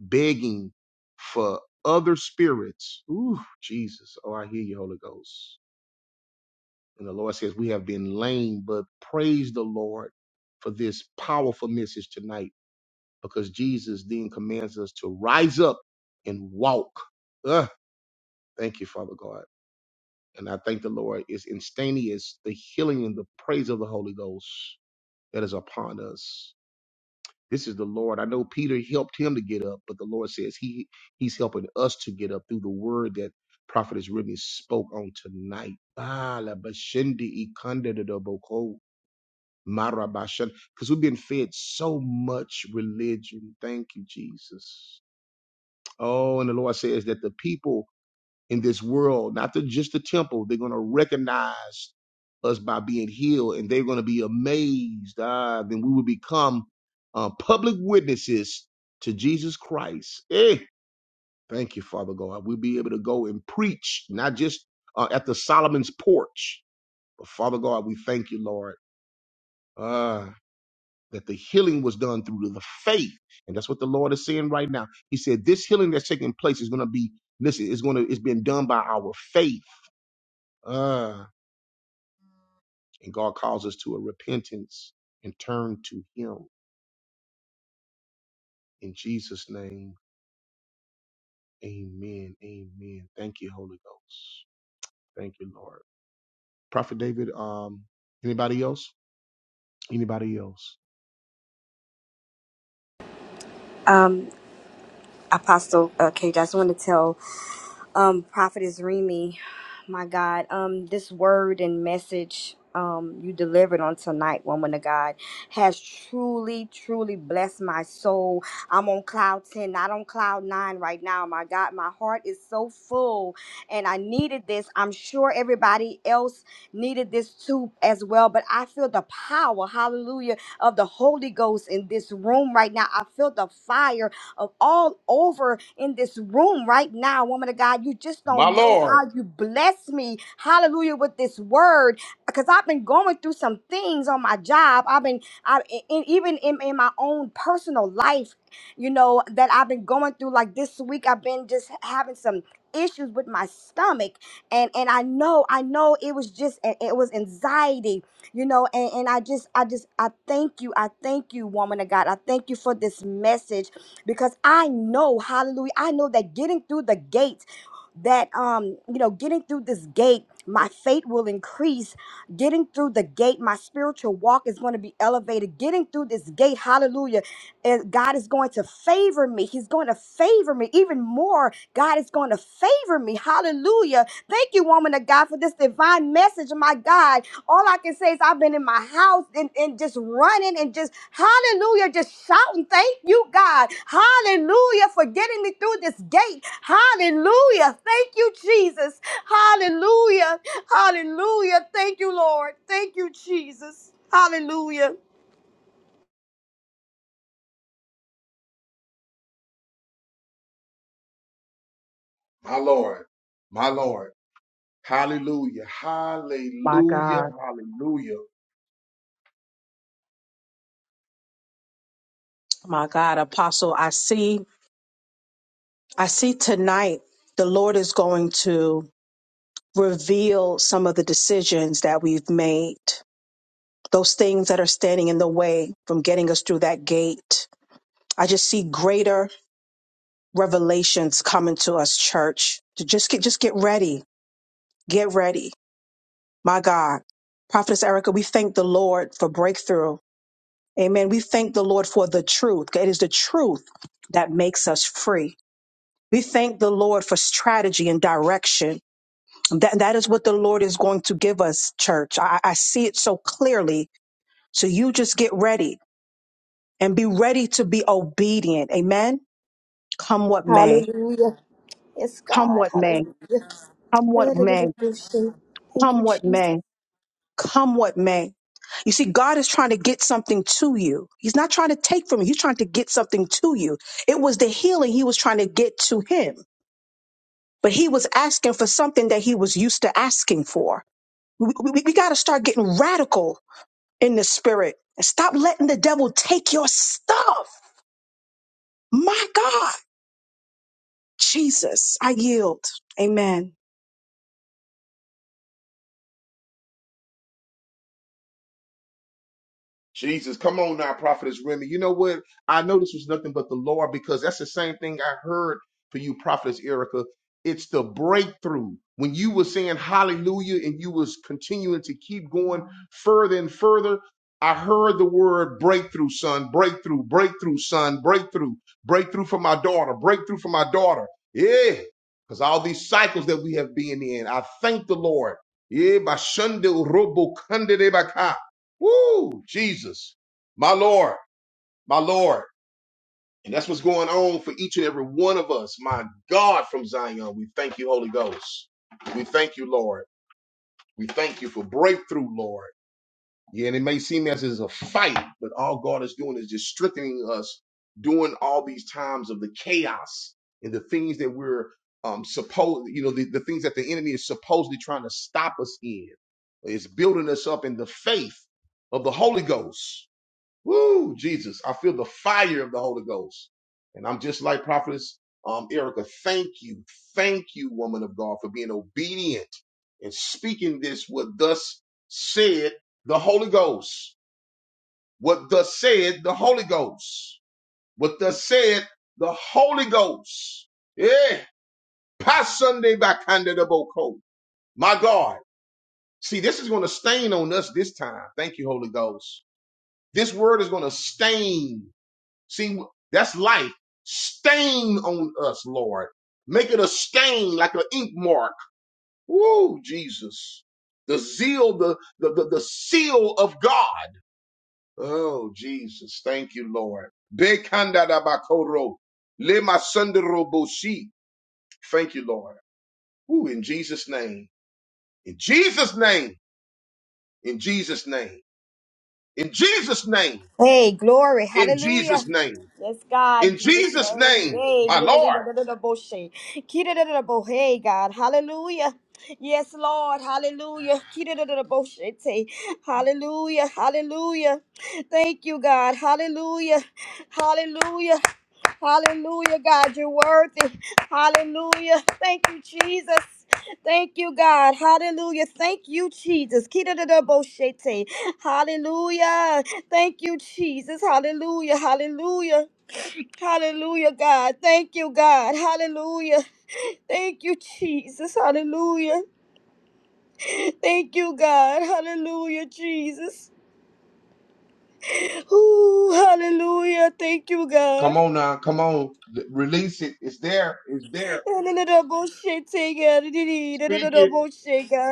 begging for other spirits. Ooh, Jesus. Oh, I hear you, Holy Ghost And the Lord says, We have been lame, but praise the Lord for this powerful message tonight because Jesus then commands us to rise up and walk. Ugh, thank you, Father God. And I thank the Lord It's instantaneous, the healing and the praise of the Holy Ghost that is upon us. This is the Lord. I know Peter helped him to get up, but the Lord says he he's helping us to get up through the word that prophet has written spoke on tonight. Ah, la bashindi ikanda Marabashan, Because we've been fed so much religion. Thank you, Jesus. Oh, and the Lord says that the people in this world, not the, just the temple, they're going to recognize us by being healed and they're going to be amazed. Ah, then we will become uh, public witnesses to Jesus Christ. Eh, thank you, Father God. We'll be able to go and preach, not just uh, at the Solomon's porch, but Father God, we thank you, Lord. Ah. that the healing was done through the faith. And that's what the Lord is saying right now. He said, This healing that's taking place is going to be, listen, it's going to, it's been done by our faith. Ah, and God calls us to a repentance and turn to Him. In Jesus' name, amen. Amen. Thank you, Holy Ghost. Thank you, Lord. Prophet David, um, anybody else? Anybody else? Um, Apostle uh, K, I just want to tell um, Prophetess Remy, my God, um, this word and message um, you delivered on tonight, woman of God, has truly, truly blessed my soul. I'm on cloud 10, not on cloud 9 right now. My God, my heart is so full and I needed this. I'm sure everybody else needed this too as well, but I feel the power, hallelujah, of the Holy Ghost in this room right now. I feel the fire of all over in this room right now, woman of God. You just don't know how you bless me, hallelujah, with this word. Because I've been going through some things on my job. I've been, I, and even in, in my own personal life, you know, that I've been going through. Like this week, I've been just having some issues with my stomach and and i know i know it was just it it was anxiety you know and, and i just i just i thank you i thank you woman of god i thank you for this message because I know, hallelujah, I know that getting through the gate, that um, you know, getting through this gate, my faith will increase. Getting through the gate, my spiritual walk is going to be elevated. Getting through this gate, hallelujah, and God is going to favor me. He's going to favor me even more. God is going to favor me. Hallelujah. Thank you, woman of God, for this divine message, my God. All I can say is I've been in my house and, and just running and just hallelujah, just shouting, thank you, God. Hallelujah for getting me through this gate. Hallelujah. Thank you, Jesus. Hallelujah. Hallelujah. Thank you, Lord. Thank you, Jesus. Hallelujah. My Lord, my Lord. Hallelujah. My Hallelujah. God, Hallelujah. my God, Apostle, I see, I see tonight the Lord is going to reveal some of the decisions that we've made, those things that are standing in the way from getting us through that gate. I just see greater revelations coming to us, church. To Just get, just get ready, get ready. My God, Prophetess Erica, we thank the Lord for breakthrough. Amen. We thank the Lord for the truth. It is the truth that makes us free. We thank the Lord for strategy and direction. That, that is what the Lord is going to give us, church. I, I see it so clearly. So you just get ready and be ready to be obedient. Amen. Come what may. Hallelujah. Yes, Come God. what may. Hallelujah. Come what may. Thank you, Come what Jesus. may. Come what may. You see, God is trying to get something to you. He's not trying to take from you. He's trying to get something to you. It was the healing he was trying to get to him, but he was asking for something that he was used to asking for. We, we, we got to start getting radical in the spirit and stop letting the devil take your stuff. My God, Jesus, I yield. Amen. Jesus, come on now, Prophetess Remy. You know what? I know this was nothing but the Lord because that's the same thing I heard for you, Prophetess Erica. It's the breakthrough. When you were saying hallelujah and you was continuing to keep going further and further, I heard the word breakthrough, son, breakthrough, breakthrough, son, breakthrough, breakthrough for my daughter, breakthrough for my daughter. Yeah. Because all these cycles that we have been in, I thank the Lord. Yeah, by Shunda Robo Kandere Baka. Woo! Jesus, my Lord, my Lord. And that's what's going on for each and every one of us. My God, from Zion, we thank you, Holy Ghost. We thank you, Lord. We thank you for breakthrough, Lord. Yeah, and it may seem as it's a fight, but all God is doing is just strengthening us during all these times of the chaos and the things that we're um supposed, you know, the, the things that the enemy is supposedly trying to stop us in. It's building us up in the faith of the Holy Ghost Woo, Jesus, I feel the fire of the Holy Ghost. And I'm just like Prophetess um, Erica. Thank you. Thank you, woman of God, for being obedient and speaking this, what thus said the Holy Ghost. What thus said the Holy Ghost. What thus said the Holy Ghost. Yeah. Pass Sunday by Candida Boko. My God. See, this is going to stain on us this time. Thank you, Holy Ghost. This word is going to stain See, that's life. Stain on us, Lord. Make it a stain like an ink mark. Woo, Jesus. The zeal, the, the, the, the seal of God. Oh, Jesus. Thank you, Lord. Bekandadabakoro. Lemasandaroboshi. Thank you, Lord. Woo, in Jesus' name. In Jesus' name. In Jesus' name. In Jesus' name. Hey, glory, In hallelujah. Jesus' name. Yes, God, in In Jesus' Jesus' name. name. Hey, My Lord. kidadadadadadaboshe. Kidadadadadabo- hey, God, hallelujah. Yes, Lord, hallelujah. Kidadadadadaboshe te. Hallelujah, hallelujah. Thank you, God, hallelujah, hallelujah. Hallelujah, God, you're worthy. Hallelujah. Thank you, Jesus. Thank you, God. Hallelujah. Thank you, Jesus. Kidadadaboshete. Hallelujah. Thank you, Jesus. Hallelujah. Hallelujah. Hallelujah, God. Thank you, God. Hallelujah. Thank you, Jesus. Hallelujah. Thank you, God. Hallelujah, Jesus. Ooh, hallelujah. Thank you, God. Come on now, come on. L- Release it. It's there. It's there. God. Speak it.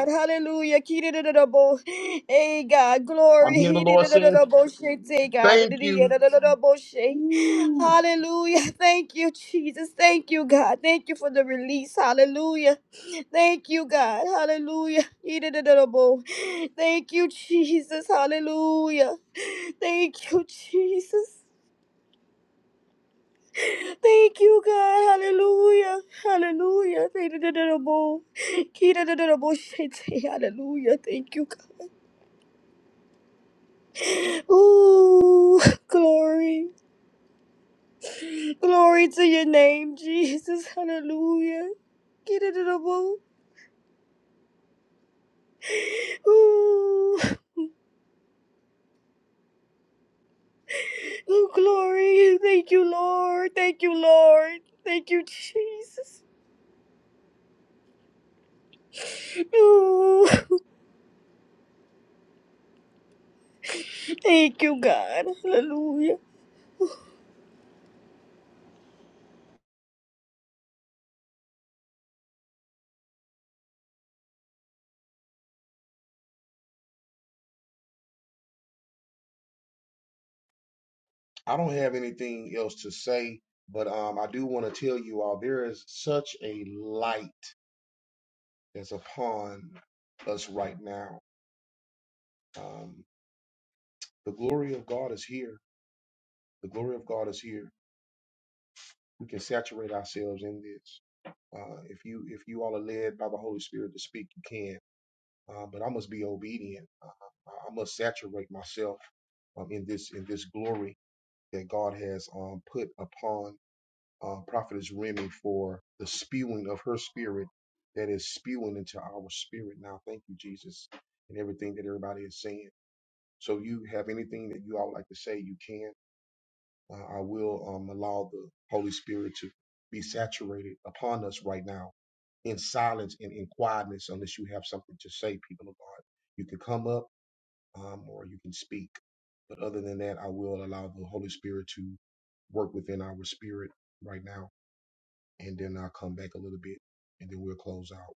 Hallelujah. Kididididabo. Hey, God. Glory. I'm hearing the Lord saying, Hidididididabo. God. Thank you. Dididididididabo. Whew. Hallelujah. Thank you, Jesus. Thank you, God. Thank you for the release. Hallelujah. Thank you, God. Hallelujah. Hidididididabo. Thank you, Jesus. Hallelujah. Thank you, Jesus. Thank you, God. Hallelujah. Hallelujah. Thank you, da-da-da-da-bo. Key, da-da-da-da-bo. Shit. Hallelujah. Thank you, God. Ooh, glory. Glory to your name, Jesus. Hallelujah. Key, da-da-da-bo. Ooh, ooh, glory. Thank you, Lord. Thank you, Lord. Thank you, Jesus. Ooh, thank you, God. Hallelujah. I don't have anything else to say, but um, I do want to tell you all there is such a light that's upon us right now. Um, the glory of God is here. The glory of God is here. We can saturate ourselves in this. Uh, if you if you all are led by the Holy Spirit to speak, you can. uh, but I must be obedient. Uh, uh, I must saturate myself um, in this in this glory that God has um, put upon uh, Prophetess Remy for the spewing of her spirit that is spewing into our spirit now. Thank you, Jesus, and everything that everybody is saying. So, you have anything that you all would like to say? You can. Uh, I will um, allow the Holy Spirit to be saturated upon us right now in silence and in quietness, unless you have something to say, people of God. You can come up um, or you can speak. But other than that, I will allow the Holy Spirit to work within our spirit right now, and then I'll come back a little bit, and then we'll close out.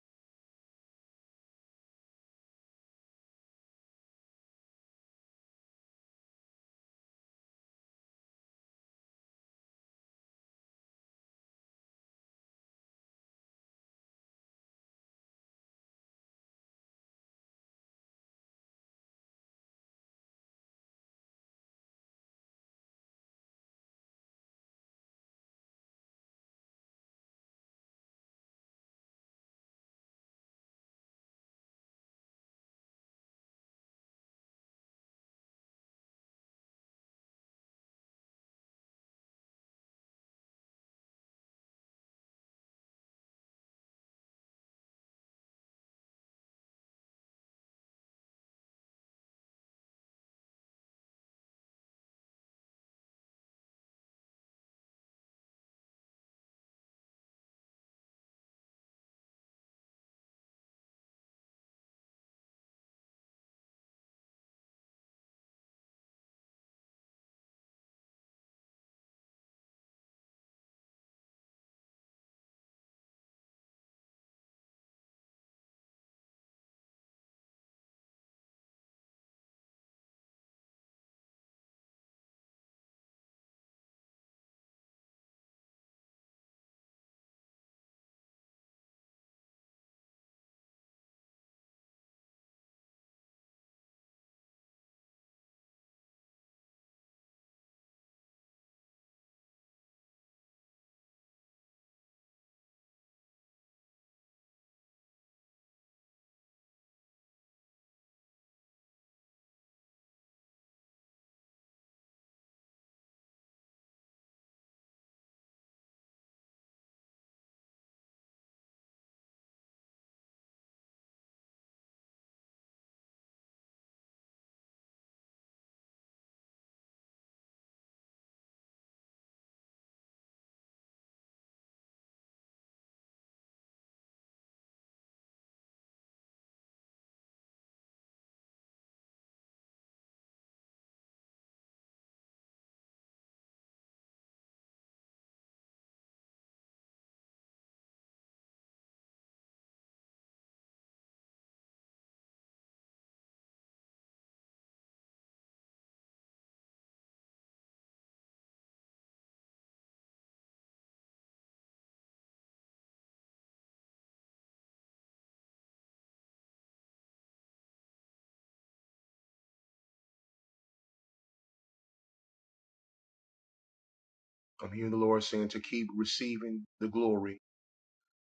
I'm hearing the Lord saying to keep receiving the glory.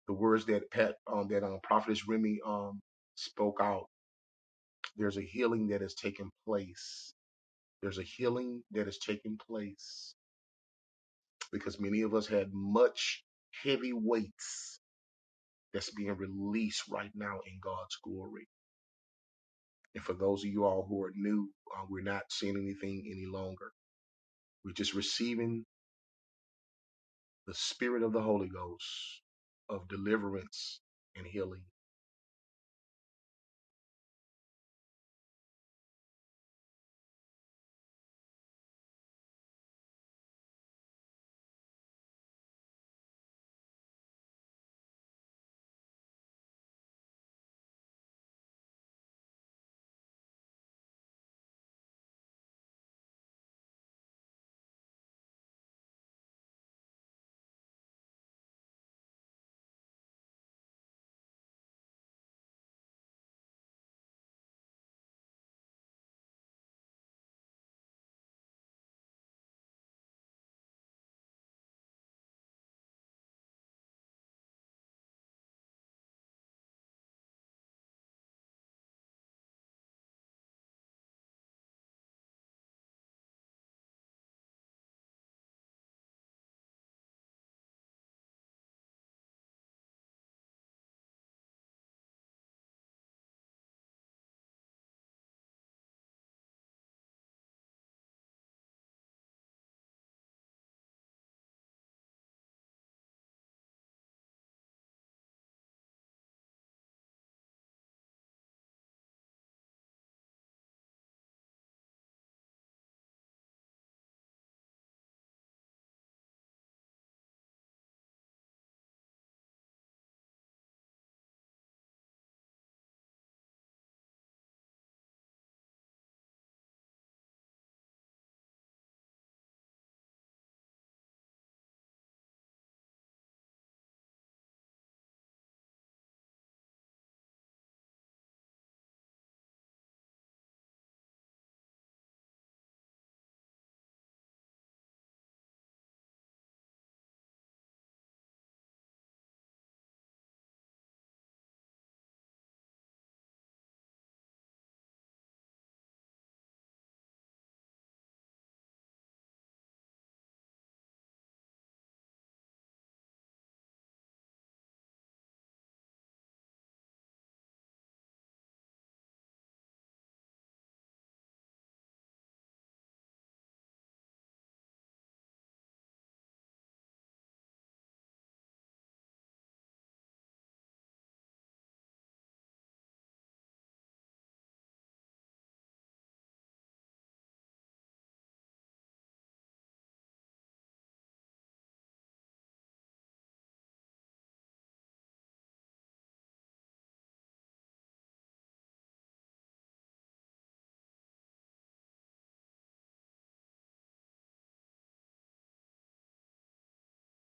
The words that Pat, um, that um, Prophetess Remy um, spoke out. There's a healing that has taken place. There's a healing that has taken place because many of us had much heavy weights that's being released right now in God's glory And for those of you all who are new, uh, we're not seeing anything any longer. We're just receiving the spirit of the Holy Ghost of deliverance and healing.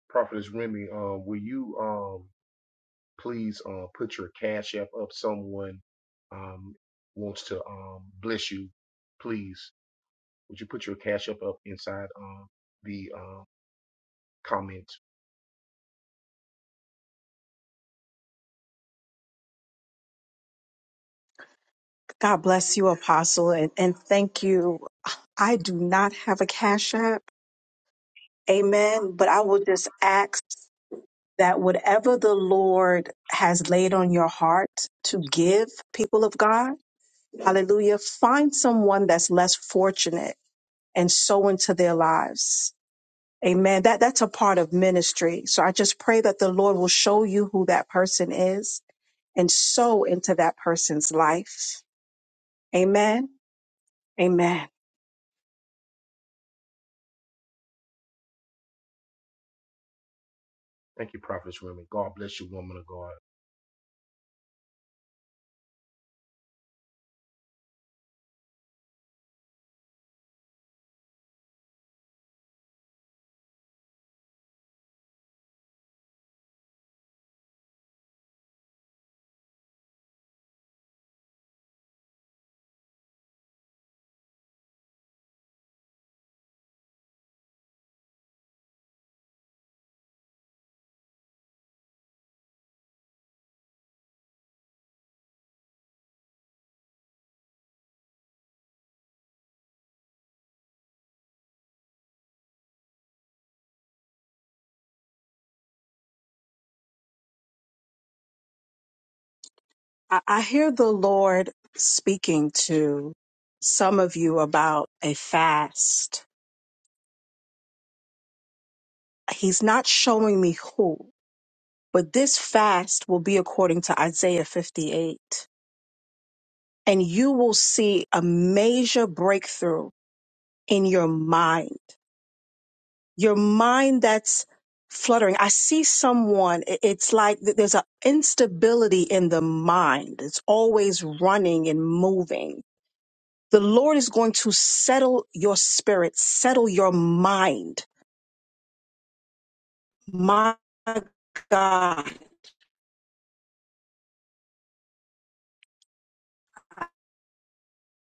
Prophetess Remy, um, will you um, please uh, put your cash app up? Someone um, wants to um, bless you. Please, would you put your cash app up inside um, the uh, comments? God bless you, Apostle, and, and thank you. I do not have a cash app. Amen. But I will just ask that whatever the Lord has laid on your heart to give people of God, hallelujah, find someone that's less fortunate and sow into their lives Amen. That that's a part of ministry. So I just pray that the Lord will show you who that person is and sow into that person's life. Amen. Amen. I, I hear the Lord speaking to some of you about a fast. He's not showing me who, but this fast will be according to Isaiah 58. And you will see a major breakthrough in your mind your mind that's fluttering. I see someone, i- it's like th- there's an instability in the mind. It's always running and moving. The Lord is going to settle your spirit, settle your mind. My God,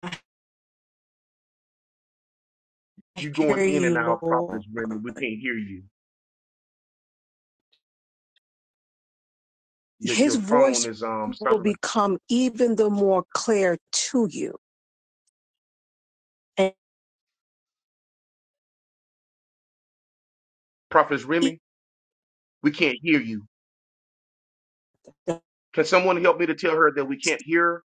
I You're hear going in you, and out, Lord. Prophetess Remy. We can't hear you. Your His your phone voice is um will sounding like become even the more clear to you. And Prophetess Remy. We can't hear you. Can someone help me to tell her that we can't hear? her?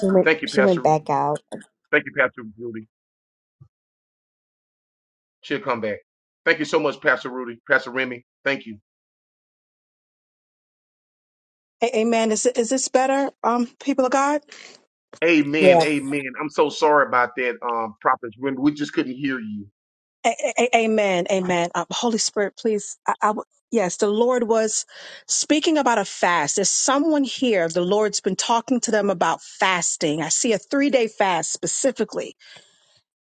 She went, Thank you, she went Pastor. back out. Thank you, Pastor Rudy. She'll come back. Thank you so much, Pastor Rudy, Pastor Remy. Thank you. A- Amen. Is, is this better, um, people of God? Amen. Yeah. Amen. I'm so sorry about that, um, Prophet Remy. We just couldn't hear you. A- a- a- amen. Amen. Um, Holy Spirit, please. I, I w- yes, the Lord was speaking about a fast. There's someone here. The Lord's been talking to them about fasting. I see a three day fast specifically.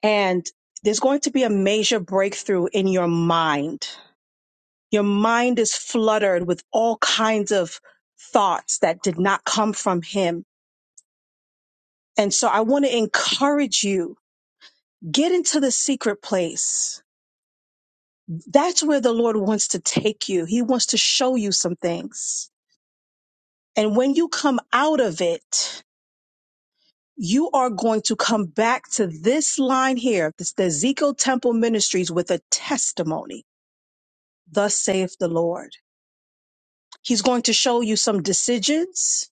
And there's going to be a major breakthrough in your mind. Your mind is fluttered with all kinds of thoughts that did not come from Him. And so I want to encourage you get into the secret place That's where the Lord wants to take you. He wants to show you some things. And when you come out of it, you are going to come back to this line here, this, the Ezekiel Temple Ministries with a testimony. Thus saith the Lord. He's going to show you some decisions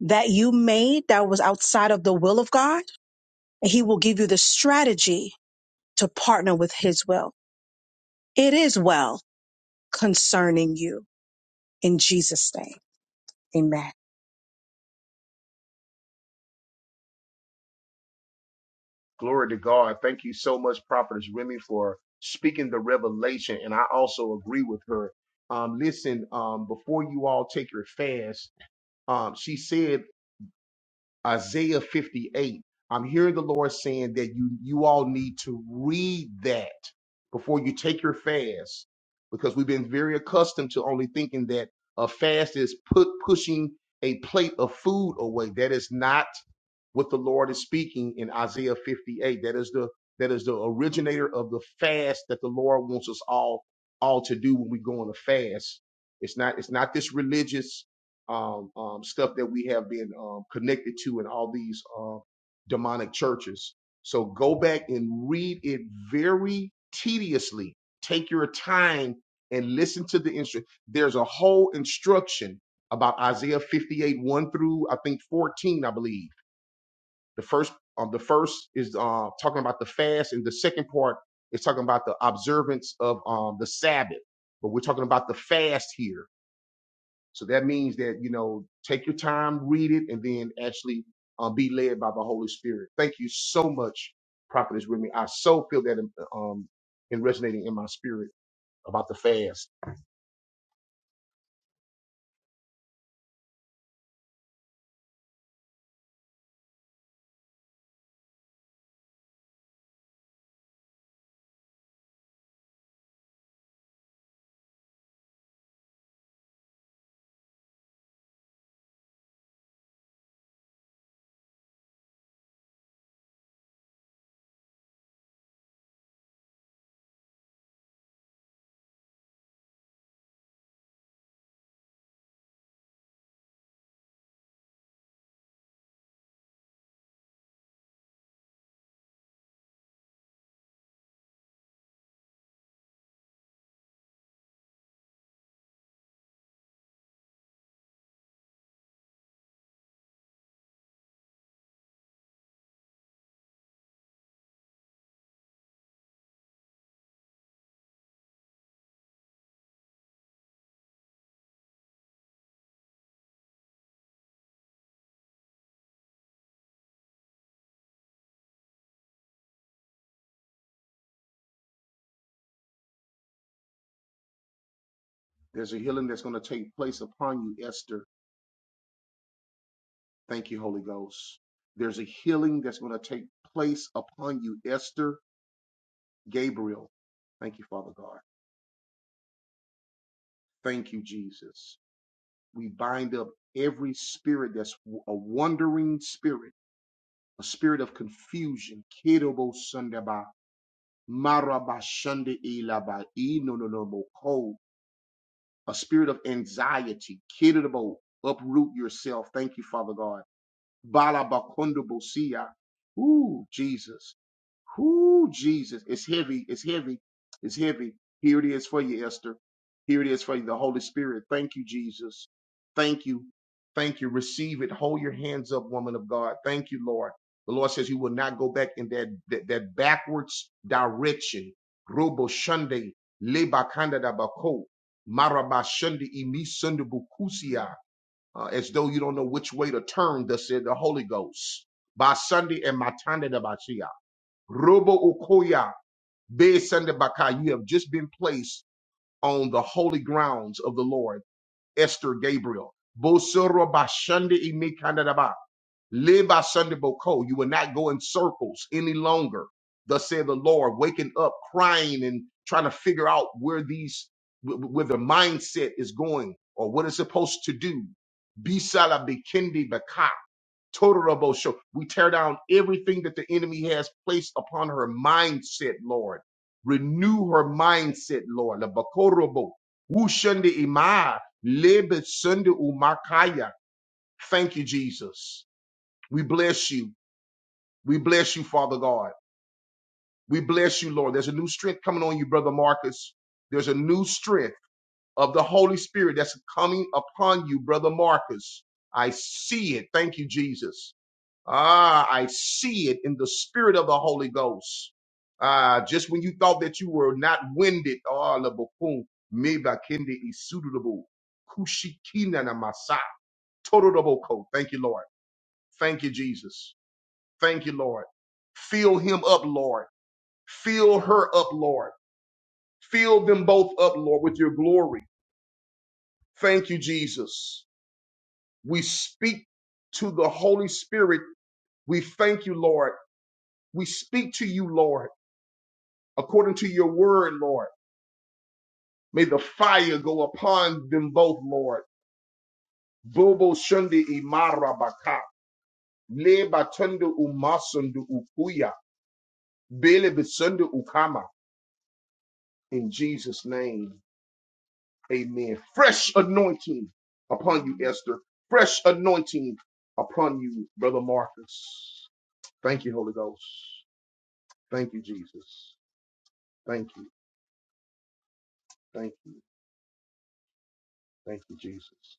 that you made that was outside of the will of God. And he will give you the strategy to partner with his will. It is well concerning you in Jesus' name. Amen. Glory to God. Thank you so much, Prophet Remy, for speaking the revelation. And I also agree with her. Um, listen, um, before you all take your fast, um, she said. Isaiah 58. I'm hearing the Lord saying that you you all need to read that before you take your fast because we've been very accustomed to only thinking that a fast is put pushing a plate of food away. That is not what the Lord is speaking in Isaiah 58. That is the that is the originator of the fast that the Lord wants us all all to do when we go on a fast. It's not it's not this religious um, um, stuff that we have been um, connected to in all these uh, demonic churches. So go back and read it very tediously. Take your time and listen to the instruction. There's a whole instruction about Isaiah 58, 1 through I think 14, I believe the first, um, the first is uh, talking about the fast, and the second part is talking about the observance of um, the Sabbath. But we're talking about the fast here, so that means that you know, take your time, read it, and then actually uh, be led by the Holy Spirit. Thank you so much, Prophetess Remy. I so feel that um, in resonating in my spirit about the fast. There's a healing that's going to take place upon you, Esther. Thank you, Holy Ghost. There's a healing that's going to take place upon you, Esther. Gabriel. Thank you, Father God. Thank you, Jesus. We bind up every spirit that's a wandering spirit, a spirit of confusion. Kidobo sundaba, maraba shunde ilaba, inononobo A spirit of anxiety. Kidobo, uproot yourself. Thank you, Father God. Balabakondobo Ooh, Jesus. Whoo, Jesus. It's heavy. It's heavy. It's heavy. Here it is for you, Esther. Here it is for you, the Holy Spirit. Thank you, Jesus. Thank you. Thank you. Receive it. Hold your hands up, woman of God. Thank you, Lord. The Lord says you will not go back in that that, that backwards direction. Robo Shunde, Leba Kanda da Bako, Maraba Shunde, Imi Sunde Bukusia, uh, as though you don't know which way to turn, thus said the Holy Ghost. By Sunday and Matanda da Bachia. Robo Okoya, Besende Baka, you have just been placed on the holy grounds of the Lord, Esther Gabriel. Bosoro Bashande Imikandadaba, Leba Sunday Boko, you will not go in circles any longer. Thus said the Lord, waking up, crying, and trying to figure out where these, wh- where the mindset is going or what it's supposed to do. Bisala Bikindi Baka. Total Rabo Show. We tear down everything that the enemy has placed upon her mindset, Lord. Renew her mindset, Lord. Labakorobo. Wushunde ima. Lebe sunde umakaya. Thank you, Jesus. We bless you. We bless you, Father God. We bless you, Lord. There's a new strength coming on you, Brother Marcus. There's a new strength of the Holy Spirit that's coming upon you, Brother Marcus. I see it. Thank you, Jesus. Ah, I see it in the spirit of the Holy Ghost. Ah, just when you thought that you were not winded, ah, labokum meba kende isudubu kushikina namasa todoroboko. Thank you, Lord. Thank you, Jesus. Thank you, Lord. Fill him up, Lord. Fill her up, Lord. Fill them both up, Lord, with your glory. Thank you, Jesus. We speak to the Holy Spirit. We thank you, Lord. We speak to you, Lord. according to your word, Lord. May the fire go upon them both, Lord. Bobo shundi imara baka. Le batundu umasundu ukuya. Bele bisundu ukama. In Jesus' name, amen. Fresh anointing upon you, Esther. Fresh anointing upon you, Brother Marcus. Thank you, Holy Ghost. Thank you, Jesus. Thank you. Thank you. Thank you, Jesus.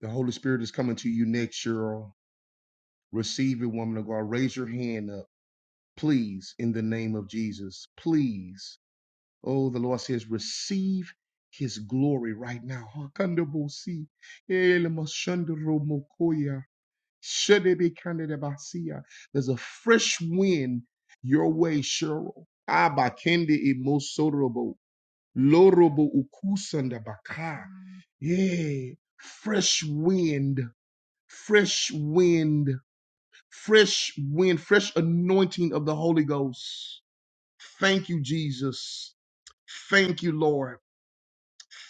The Holy Spirit is coming to you next, Cheryl. receive woman of God. Raise your hand up, please, in the name of Jesus. Please. Oh, the Lord says, receive his glory right now. Hakandabosi, elemashandaromokoya, shedebekandedebasia. There's a fresh wind your way, Cheryl. Abakende imosorobo, lorobo ukusandabaka. Yeah, fresh wind, fresh wind fresh wind, fresh anointing of the Holy Ghost. Thank you, Jesus. Thank you, Lord.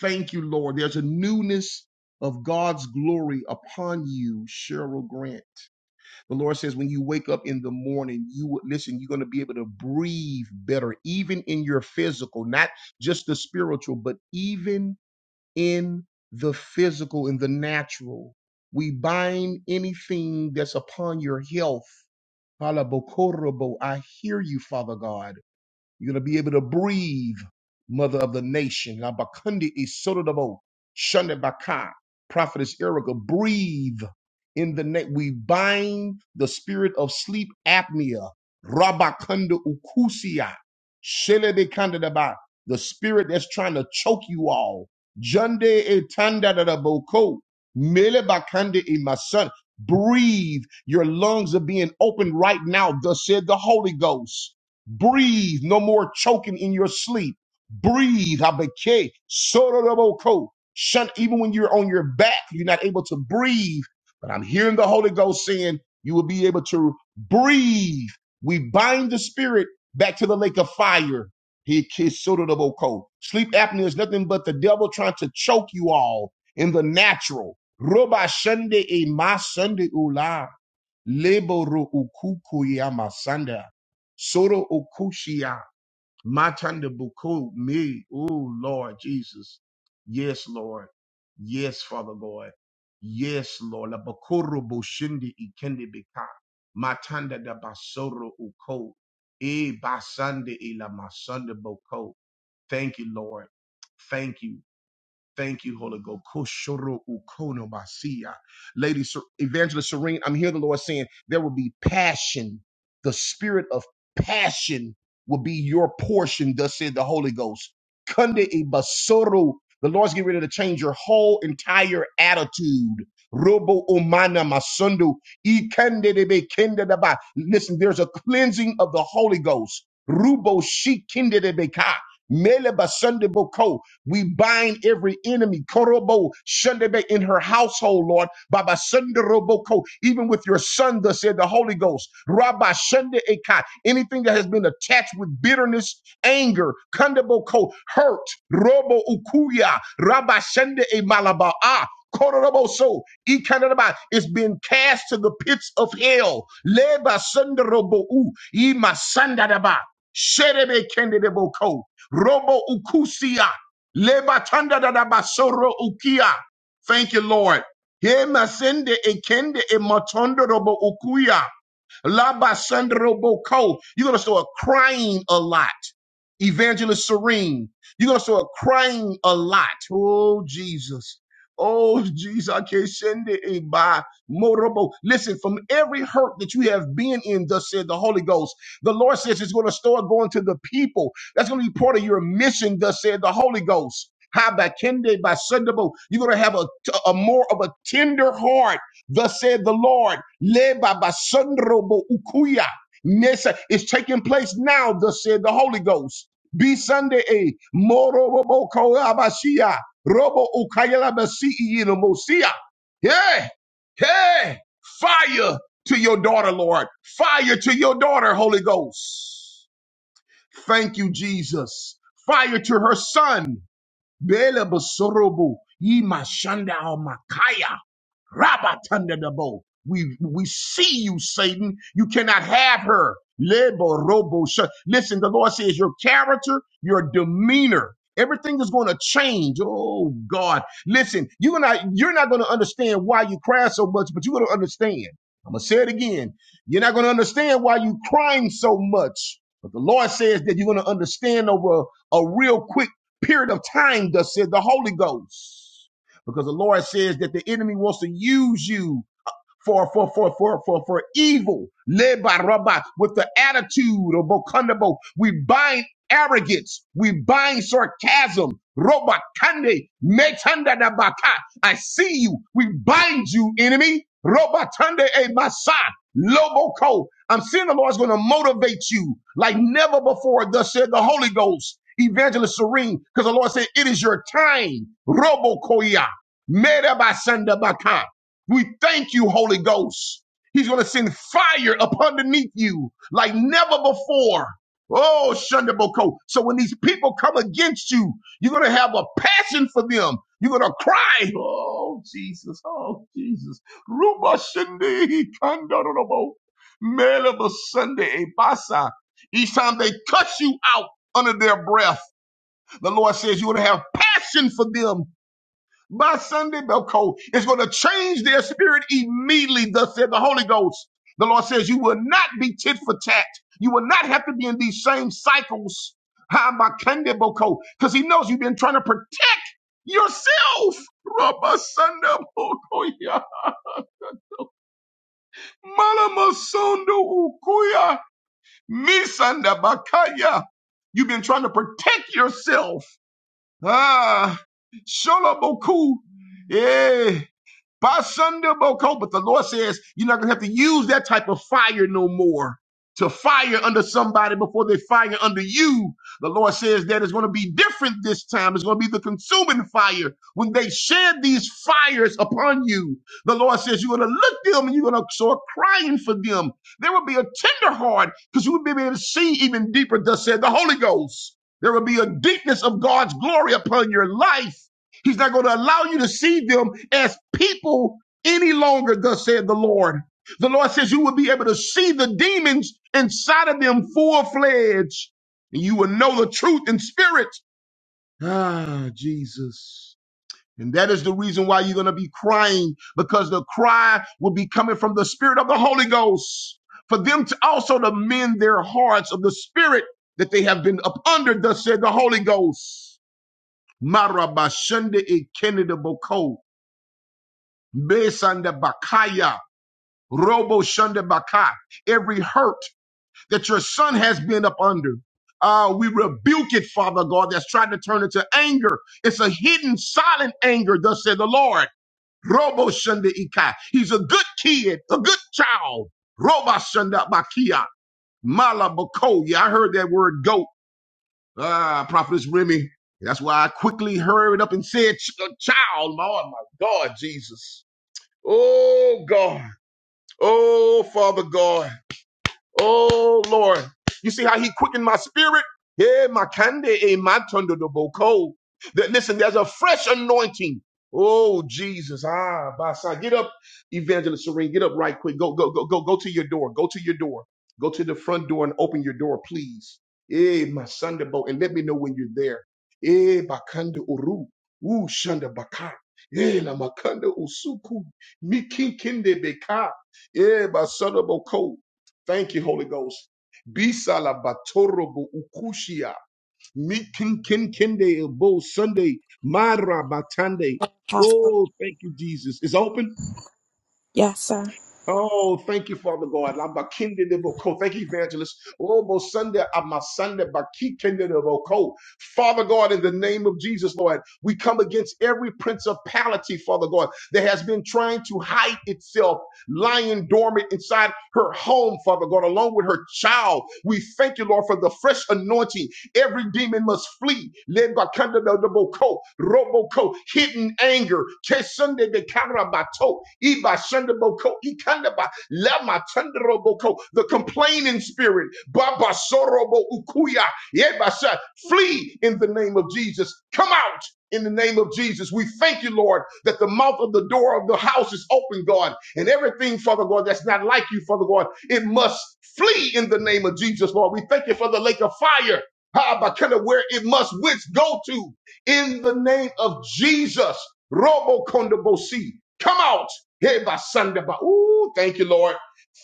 Thank you, Lord. There's a newness of God's glory upon you, Cheryl Grant. The Lord says, when you wake up in the morning, you would listen, you're going to be able to breathe better, even in your physical, not just the spiritual, but even in the physical, in the natural. We bind anything that's upon your health Halabokorobo. I hear you, Father God. You're going to be able to breathe, Mother of the Nation. Labakundi isotodobo. Shundabaka. Prophetess Erica, breathe in the name. We bind the spirit of sleep apnea, rabakanda ukusia, shelebekandadaba, the spirit that's trying to choke you all. Jande etandadadaboko, melebakande imasan. Breathe. Your lungs are being opened right now, thus said the Holy Ghost. Breathe. No more choking in your sleep. Breathe. Habake, sororoboko. Shun, even when you're on your back, you're not able to breathe but I'm hearing the Holy Ghost saying you will be able to breathe. We bind the spirit back to the lake of fire. He kissed Sotoboko. Sleep apnea is nothing but the devil trying to choke you all in the natural. Roba Sunday e ma Sunday ula. Leboro ukuku ya masanda. Soro okushia. Matanda Buku, me. Oh, Lord Jesus. Yes, Lord. Yes, Father God. Yes, Lord. La Bakuru Bushindi Ikende Bika. Matanda da Basoro Uko. E Basande Ila Masanda Boko. Thank you, Lord. Thank you. Thank you, Holy Ghost. Koshoro ukono basia, Lady Ser- Evangelist Serene, I'm here the Lord saying there will be passion. The spirit of passion will be your portion, thus said the Holy Ghost. Kunde e basoro. The Lord's getting ready to change your whole entire attitude. Robo umana masundu. E kende de be kende de ba. Listen, there's a cleansing of the Holy Ghost. Rubo shi kende de be ka. Mele basunde boko. We bind every enemy, Korobo Shundebe, in her household, Lord. Baba Sundaroboko, even with your son, thus said the Holy Ghost. Rabba Shunde Eka, anything that has been attached with bitterness, anger, Kandaboko, hurt, Robo Ukuya, Rabba Shunde E Malaba. Ah, Kororobo so Ikanaba is being cast to the pits of hell. Leba Sundarobo U Ima Sandadaba Sherebe Kendedeboko Robo Ukusia Leba tanda da da basoro ukia. Thank you, Lord. He masende ekende e matondo robo ukuya. Labasandroboko. You're going to start crying a lot. Evangelist Serene. You're going to start crying a lot. Oh, Jesus. Oh, Jesus. I can't send it by Morobo. Listen, from every hurt that you have been in, thus said the Holy Ghost, the Lord says it's going to start going to the people. That's going to be part of your mission, thus said the Holy Ghost. How by Kende by Sundabo, you're gonna have a, a more of a tender heart Thus said the Lord, Leba basundrobo ukuya. Nessa is taking place now, thus said the Holy Ghost. Be Sunday a morobo koabashia. Robo ukayela basi mosia. Yeah. Hey. Fire to your daughter, Lord. Fire to your daughter, Holy Ghost. Thank you, Jesus. Fire to her son. Bele basorobo. Ye mashanda al makaya. Rabatandadabo. We we see you, Satan. You cannot have her. Leborobo sha- Listen, the Lord says your character, your demeanor, everything is going to change. Oh God, listen, you're not you're not going to understand why you cry so much, but you're going to understand. I'm gonna say it again. You're not going to understand why you crying so much, but the Lord says that you're going to understand over a real quick period of time. Thus said the Holy Ghost because the Lord says that the enemy wants to use you for for for for for for evil. Lebaraba with the attitude of Bokundabo. We bind arrogance. We bind sarcasm. Roba kande metanda da baka. I see you. We bind you, enemy. Roba tande e masa. Loboko. I'm seeing the Lord's going to motivate you like never before. Thus said the Holy Ghost, Evangelist Serene, because the Lord said, it is your time. Robo koya. Meda basanda baka. We thank you, Holy Ghost. He's going to send fire up underneath you like never before. Oh, Shundaboko. So when these people come against you, you're going to have a passion for them. You're going to cry. Oh, Jesus. Oh, Jesus. Ruba Shinde Kandorobo. Meleba Sunday Ebasa. Each time they cut you out under their breath, the Lord says you're going to have passion for them by Sunday, Belco, is going to change their spirit immediately, thus said the Holy Ghost. The Lord says, You will not be tit for tat. You will not have to be in these same cycles. Ha, my Boko, Because he knows you've been trying to protect yourself. Rabba Sanda Bokoya. Malama Ukuya. Misanda Bakaya. You've been trying to protect yourself. Ah, Sholoboku. eh. By Sunday, Boko, but the Lord says you're not going to have to use that type of fire no more to fire under somebody before they fire under you. The Lord says that it's going to be different this time. It's going to be the consuming fire when they shed these fires upon you. The Lord says you're going to look them and you're going to start crying for them. There will be a tender heart because you will be able to see even deeper, thus said the Holy Ghost. There will be a deepness of God's glory upon your life He's not going to allow you to see them as people any longer, thus said the Lord. The Lord says you will be able to see the demons inside of them full fledged. And you will know the truth in spirit. Ah, Jesus. And that is the reason why you're going to be crying because the cry will be coming from the spirit of the Holy Ghost for them to also to mend their hearts of the spirit that they have been up under, thus said the Holy Ghost. Marabashende e Kenedaboko. Besanda bakaya, robo shanda baka. Every hurt that your son has been up under. Uh, we rebuke it, Father God, that's trying to turn into anger. It's a hidden, silent anger, thus said the Lord. Robo shanda ika. He's a good kid, a good child. Roba shanda bakia. Malabakoya. I heard that word goat. Ah, Prophetess Remy. That's why I quickly hurried up and said, "Ch- child, Lord, my God, Jesus. Oh, God. Oh, Father God. Oh Lord. You see how he quickened my spirit? Yeah, my kande eh, my tondo do boko. That listen, there's a fresh anointing. Oh Jesus. Ah, Basa. Get up, Evangelist Serene. Get up right quick. Go, go, go, go, go to your door. Go to your door. Go to the front door and open your door, please. Eh, my Sunday boat. And let me know when you're there. Eh, bakanda uru. Ooh, shanda baka. Eh, la makanda usuku. Mikinkinde beka. Eh, my son of Thank you, Holy Ghost. Bisala batorobo ukushia. Mikin kin kinde ebo Sunday. Mara batande. Apostle. Oh, thank you, Jesus. It's open. Yes, sir. Oh, thank you, Father God. La bakinde de boko. Thank you, evangelist. Oh, bo Sunday, my Sunday, bakikinde de boko. Father God, in the name of Jesus, Lord, we come against every principality, Father God, that has been trying to hide itself, lying dormant inside her home, Father God, along with her child. We thank you, Lord, for the fresh anointing Every demon must flee. Lebakanda de boko, Roboko, hidden anger. Kesunde bekarabato, Ibashandaboko, Ikandaba, Lamatandaraboko, The complaining spirit. Baba Sorobo Ukuya. Yebasa, Flee in the name of Jesus. Come out in the name of Jesus. We thank you, Lord, that the mouth of the door of the house is open, God, and everything, Father God, that's not like you, Father God, it must flee in the name of Jesus, Lord. We thank you for the lake of fire Habakana, where it must which go to in the name of Jesus. Robo Kondabosi. Come out. Hey, by Sunday. By, ooh, thank you, Lord.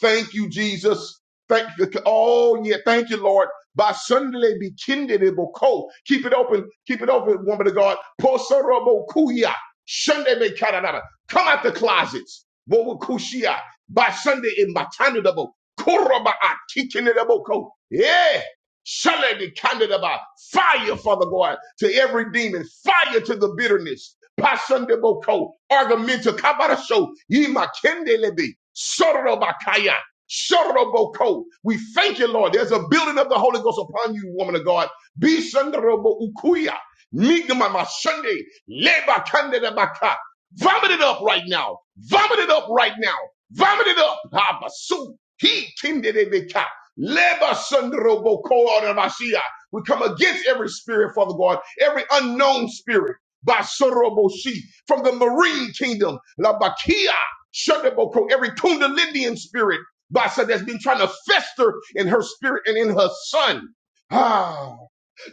Thank you, Jesus. Thank you. Oh, yeah. Thank you, Lord. By Sunday, be kindled. It will cold. Keep it open. Keep it open, woman of God. Poso Robo Kuya. Sunday, be karanada. Come out the closets. Wobo Kushia. By Sunday, in Matana, double. Kuraba, I teaching it, double Yeah. Surely be candid about fire, Father God, to every demon, fire to the bitterness. Pasande boko, argumenta kabarasho, yima kendelebe, sorobakaya, soroboko. We thank you, Lord. There's a building of the Holy Ghost upon you, woman of God. Be sandrobo ukuya, nigma masande, leba candida baka. Vomit it up right now. Vomit it up right now. Vomit it up. Habasu, he kindelebe ka. Leba sundrobo koorabashia. We come against every spirit, Father God, every unknown spirit, basoroboshi, from the marine kingdom, labakia, shundaboko, every kundalinian spirit, basa, that's been trying to fester in her spirit and in her son. Ah,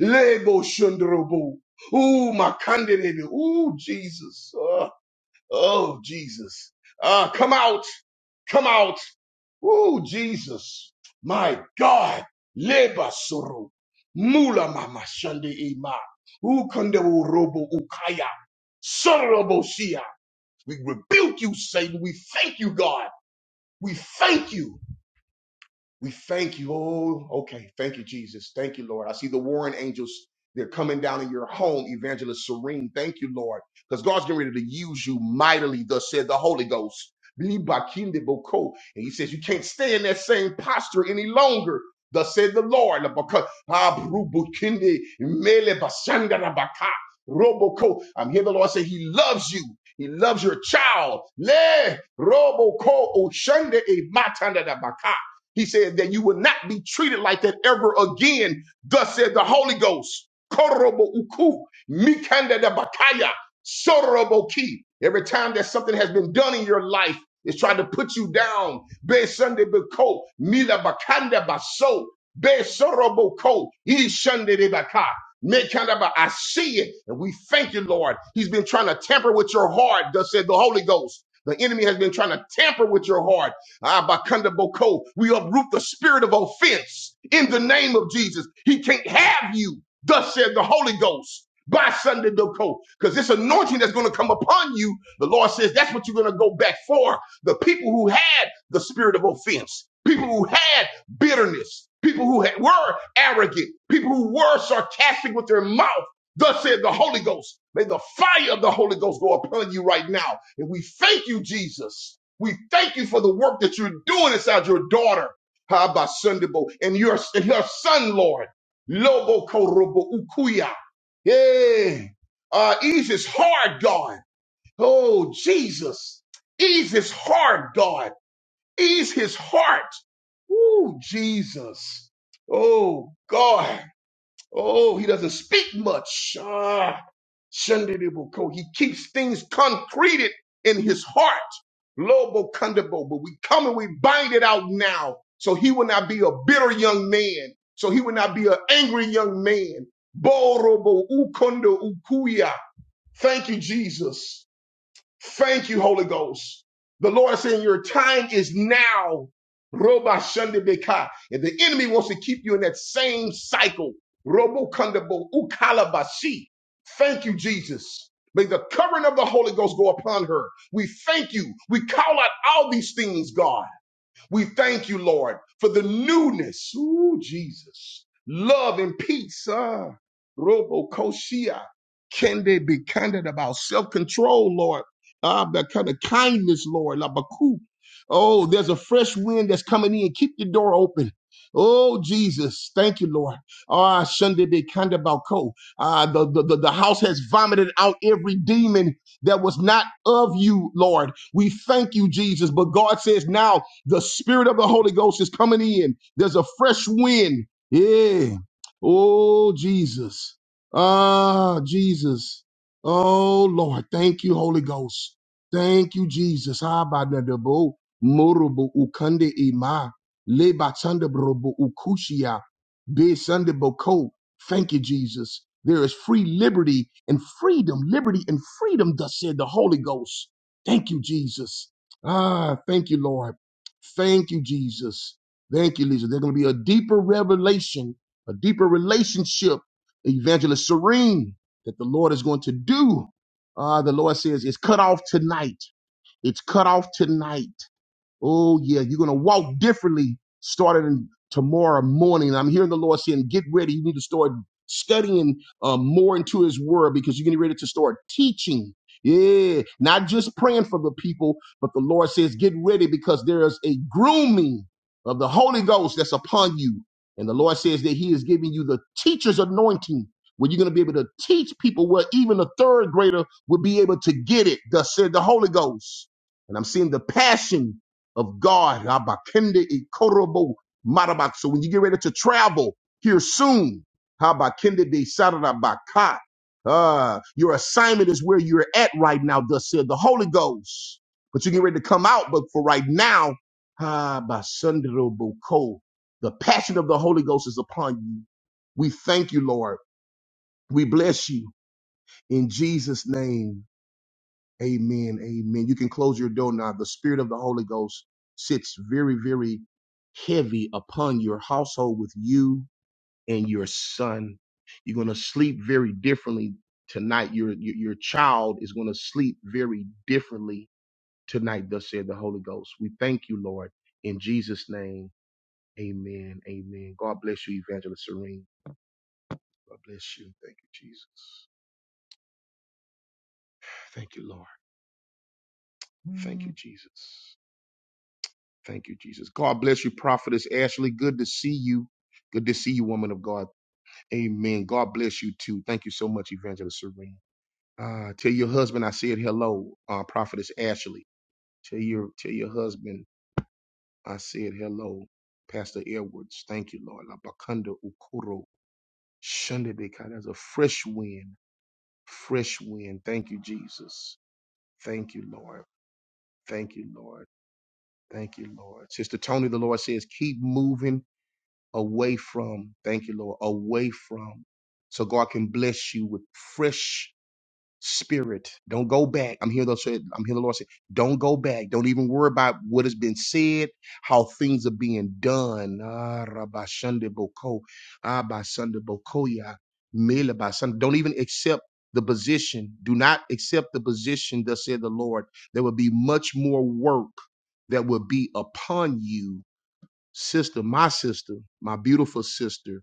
lebo shundrobo. Ooh, my candidate. Ooh, Jesus. Ah, oh, Jesus. Ah, come out, come out. Oh, Jesus. My God. Leba soro. Mula mama shande ima. Ukande urobo ukaya. Sorobosia. We rebuke you, Satan. We thank you, God. We thank you. We thank you. Oh, okay. Thank you, Jesus. Thank you, Lord. I see the warring angels. They're coming down in your home, Evangelist Serene. Thank you, Lord. Because God's getting ready to use you mightily, thus said the Holy Ghost. Libakindiboko. And he says, You can't stay in that same posture any longer. Thus said the Lord. Labaka- Abrubukindi melebasandarabaka. Roboko. I'm here, the Lord say He loves you. He loves your child. Le roboko oshande e matanda he said that you will not be treated like that ever again. Thus said the Holy Ghost. Korobo uku, mikanda da bakaya, sorobo ki. Every time that something has been done in your life, it's trying to put you down. Be Sunday beko, mila bakanda baso, be sorobo ko, ishande de baka. Mekanda ba- I see it, and we thank you, Lord. He's been trying to tamper with your heart, thus said the Holy Ghost. The enemy has been trying to tamper with your heart. Abakanda Boko. We uproot the spirit of offense in the name of Jesus. He can't have you, thus said the Holy Ghost. By Sunday, because this anointing that's going to come upon you, the Lord says that's what you're going to go back for. The people who had the spirit of offense, people who had bitterness, people who had, were arrogant, people who were sarcastic with their mouth. Thus said the Holy Ghost, may the fire of the Holy Ghost go upon you right now. And we thank you, Jesus. We thank you for the work that you're doing inside your daughter, Haba Sundabo, and your and her son, Lord. Lobo Korobo Ukuya. Yeah. Uh, ease his heart, God. Oh, Jesus. Ease his heart, God. Ease his heart. Ooh, Jesus. Oh, God. Oh, he doesn't speak much. Ah, shandidiboko. He keeps things concreted in his heart. Lobo kandabo. But we come and we bind it out now. So he will not be a bitter young man. So he will not be an angry young man. Borobo ukondo ukuya. Thank you, Jesus. Thank you, Holy Ghost. The Lord is saying your time is now. Roba shende beka. And the enemy wants to keep you in that same cycle. Robo kandabo ukalabashi. Thank you, Jesus. May the covering of the Holy Ghost go upon her. We thank you. We call out all these things, God. We thank you, Lord, for the newness. Ooh, Jesus. Love and peace. Ah, Robo Koshia. Can they be candid about self control, Lord? Ah, that kind of kindness, Lord. Labaku. Oh, there's a fresh wind that's coming in. Keep the door open. Oh, Jesus. Thank you, Lord. Ah, Sunday be kind about co. Ah, the, the, the the house has vomited out every demon that was not of you, Lord. We thank you, Jesus. But God says now the Spirit of the Holy Ghost is coming in. There's a fresh wind. Yeah. Oh, Jesus. Ah, Jesus. Oh, Lord. Thank you, Holy Ghost. Thank you, Jesus. Ah, ba da da bo, morobo ukande ima, le ba tanda brobo ukushia, be sande boko. Thank you, Jesus. There is free liberty and freedom, liberty and freedom, thus said the Holy Ghost. Thank you, Jesus. Ah, thank you, Lord. Thank you, Jesus. Thank you, Lisa. There's going to be a deeper revelation, a deeper relationship, Evangelist Serene, that the Lord is going to do. Uh, the Lord says it's cut off tonight. It's cut off tonight. Oh, yeah, you're going to walk differently starting tomorrow morning. I'm hearing the Lord saying, get ready. You need to start studying um, more into His Word because you're getting ready to start teaching. Yeah, not just praying for the people, but the Lord says, get ready because there is a grooming of the Holy Ghost that's upon you. And the Lord says that He is giving you the teacher's anointing where you're going to be able to teach people where even a third grader will be able to get it, thus said the Holy Ghost. And I'm seeing the passion of God. Habakende ikorobo marabak. So when you get ready to travel here soon, habakende de sarabaka. Uh, your assignment is where you're at right now, thus said the Holy Ghost. But you get ready to come out, but for right now, habasandroboko. the passion of the Holy Ghost is upon you. We thank you, Lord. We bless you in Jesus' name. Amen. Amen. You can close your door now. The spirit of the Holy Ghost sits very, very heavy upon your household with you and your son. You're going to sleep very differently tonight. Your, your, your child is going to sleep very differently tonight, thus said the Holy Ghost. We thank you, Lord. In Jesus' name, amen. Amen. God bless you, Evangelist Serene. God bless you. Thank you, Jesus. Thank you, Lord. Thank you, Jesus. Thank you, Jesus. God bless you, Prophetess Ashley. Good to see you. Good to see you, woman of God. Amen. God bless you too. Thank you so much, Evangelist Serene. Uh, tell your husband I said hello, uh, Prophetess Ashley. Tell your tell your husband I said hello, Pastor Edwards. Thank you, Lord. Labakanda ukuro shandebeka. That's a fresh wind. Fresh wind. Thank you, Jesus. Thank you, Lord. Thank you, Lord. Thank you, Lord. Sister Tony, the Lord says, keep moving away from, thank you, Lord, away from. So God can bless you with fresh spirit. Don't go back. I'm here to say, I'm here the Lord say, don't go back. Don't even worry about what has been said, how things are being done. Ah, Rabashande Boko, Ah, Basande Bokoya, Mele Basande. Don't even accept the position. Do not accept the position, thus said the Lord. There will be much more work that will be upon you sister, my sister, my beautiful sister,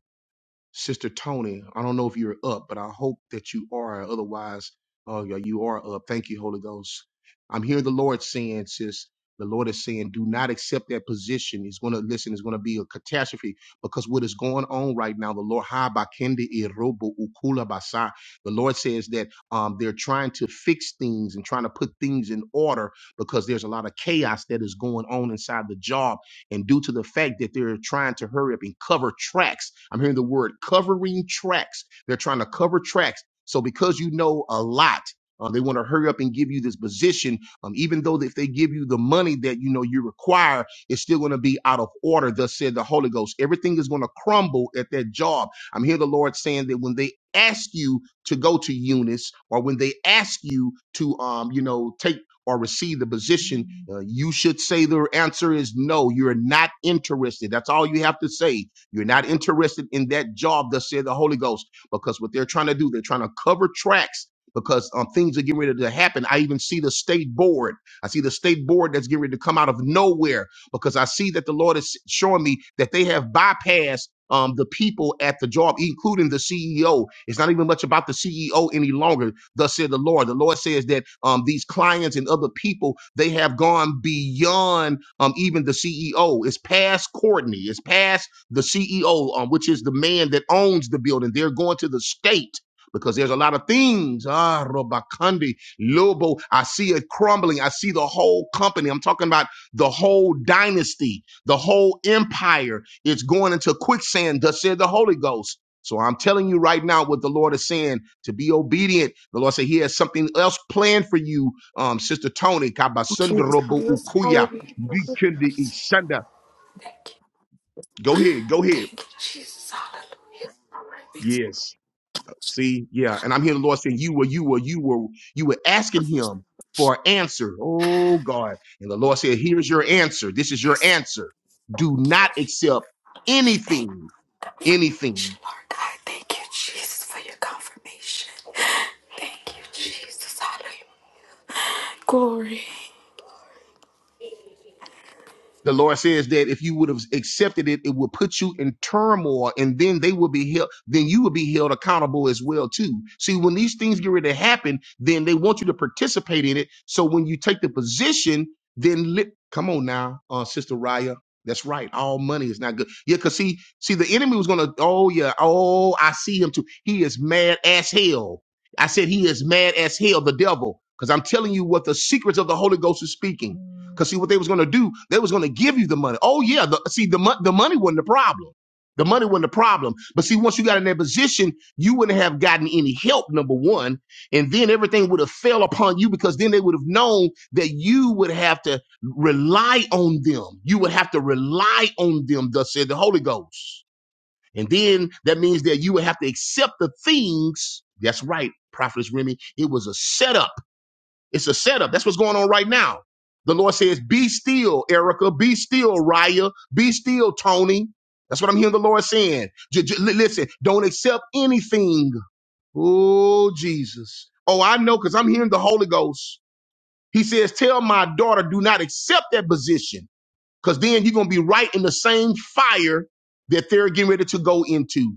Sister Tony. I don't know if you're up, but I hope that you are. Otherwise, uh, yeah, you are up. Thank you, Holy Ghost. I'm hearing the Lord saying, sis, the Lord is saying, do not accept that position. It's going to, listen, it's going to be a catastrophe because what is going on right now, the Lord, Ha ba kende e robo ukula basa. the Lord says that um, they're trying to fix things and trying to put things in order because there's a lot of chaos that is going on inside the jar and due to the fact that they're trying to hurry up and cover tracks, I'm hearing the word covering tracks. They're trying to cover tracks. So because you know a lot, uh, they want to hurry up and give you this position, um, even though if they give you the money that you know you require, it's still going to be out of order. Thus said the Holy Ghost, everything is going to crumble at that job. I'm hearing the Lord saying that when they ask you to go to Eunice, or when they ask you to, um, you know, take or receive the position, uh, you should say their answer is no you're not interested. That's all you have to say. You're not interested in that job, thus said the Holy Ghost. Because what they're trying to do, they're trying to cover tracks because um, things are getting ready to happen. I even see the state board. I see they're to come where because I see that the Lord is showing me that they have bypassed um, the people at the job, including the CEO. It's not even much about the CEO any longer. Thus said the Lord. The Lord says that um, plans and people, um, ask is past the CEO um, of the building. They're going. because there's a lot of things. Ah, Robakandi, Lobo. I see it crumbling. I see the whole company. I'm talking about the whole dynasty, the higher. It's quicksand, thus said the Holy Ghost. I'm telling out with the Lord to be obedient. The Lord said He has something else planned for you, um, Sister Tony. Kabasunda Jesus, Robo Ukuya. hallelujah. Dikindi Thank Isanda. you. Go ahead, go ahead. Thank you, Jesus. Hallelujah. Praise Yes. See, yeah, and I'm hearing the Lord saying, "You were, you were, you were, you were asking Him for an answer." Oh God! And the Lord said, "Here's your answer. This is your yes. answer. Do Thank not you. accept Hallelujah. Thank you anything, anything." confirmation, Lord God. Thank you, Jesus, for your confirmation. Thank you, Jesus. Hallelujah. Glory. The Lord says that. accepted it, it would put you in turmoil, and then they will be held. Then you will be held accountable as well too. See, when these things get ready to happen, then they want you to participate in it. So when you take the position, then li- come on now, uh, Sister Raya, that's right. All money is not good. Yeah, because see, he's going to to he as hell. I said hell devil because I'm telling you what the secrets of the Holy Ghost is speaking. Because see, what there was money. Oh, see, the mon- the money wasn't the problem. The money wasn't the problem. But see, once you got in that position, done, and then everything would have fell apart because then they would have known that you would have to rely on them. You would have to rely on them, thus said the Holy Ghost. And then that means that you would have to accept the things. That's right, Prophetess Remy. It was a setup. It's a setup. That's what's going on right now. The Lord says, Be still, Erica. Be still, Raya. Be still, Tony. That's what I'm hearing the Lord saying. J- j- li- listen, don't accept anything. Oh, Jesus. Oh, I know because I'm hearing the Holy Ghost. He says, Tell my daughter, do not accept that position. Because then you're gonna be right in the same fire that they're getting ready to go into.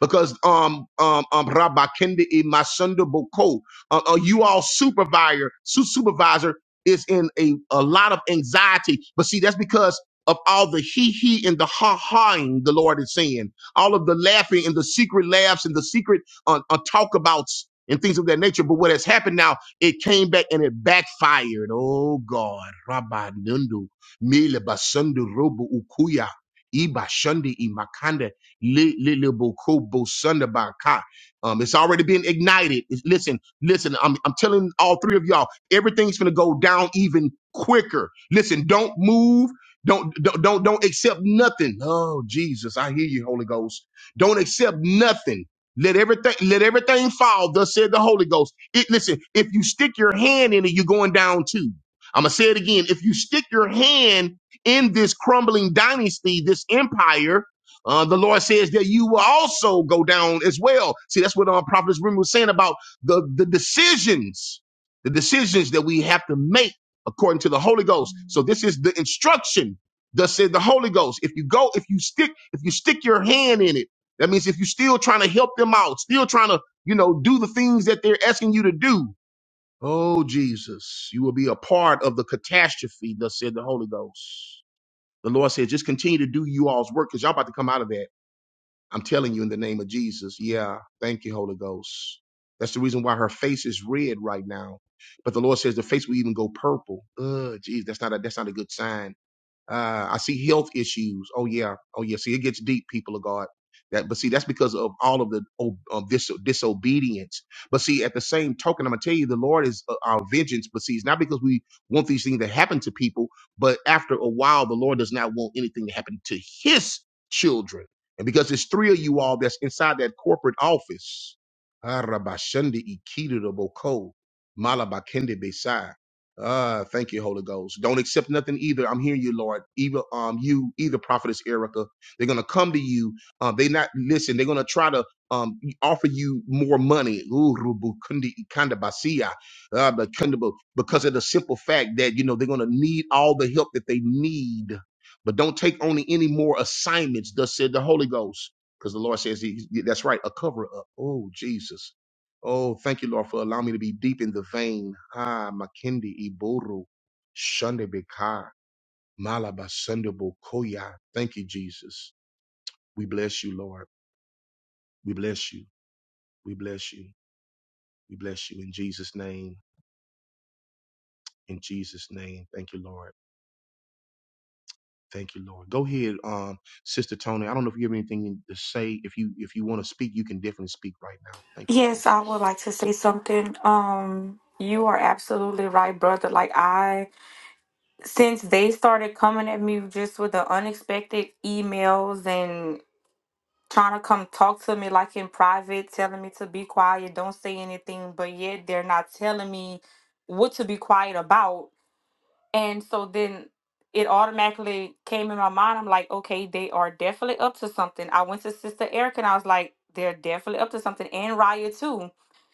Because um um um Rabakende in Masunda Boko, uh, uh, you all supervisor su- supervisor is in a, a lot of anxiety. But see, that's because of all the he he and the ha haing the Lord is saying, all of the laughing and the secret laughs and the secret uh, uh, talk abouts and things of that nature. But what has happened now, it came back and it backfired. Oh God, Rabbi mele basundu robo ukuya iba shundi imakanda le le le boko bo sunda baka. Um, it's already been ignited. It's- listen, listen, all three of y'all down even quicker. Listen, don't move. Don't, don't, don't, don't accept nothing. Oh, Jesus, I hear you, Holy Ghost. Don't accept nothing. Let everything, let everything fall. Thus said the Holy Ghost. It, listen, if you stick your hand in it, you're going down too. I'm going to say it again. If you stick your hand in this crumbling dynasty, this empire, uh, the Lord says that you will also go down as well. See, that's what uh, Prophet Remy was saying about the, the decisions, the decisions that we have to make according to the Holy Ghost. So this is the instruction. Thus said the Holy Ghost. If you go, if you stick, if you stick your hand in it, that means if you're still trying to help them out, still trying to, you know, do the things that they're asking you to do. Oh, Jesus, you will be a part of the catastrophe. Thus said the Holy Ghost. The Lord said, just continue to do you all's work because y'all about to come out of that. I'm telling you in the name of Jesus. Yeah. Thank you, Holy Ghost. That's the reason why her face is red right now. But the Lord says the face will even go purple. Ugh, geez, that's not a that's not a good sign. Uh, I see health issues. Oh yeah, oh yes, deep people of God. That but see, but see, tell you that we want to people, but oh, the Lord wants children, and because it's three office. Arabashidako, Malabakendidai. those. Don't accept nothing either. I'm hearing you, Lord. Either um you, either prophetess Erica, they're gonna come to you. Um, they not listen. They're gonna try to um offer you more money. Ooh, rubu kundi ikanda basia, ah, but kunda bu- Because of the simple fact that you know they're gonna need all the help that they need. But don't take only any more assignments. Thus said the Holy Ghost, because the Lord says he, that's right, a cover up. Oh Jesus. Oh, thank you, Lord, for allowing me to be deep in the vein. Ah, Makindi Iburu, Shunde Beka, Malaba Sunde koya. Thank you, Jesus. We bless you, Lord. We bless you. We bless you. We bless you in Jesus' name. In Jesus' name. Thank you, Lord. Thank you, Lord. Go ahead, um, Sister Tony. I don't know if you have anything to say. If you if you want to speak, you can definitely speak right now. Thank you, Yes, I would Jesus. like to say something. Um, you are absolutely right, brother. Like I, since they started coming at me just with the unexpected emails and trying to come talk to me like in private, telling me to be quiet, don't say anything, but yet they're not telling me what to be quiet about. And so then it automatically came in my mind. I'm like, okay, they are definitely up to something. I went to Sister Erica, and I was like, they're definitely up to something, and Raya too.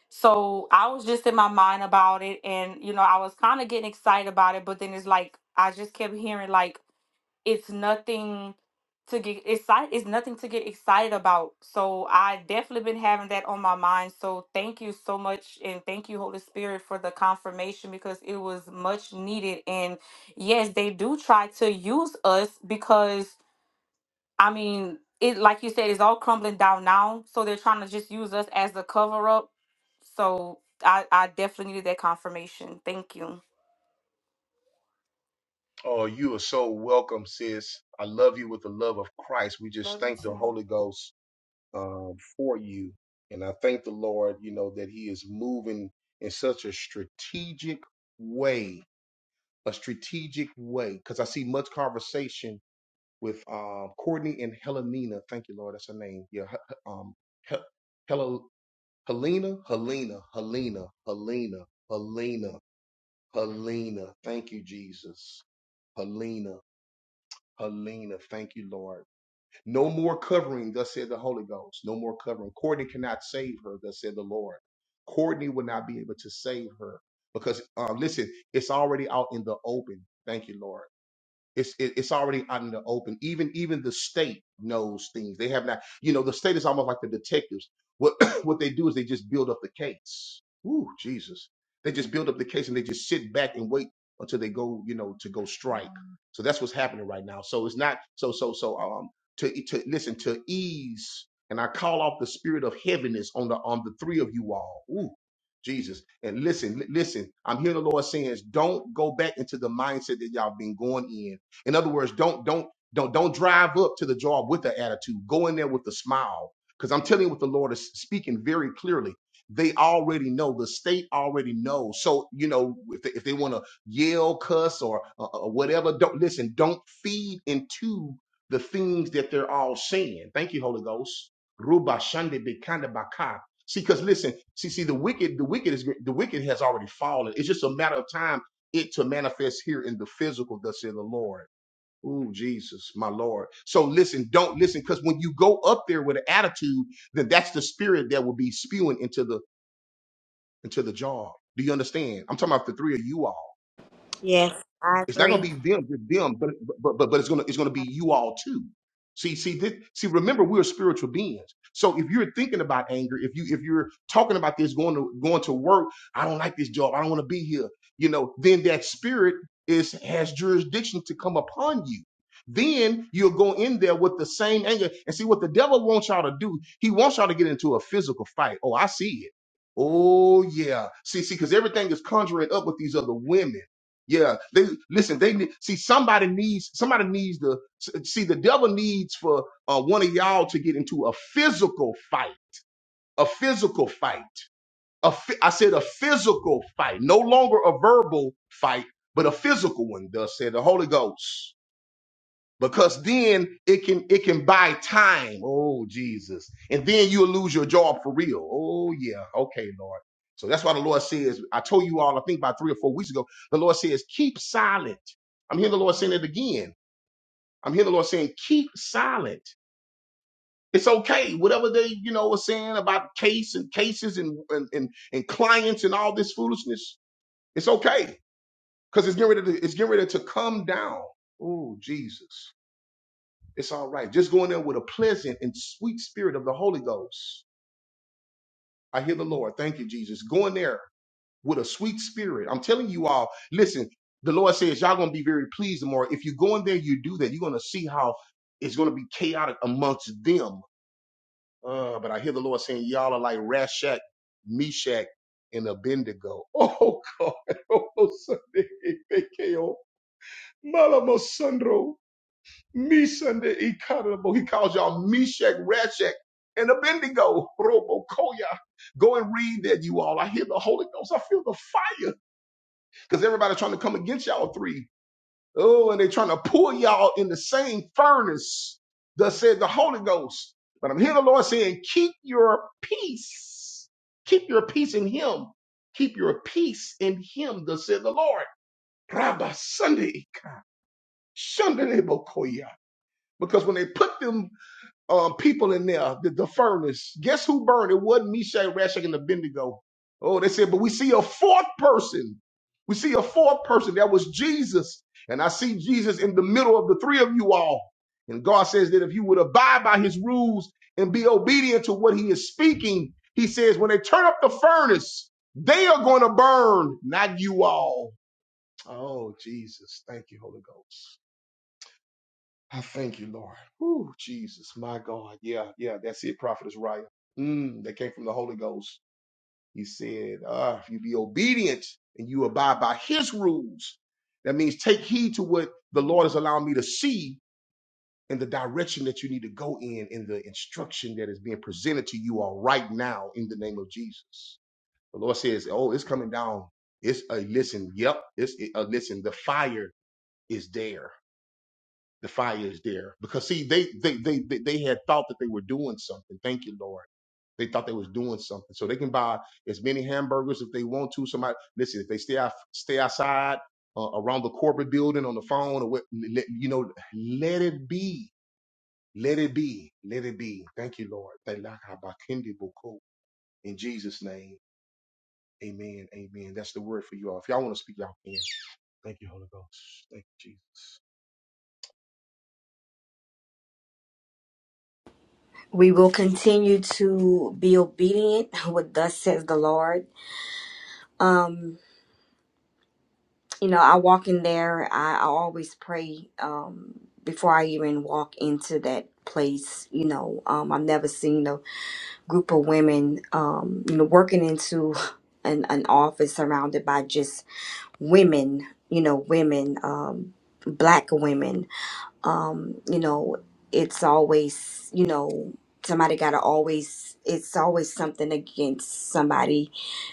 So I was just in my mind about it, and you know, I was kind of getting excited about it, but then it's like I just kept hearing like it's nothing to get excited it's nothing to get excited about so i definitely been having that on my mind so thank you so much and thank you holy spirit for the confirmation because it was much needed and yes they do try to use us because i mean it like you said it's all crumbling down now so they're trying to just use us as the cover up so i i definitely needed that confirmation thank you Oh, you are so welcome, sis. I love you with the love of Christ. We just love you thank the too Holy Ghost um, for you. And I thank the Lord, you know, that He is moving in such a strategic way, a strategic way, because I see much conversation with um, Courtney and Helenina. Thank you, Lord. That's her name. Yeah. H- h- Um, Hel- Hel- Helena, Helena, Helena, Helena, Helena, Helena. Thank you, Jesus. Helena, Helena. Thank you, Lord. No more covering, thus said the Holy Ghost. No more covering. Courtney cannot save her, thus said the Lord. Courtney will not be able to save her because, uh, listen, it's already out in the open. Thank you, Lord. It's it, it's already out in the open. Even even the state knows things. They have not. You know, the state is almost like the detectives. What what they do is they just build up the case. Ooh, Jesus! They just build up the case and they just sit back and wait until they go. You know, to go strike. So that's what's happening right now. So it's not so so so um to to listen to ease and I call off the spirit of heaviness on the on the three of you all. Ooh. Jesus. And listen, li- listen, I'm hearing the Lord saying, don't go back into the mindset that y'all been going in in other words, don't don't don't don't drive up to the job with an attitude. Go in there with a smile, because I'm telling you what the Lord is speaking very clearly. They already know. The state already knows. So you know if they, if they want to yell, cuss, or uh, uh, whatever, don't listen. Don't feed into the things that they're all saying. Thank you, Holy Ghost. Ruba shande bekanda baka. See, because listen, see, see, the wicked, the wicked is the wicked has already fallen. It's a matter of time it to manifest. listen, don't listen. Because when you go up there with an attitude, then that's the spirit that will be spewing into the into the jar. Do you understand? I'm talking about the, Yes, I they're gonna agree. be them, just be you all too. See, this, we're spiritual beings. So if you're talk work, I don't hear, you know, then that spirit is has you. Then do he? Yeah, everything is up with these other women. Yeah, they listen. Somebody needs to for a fight, fight, go fight. But if I said the Holy Ghost, because then it can it can bind. Oh Jesus you. Oh, yeah. Okay, Lord. The Lord told you all to go silent. I'm hearing the Lord saying it again. I'm hearing the Lord saying, keep silent. It's okay. Whatever they, you know, were saying about case and cases and and, and, and clients and all this foolishness, it's okay. Because it's getting ready to it's getting ready to come down. Oh, Jesus. It's all right. Just go in there with a pleasant and sweet spirit of the Holy Ghost. I hear the Lord. Thank you, Jesus. Go in there with a sweet spirit. I'm telling you all, listen, the Lord says, y'all. please tomorrow. If you go in there, you do that. You're gonna see how it's gonna be chaotic amongst them. Uh, I was saying Rashak, Meshach, and the oh God, Malamo Sandro, Misande Ikarabo. He calls y'all Meshach, Rashak, and Abednego, Robo Koya. Go and read that, you all. I hear the Holy Ghost. I feel the fire because everybody's trying to come against y'all three. Oh, and they're trying to pull y'all in the same furnace, thus said the Holy Ghost. But I'm hearing the Lord saying, keep your peace. Keep your peace in him. Keep your peace in him, thus said the Lord. Rabba Sunday, Sunday Bokoya. Because when they put them um, people in there, the, the furnace, guess who burned? It wasn't Meshach, Rashach, and Abednego. Oh, they said, but we see a fourth person we see a fourth person. That was Jesus. And I see Jesus in the middle of the three of you all. And God says that if you would abide by his rules and be obedient to what he is speaking, he says, when they turn up the furnace, they are going to burn, not you all. Oh, Jesus. Thank you, Holy Ghost. I thank you, Lord. Ooh, Jesus, God. Yeah, yeah, that's it, Brian. Mm. He's obedient and you abide by rules. That means the Lord is allowing the direction that you need to go in in the name Jesus. down. It's a listen. Yep, it's it here is there. The fire is there because see, they they they they, they had thought that they were doing something. Thank you, Lord. They thought they was doing something, so they can buy as many hamburgers if they want to. Somebody listen, if they stay out stay outside uh, around the corporate building on the phone or what, let, you know, let it be. Let it be. Let it be. Thank you, Lord. Thank you, Lord. In Jesus' name. Amen. Amen. That's the word for you all. If y'all want to speak, y'all can. Thank you, Holy Ghost. Thank you, Jesus. We will continue to be obedient what thus says the Lord. Um, you know, I walk in there, I, I always pray um before I even walk into that place, you know. Um I've never seen a group of women um, you know, working into an, an office surrounded by just women, you know, women, um black women um you know it's always you know somebody gotta always it's always something against somebody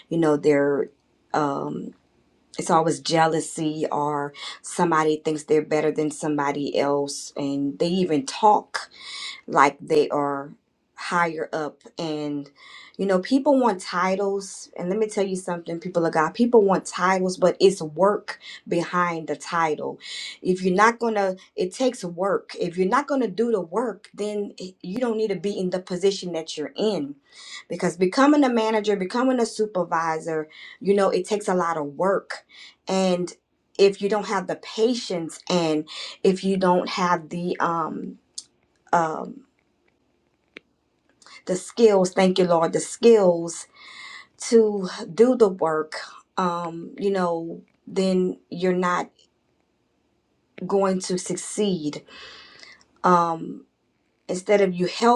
you know they're um it's always jealousy or somebody thinks they're better than somebody else and they even talk like they are higher up and you know people want titles and let me tell you something people of god people want titles but it's work behind the title if you're not gonna it takes work if you're not gonna do the work then it- you don't need to be in the position that you're in because becoming a manager becoming a supervisor you know it takes a lot of work and if you don't have the patience and if you don't have the um um the skills thank you lord the skills to do the work um you know then you're not need. um it's you help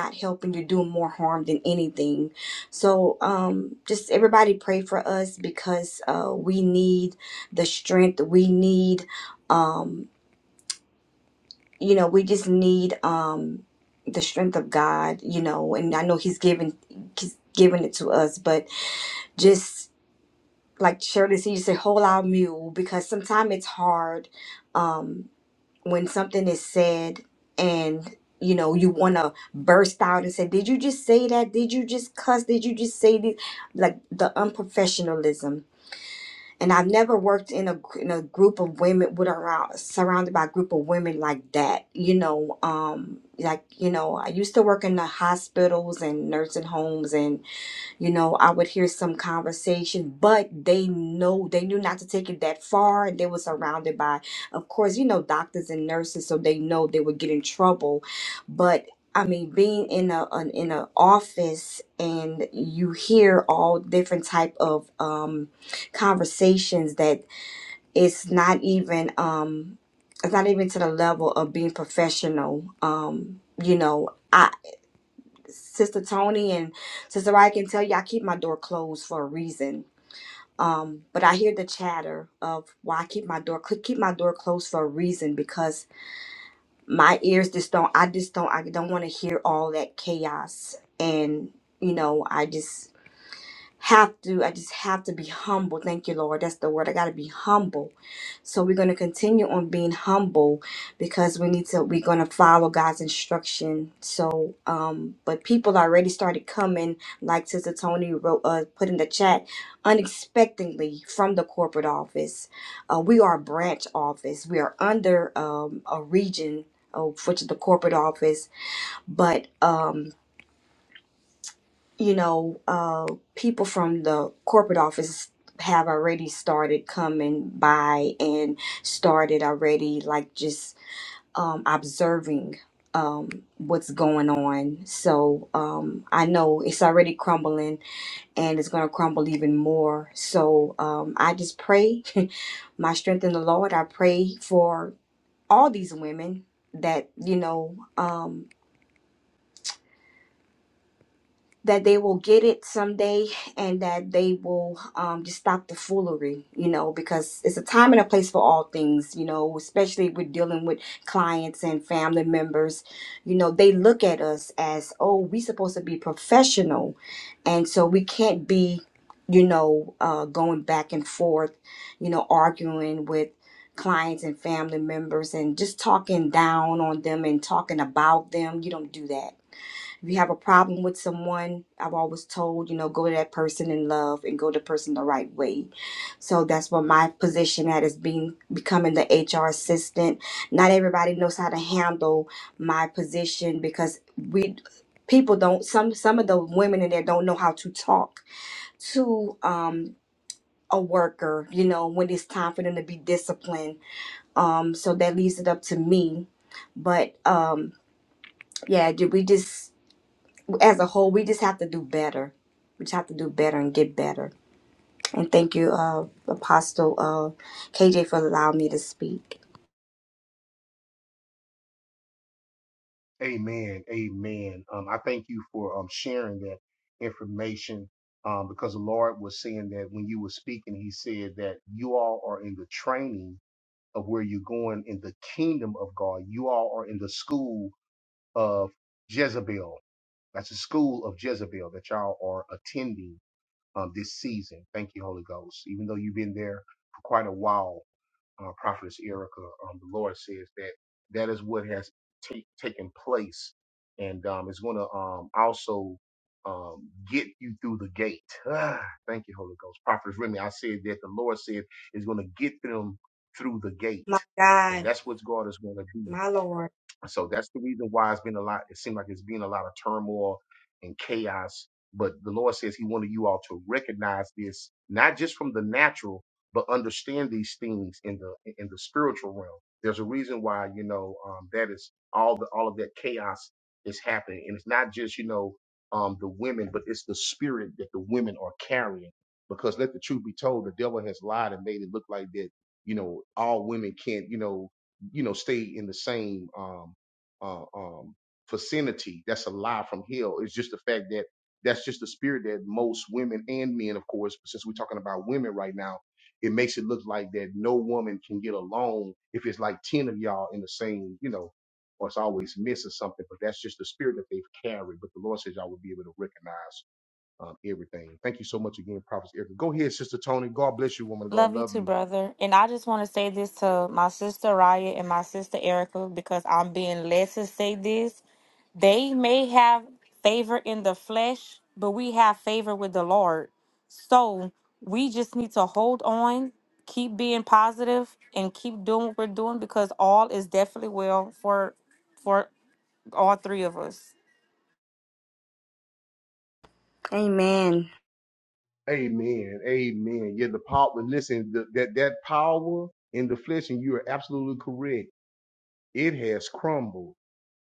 not helping you're doing more harm than anything so um just everybody pray for us because uh we need the strength we need um 'cause- but just like Shirley said, you said allow mule because sometimes it's hard um when something is said and you know you want to burn it like and I in a in a group of women with around surrounded by a group of women like that, you know, um, like you know, I used to work in the hospitals and nursing homes, and you know, I would hear some conversation, but they know they knew not to take it that far, and they were surrounded by, of course, you know, doctors and nurses, so they know they would get in trouble, but. I mean, being in a an, in an office and you hear all different type of um, conversations that it's not even um it's not even to the level of being professional um you know i sister tony and sister i can tell you i keep my door closed for a reason um but i hear the chatter of why i keep my door cl- keep my door closed for a reason because my ears just don't i just don't i don't want to hear all that chaos and you know i just have to i just have to be humble thank you lord that's the word i gotta be humble So we're going to continue on being humble because we need to, we're going to follow God's instruction. So, um, but people already started coming, like Sister Tony wrote, uh, put in the chat, unexpectedly from the corporate office. Uh, we are a branch office. We are under um, a region, uh, which is the corporate office, but um, you know, uh, people from the corporate office have already started coming by and started already like just um, observing um, what's going on. So um, I know it's already crumbling and it's going to crumble even more. So um, I just pray my strength in the Lord. I pray for all these women that, you know, um, that they will get it someday and that they will um, just stop the foolery, you know, because it's a time and a place for all things, you know, especially with dealing with clients and family members. You know, they look at us as, oh, we supposed to be professional. And so we can't be, you know, uh, going back and forth, you know, arguing with clients and family members and just talking down on them and talking about them. You don't do that if you have a problem with someone, I've always told, you know, go to that person in love and go to the person the right way. So that's what my position at is being becoming the HR assistant. Not everybody knows how to handle my position because we people don't some some of the women in there don't know how to talk to um a worker, you know, when it's time for them to be disciplined. Um, so that leaves it up to me. But um, yeah, did we just as a whole, we just have to do better. We just have to do better and get better. And thank you, uh, Apostle uh, KJ, for allowing me to speak. Amen. Amen. Um, I thank you for um, sharing that information um, because the Lord was saying that when you were speaking, He said that you all are in the training of where you're going in the kingdom of God. You all are in the school of Jezebel. That's the school of Jezebel are attending um, this season. I've been there for quite a while, uh, Prophetess Erica. Um, the Lord says that that is what has taken place and um, it's going to um, also um, get you through the gate. Ah, thank you, Holy Ghost. Prophet Remy, I said that the Lord said is going to get them through the gate, My and God, that's what God is going to do. my Lord. So that's the reason why it's been a lot. It seemed like it's been a lot of turmoil and chaos. But the Lord says He wanted you all to recognize this, not just from the natural, but understand these things in the in the spiritual realm. There's a reason why you know um, that is all the all of that chaos is happening, and it's not just you know um, the women, but it's the spirit that the women are carrying. Because let the truth be told, the devil has lied and made it look like that you know all women can't you know you know stay in the same um uh, um, vicinity. That's a lie from hell. It's just the fact that that's just the spirit that most women and men, of course, but since we're talking about women right now, it makes it look like that no woman can get along if it's like 10 of y'all in the same, you know, or it's always miss or something, but that's just the spirit that they've carried. But the Lord says y'all will be able to recognize um, everything. Thank you so much again, Prophet Erica. Go ahead, Sister Tony. God bless you, woman. God Love you love too, you. brother. And I just want to say this to my sister Raya and my sister Erica because I'm being led to say this. They may have favor in the flesh, but we have favor with the Lord. So we just need to hold on, keep being positive, and keep doing what we're doing because all is definitely well for for all three of us. Amen. Amen. Amen. Yeah, the power. Listen, the, that that power in the flesh, and you are absolutely correct. It has crumbled,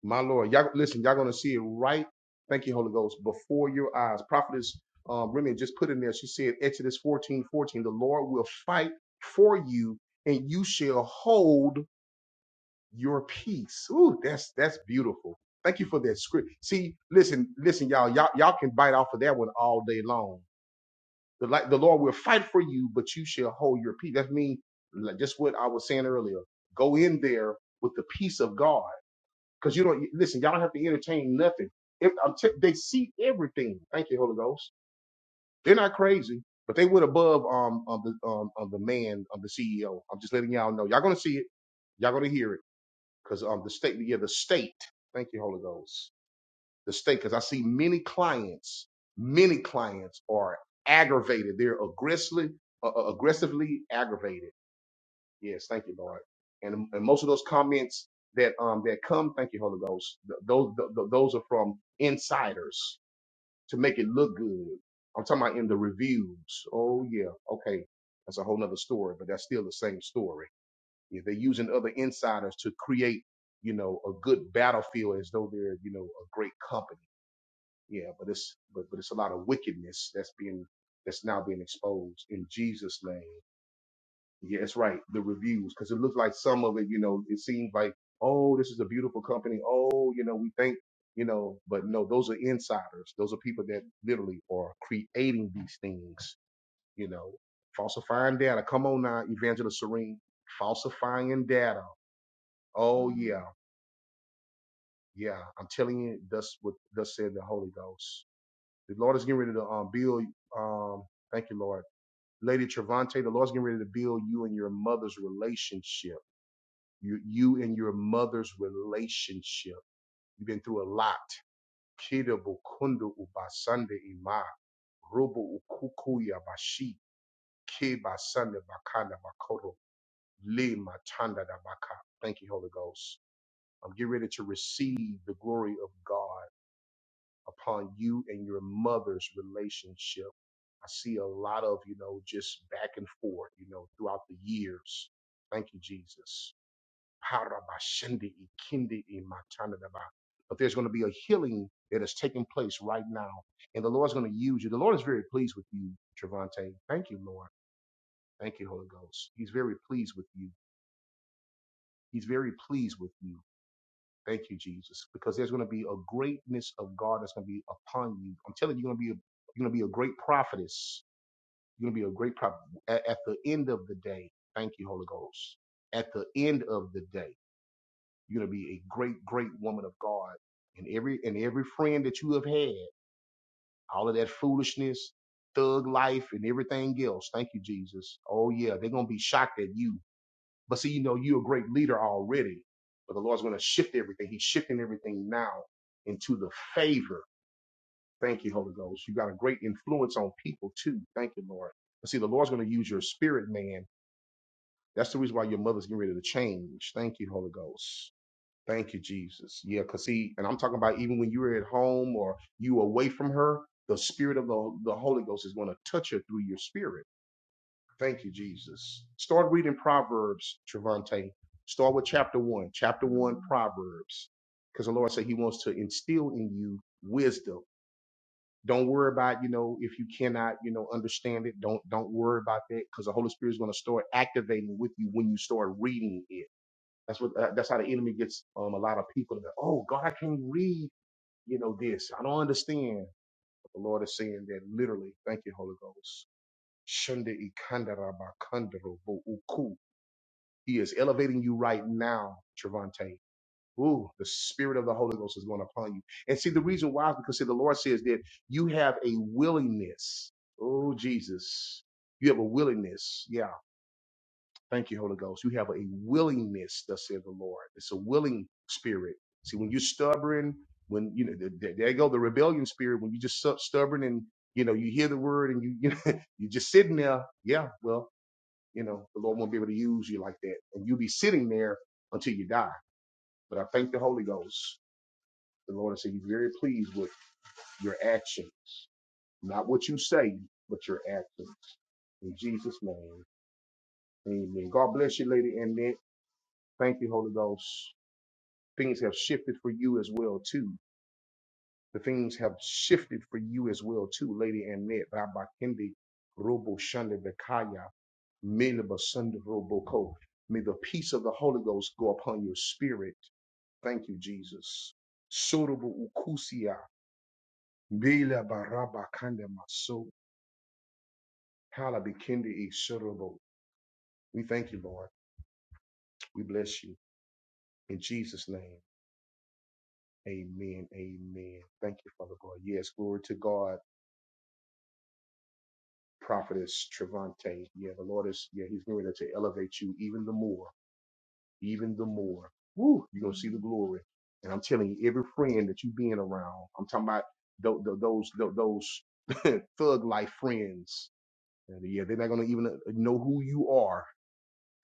my Lord. Y'all listen. Y'all gonna see it right. Thank you, Holy Ghost, before your eyes. Prophetess um, Remy just put in there. She said, Exodus 14 14. The Lord will fight for you, and you shall hold your peace. Ooh, that's that's beautiful. Thank you for that script. See, listen, listen, y'all. Y'all y'all can bite off of that one all day long. The like the Lord will fight for you, but you shall hold your peace. That means like, just what I was saying earlier. Go in there with the peace of God, because you don't listen. Y'all don't have to entertain nothing. If, I'm t- they see everything. Thank you, Holy Ghost. They're not crazy, but they went above um of the um of the man of the CEO. I'm just letting y'all know. Y'all gonna see it. Y'all gonna hear it, because um the state yeah the state. Thank you, Holy Ghost the state because I see many clients, many clients are aggravated. They're aggressively, uh, uh, aggressively aggravated. Yes, thank you, Lord. And, and most of those comments that um that come, thank you, Holy Ghost. th- Those th- th- those are from insiders to make it look good. I'm talking about in the reviews. Oh yeah, okay, that's a whole nother story, but that's still the same story. Yeah, they're using other insiders to create, you know, a good battlefield as though they're, you know, a great company yeah, but it's but but it's a lot of wickedness that's being that's now being exposed in G. Yeah, it's right. The reviews, some of it, you know, it seems like, oh, this is a beautiful company. Oh, you know, we think, you know, but no, those are insiders. Those are people that literally are creating these things, you know, falsifying data. Come on now, Evangelist Serene, falsifying data. Oh yeah, yeah. I'm telling you, that's what thus said the Holy Ghost. The Lord is getting ready to um build um thank you, Lord Lady Trevante, the Lord's getting ready to build you and your mother's relationship. You, you and your mother's relationship. You've been through a lot. Kida bukundu ubasande ima. Rubu ukukuya bashi. Ke basande bakanda bakoro. Le matanda da baka. Thank you, Holy Ghost. I'm getting ready to receive the glory of God upon you and your mother's relationship. I see a lot of, you know, just back and forth throughout these. Thank you, Jesus. But there's going to be a place now. And the Lord's going to use you. The Lord is very pleased with you, Trevante. Thank you, Lord. Thank you, Holy Ghost. He's very pleased with you. He's very pleased with you. Thanks for the greatness of you. You're going to be a great prophetess. You're going to be a great prophet. At, at the end of the day, thank you, Holy Ghost. At the end of the day, you're going to be a great, great woman of God. And every and every friend that you have had. all of that foolishness, thug life, and everything else. Thank you, Jesus. Oh, yeah, they're going to be shocked at you. But see, you know, you're a great leader already, but the Lord's going to shift everything. He's shifting everything now into the favor. Thank you, Holy Ghost. You got a great influence on people, too. Thank you, Lord. But see, the Lord's going to use your spirit, man. That's the reason why your mother's getting ready to change. Thank you, Holy Ghost. Thank you, Jesus. Yeah, because he, and I'm talking about even when you were at home or you away from her, the spirit of the, the Holy Ghost is going to touch her through your spirit. Thank you, Jesus. Start reading Proverbs, Trevante. Start with chapter one, chapter one, Proverbs. Because the Lord said he wants to instill in you wisdom. Don't worry about, you know, if you cannot, you know, understand it. Don't don't worry about that because the Holy Spirit is going to start activating with you when you start reading it that's what that- that's how the enemy gets um, a lot of people. That, oh God, I can't read, you know, this. I don't understand. But the Lord is saying that literally. Thank you, Holy Ghost. Shunda ikanda raba bo uku. He is elevating you right now, Trevante. Ooh, the spirit of the Holy Ghost is going upon you. And see, the reason why is because see, the Lord says that you have a willingness. Oh, Jesus. You have a willingness. Yeah Thank you, Holy Ghost. You have a willingness, thus says the Lord. It's a willing spirit. See, when you're stubborn, when you know, th- th- there you go the rebellion spirit. When you just stu- stubborn and you know you hear the word and you you know, you're just sitting there. Yeah, well, you know the Lord won't be able to use you like that, and you'll be sitting there until you die. But I thank the Holy Ghost. The Lord said He's very pleased with your action, not what you say, but your actions. In Jesus' name, Amen. God bless you, Lady Annette. Thank you, Holy Ghost. things have shifted for you as well too. The things have shifted for you as well too, Lady Annette, Rabakindi, Robo Shanda Bekaya, Miliba Sunda Roboko. May the peace of the Holy Ghost go upon your spirit. Thank you, Jesus. Sorobo Ukusia, Bila Baraba Kanda Maso, Halabikindi Isorobo. We thank you, Lord. We bless you. In Jesus' name, amen. Amen. Thank you, Father God. Yes, glory to God. prophetess Trevante. Yeah, the Lord is, yeah, he's going to elevate you even the more, even the more. Woo, you're going to see the glory. And I'm telling you, every friend that you being around, I'm talking about tho- tho- those, tho- those thug life friends. And yeah, they're not going to even uh, know who you are.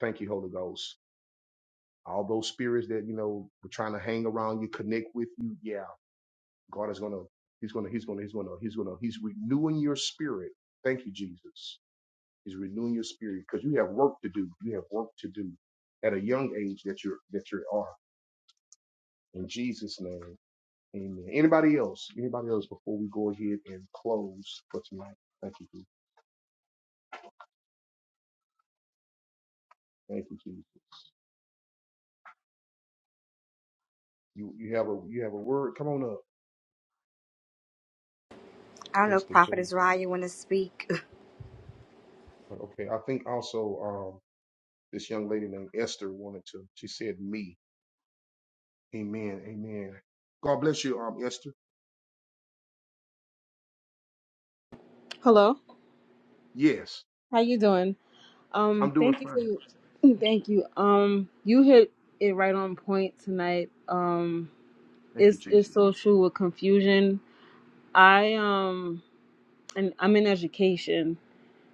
Thank you, Holy Ghost. All those spirits that, you know, were trying to hang around you, connect with you. Yeah, God is going to, he's going to, he's going to, he's going to, he's going to, he's renewing your spirit. Thank you, Jesus. is renewing your spirit because you have work to do. You have work to do at a young age that you're that you are. In Jesus' name, Amen. Anybody else? Anybody else before we go ahead and close for tonight? Thank you, Jesus. thank you, Jesus. You you have a you have a word. Come on up, I don't know if Esther. give Prophet me- Israel you want to speak. Okay, I think also um this young lady named Esther wanted to. She said me. Amen. Amen. God bless you, um Esther. Hello. Yes, How you doing? Um, I'm doing thank you for fine. your, thank you. Um, you hit it right on point tonight. Um, Thank you, it's Jesus. it's so true with confusion. I um, and I'm in education.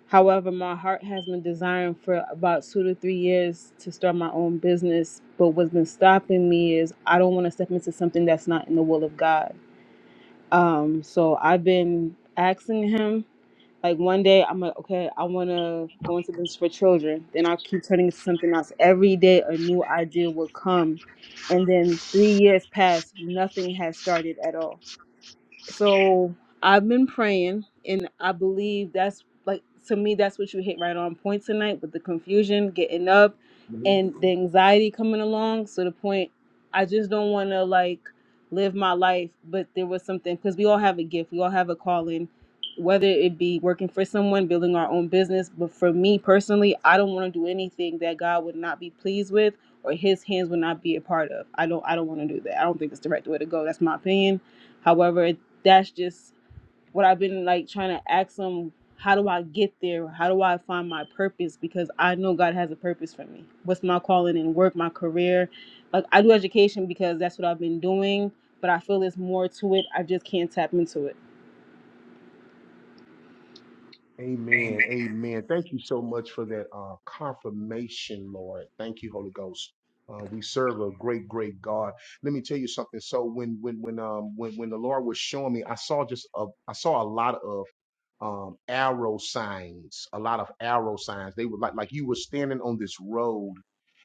However, my heart has been desiring for about two to three years to start my own business. But what's been stopping me is I don't want to step into something that's not in the will of God. Um, so I've been asking Him Like one day I'm like, okay, I wanna go into business for children. Then I'll keep turning into something else. Every day a new idea will come. And then three years pass, nothing has started at all. So I've been praying, and I believe that's like to me, that's what you hit right on point tonight with the confusion, getting up, and the anxiety coming along. So the point, I just don't want to like live my life, but there was something because we all have a gift, we all have a calling. Whether it be working for someone, building our own business, but for me personally, I don't want to do anything that God would not be pleased with or His hands would not be a part of. I don't. I don't want to do that. I don't think it's the right way to go. That's my opinion. However, that's just what I've been like trying to ask them how do I get there? How do I find my purpose? Because I know God has a purpose for me. What's my calling in work, my career? Like I do education because that's what I've been doing, but I feel there's more to it. I just can't tap into it. Amen. Amen. Thank you so much for that uh, confirmation, Lord. Thank you, Holy Ghost. Uh, we serve a great, great God. Let me tell you something. So when when when um when when the Lord was showing me, I saw just a I saw a lot of um arrow signs, a lot of arrow signs. They were like like you were standing on this road,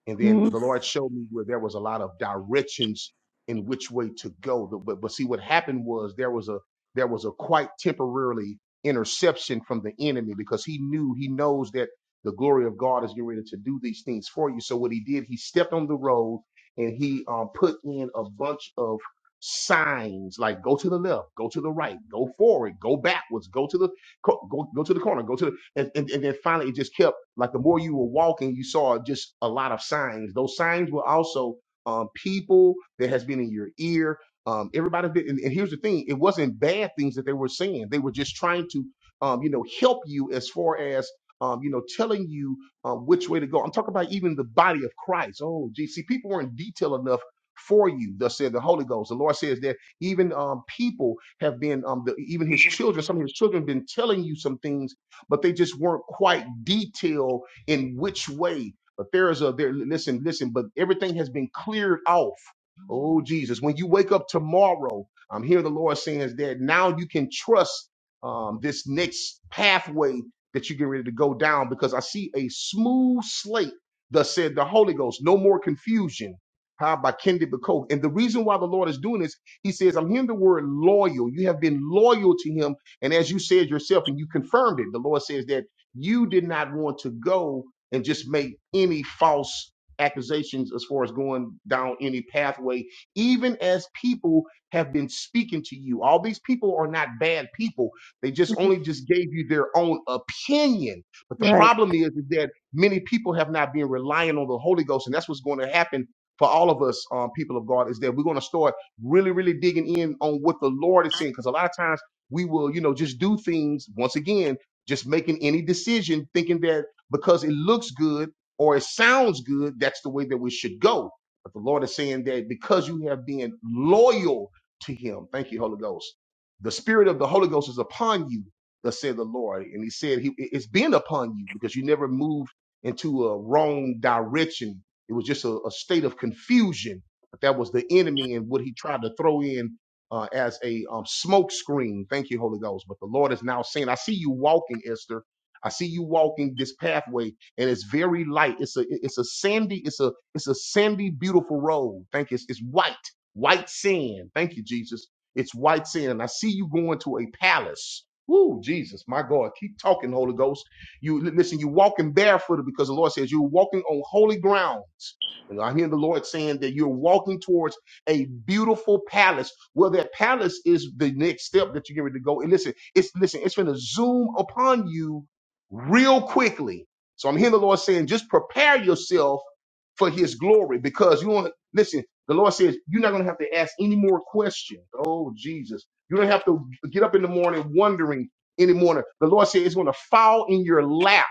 and then Mhm. the Lord showed me where there was a lot of directions in which way to go. The- But but see, what happened was there was a there was a quite temporarily interception from the enemy because he knew he knows that the glory of God is getting ready to do these things for you. So what he did, he stepped on the road and he um, put in a bunch of signs like go to the left, go to the right, go forward, go backwards, go to the co- go go to the corner, go to the and, and, and then finally it just kept like the more you were walking, you saw just a lot of signs. Those signs were also um, people that has been in your ear, um, everybody did, and, and here's the thing: it wasn't bad things that they were saying. They were just trying to, um, you know, help you as far as, um, you know, telling you uh, which way to go. I'm talking about even the body of Christ. Oh, gee, see, people weren't detailed enough for you. Thus said the Holy Ghost. The Lord says that even um, people have been, um, the, even His children, some of His children, have been telling you some things, but they just weren't quite detailed in way. But their thing has been off. Oh, tomorrow. I'm hearing the Lord saying. um, this next pathway that you're getting ready to go down because I see late the sword confusion. How about Coke? And the reason why the Lord is doing this, He says, I'm hearing the word loyal. You loyal to Him, and then you confirmed it. The Lord says that you did not want to and just make any false accusations as far as going down any pathway, even as people have been speaking to you. All these people are not people; they just they just opinion. But the Right. problem is, is that many people have not been relying on the Holy Ghost, and that's what's going to happen for all of us, um, people of God, is that we're going to start really, really digging in on what the Lord is saying. Because a lot of times we will, you know, just do things once again, just making any decision, thinking that because it looks good or it sounds good, that's the way that we should go. But the Lord is saying that because you have been loyal to Him, thank you, Holy Ghost. The Spirit of the Holy Ghost is upon you thus said the Lord. And he said, he, It's been upon you because you never moved into a wrong direction. It was just a, a state of confusion. But that was the enemy and what he did uh, as a um, screen. Thank you, Holy Ghost. But the Lord is now saying, I see you walking, Esther. I see way, and it, it's a it's a sea, it's a it's a sandy, beautiful road. Thank you. It's, it's white, white sand. Thank you, Jesus. It's white sand. I see you going to a palace. Jesus, my God, keep talking, host. You I hear the Lord saying that you're walking towards a beautiful palace. Well, that palace is the next step that you're getting ready to go. And listen, it's listen, it's going to zoom upon you real quickly. So I'm hearing the Lord saying, just prepare yourself for His glory, because you want listen. The Lord says you're not going to have to ask any more questions. Oh Jesus, you don't have to get up in the morning wondering anymore. The Lord said it's going to fall in your lap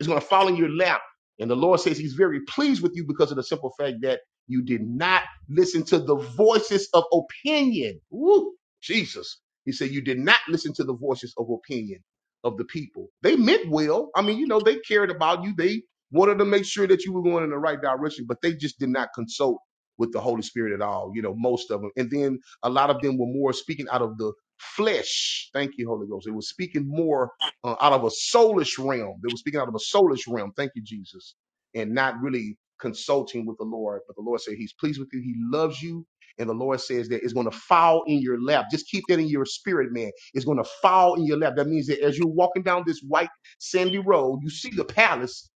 it's going to fall in your lap. And the Lord says he's very pleased with you because of the simple fact that you did not listen to the voices of opinion. Woo, Jesus. He said you did not listen to the voices of opinion of the people. They meant well. I mean, you know, they cared about you. They wanted to make sure that you were going in the right direction, but they just did not consult with the Holy Spirit at all, you know, most of them. And then a lot of them were more speaking out of the flesh. Thank you, Holy Ghost. It was speaking more uh, out of a soulish realm. They were speaking out of a soulish realm. Thank you, Jesus. And not really consulting with the Lord. But the Lord said he's pleased with you. He loves you. And the Lord says that it's going to fall in your lap. Just keep that in your spirit, man. It's going to fall in your lap. That means that as you're walking down this white sandy road, you see the palace,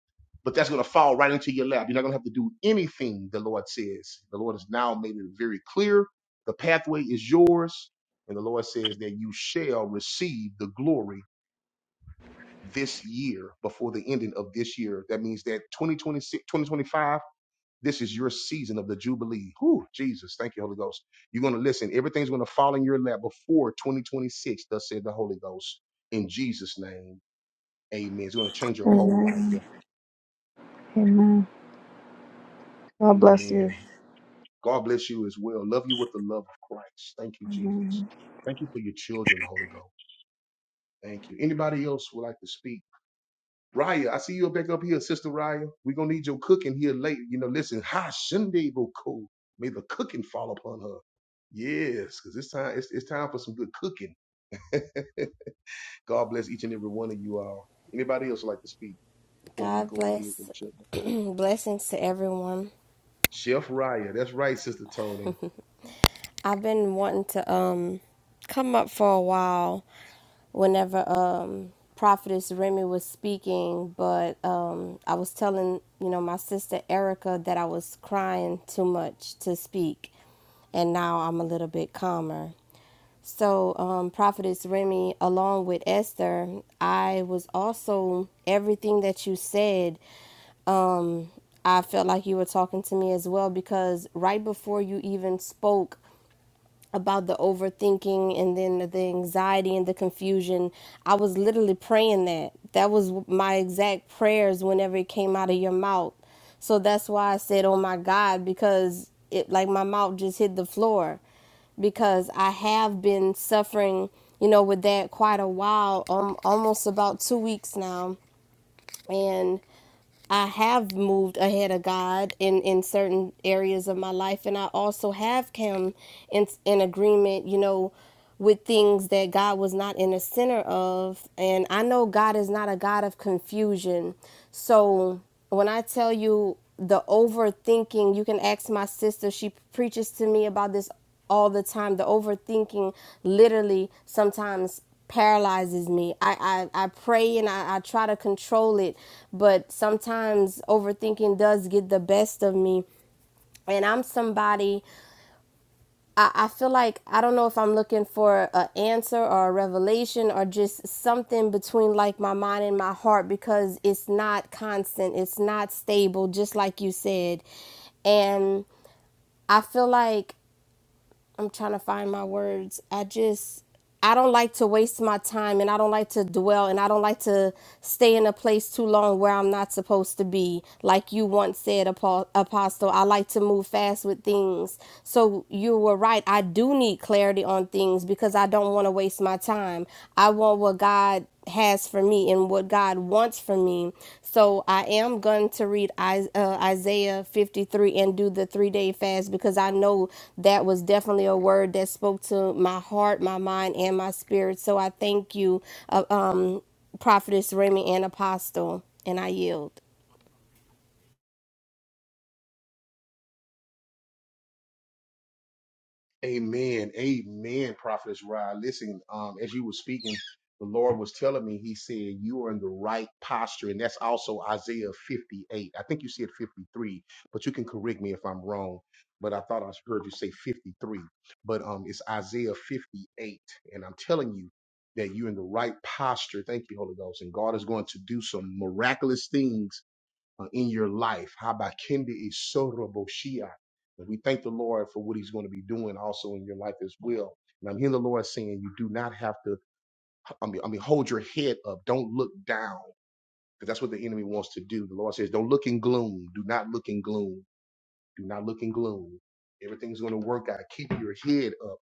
but that's going to fall right into your lap. You're not going to have to do anything, the Lord says. The Lord has now made it very clear. The pathway is yours. And the Lord says that you shall receive the glory this year before the ending of this year. That means that 2026, 2025. this is your season of the Jubilee. Whew, Jesus, thank you, Holy Ghost. You're going to listen. Everything's going to fall in your lap before 2026, thus said the Holy Ghost. In Jesus' name, amen. It's going to change your And whole life. God bless you. Amen. God bless you as well. Love you with the love of Christ. Thank you, Jesus. Thank you for your children, Holy Ghost. Thank you. Anybody else would like to speak? Raya, I see you back up here, Sister Raya. We're gonna need your cooking here late. You know, listen, Ha Shunde Boko. May the cooking fall upon her. Yes, because it's time, it's, it's time for some good cooking. God bless each and every one of you all. Anybody else would like to speak before we God go ahead bless and check? blessings to everyone. Chef Raya, that's right, Sister Tony. I've been wanting to um come up for a while whenever um Prophetess Remy was speaking, but um I was telling, you know, my sister Erica that I was crying too much to speak and now I'm a little bit calmer. So, um, Prophetess Remy, along with Esther, I was also everything that you said I felt like you were talking to me as well because right before you even spoke about the overthinking and then the anxiety and the confusion, I was literally praying that. That was my exact prayers whenever it came out of your mouth. So that's why I said, "Oh my God," because it like my mouth just hit the floor because I have been suffering, you know, with that quite a while, um, almost about 2 weeks now. And I have moved ahead of God in in certain areas of my life, and I also have come in in agreement, you know, with things that God was not in the center of. And I know God is not a God of confusion. So when I tell you the overthinking, you can ask my sister. She preaches to me about this all the time. The overthinking literally sometimes paralyzes me. I, I, I pray and I, I try to control it, but sometimes overthinking does get the best of me. And I'm somebody, I, I feel like, I don't know if I'm looking for an answer or a revelation or just something between like my mind and my heart because it's not constant, it's not stable, just like you said. And I feel like I'm trying to find my words. I just I don't like to waste my time and I don't like to dwell and I don't like to stay in a place too long where I'm not supposed to be. Like you once said, Apo- Apostle, I like to move fast with things. So you were right. I do need clarity on things because I don't want to waste my time. I want what God has for me and what God wants for me. So I am going to read uh, Isaiah 53 and do the three day fast because I know that was definitely a word that spoke to my heart, my mind, and my spirit. So I thank you, uh, um, Prophetess Remy and Apostle, and I yield. Amen. Listen, um, as you weekend, the Lord was telling you right, and that's awesome. 58. I think you said 53, but you can correct me if I'm wrong. But I thought I heard you say 53. But um, it's Isaiah 58, and I'm telling you that you're in the right posture. Thank you, Holy Ghost, and God is going to do some miraculous things uh, in your life. How about Kendi Isoroboshia? And we thank the Lord for what He's going to be doing also in your life as well. And I'm hearing the Lord saying, you do not have to I mean, I mean, hold your head up. Don't look down because that's what the enemy wants to do. The Lord says, Don't look in gloom. Do not look in gloom. Do not look in gloom. Everything's going to work out. Keep your head up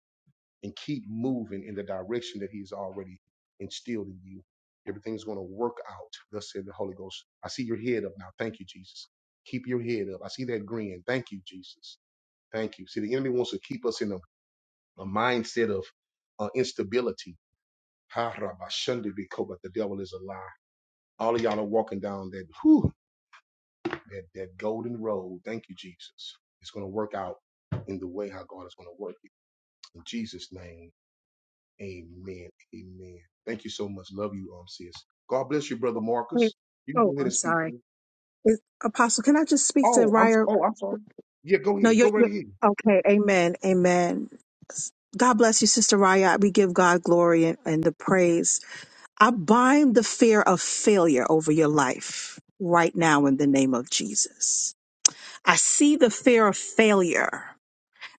and keep moving in the direction that He's already instilled in you. Everything's going to work out. Thus said the Holy Ghost. I see your head up now. Thank you, Jesus. Keep your head up. I see that grin. Thank you, Jesus. Thank you. See, the enemy wants to keep us in a, a mindset of uh, instability. Ha, rabba, shundi, biko, But the devil is a lie. All of y'all are walking down that. that, that golden road, thank you, Jesus, It's going to work out in the way how God is going to work it. In Jesus' name, amen. Amen. Thank you so much. Love you, um, sis. God bless you, brother Wait, Marcus. You can go Oh, ahead I'm and speak sorry. to me. Is, Apostle, can I just speak to Oh, I'm s- Raya? oh, I'm sorry. Yeah, go No, ahead. you're, Go right you're ahead. okay. Amen. Amen. God bless you, Sister Raya. We give God glory and, and the praise. I bind the fear of failure over your life right now in the name of Jesus. I see the fear of failure.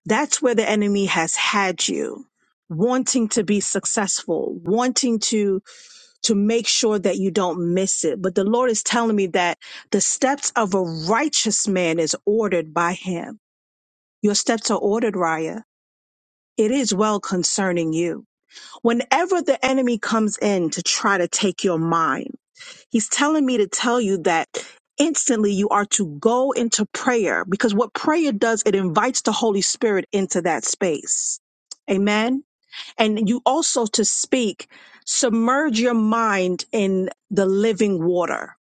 That's where the enemy has had you, wanting to be successful, wanting to to make sure that you don't miss it. But the Lord is telling me that the steps of a righteous man is ordered by him. Your steps are ordered, Raya. It is well concerning you. Whenever the enemy comes in to try to take your mind, he's telling me to tell you that instantly you are to go into prayer because what prayer does, it invites the Holy Spirit into that space. Amen and you also to speak submerge your mind in the living water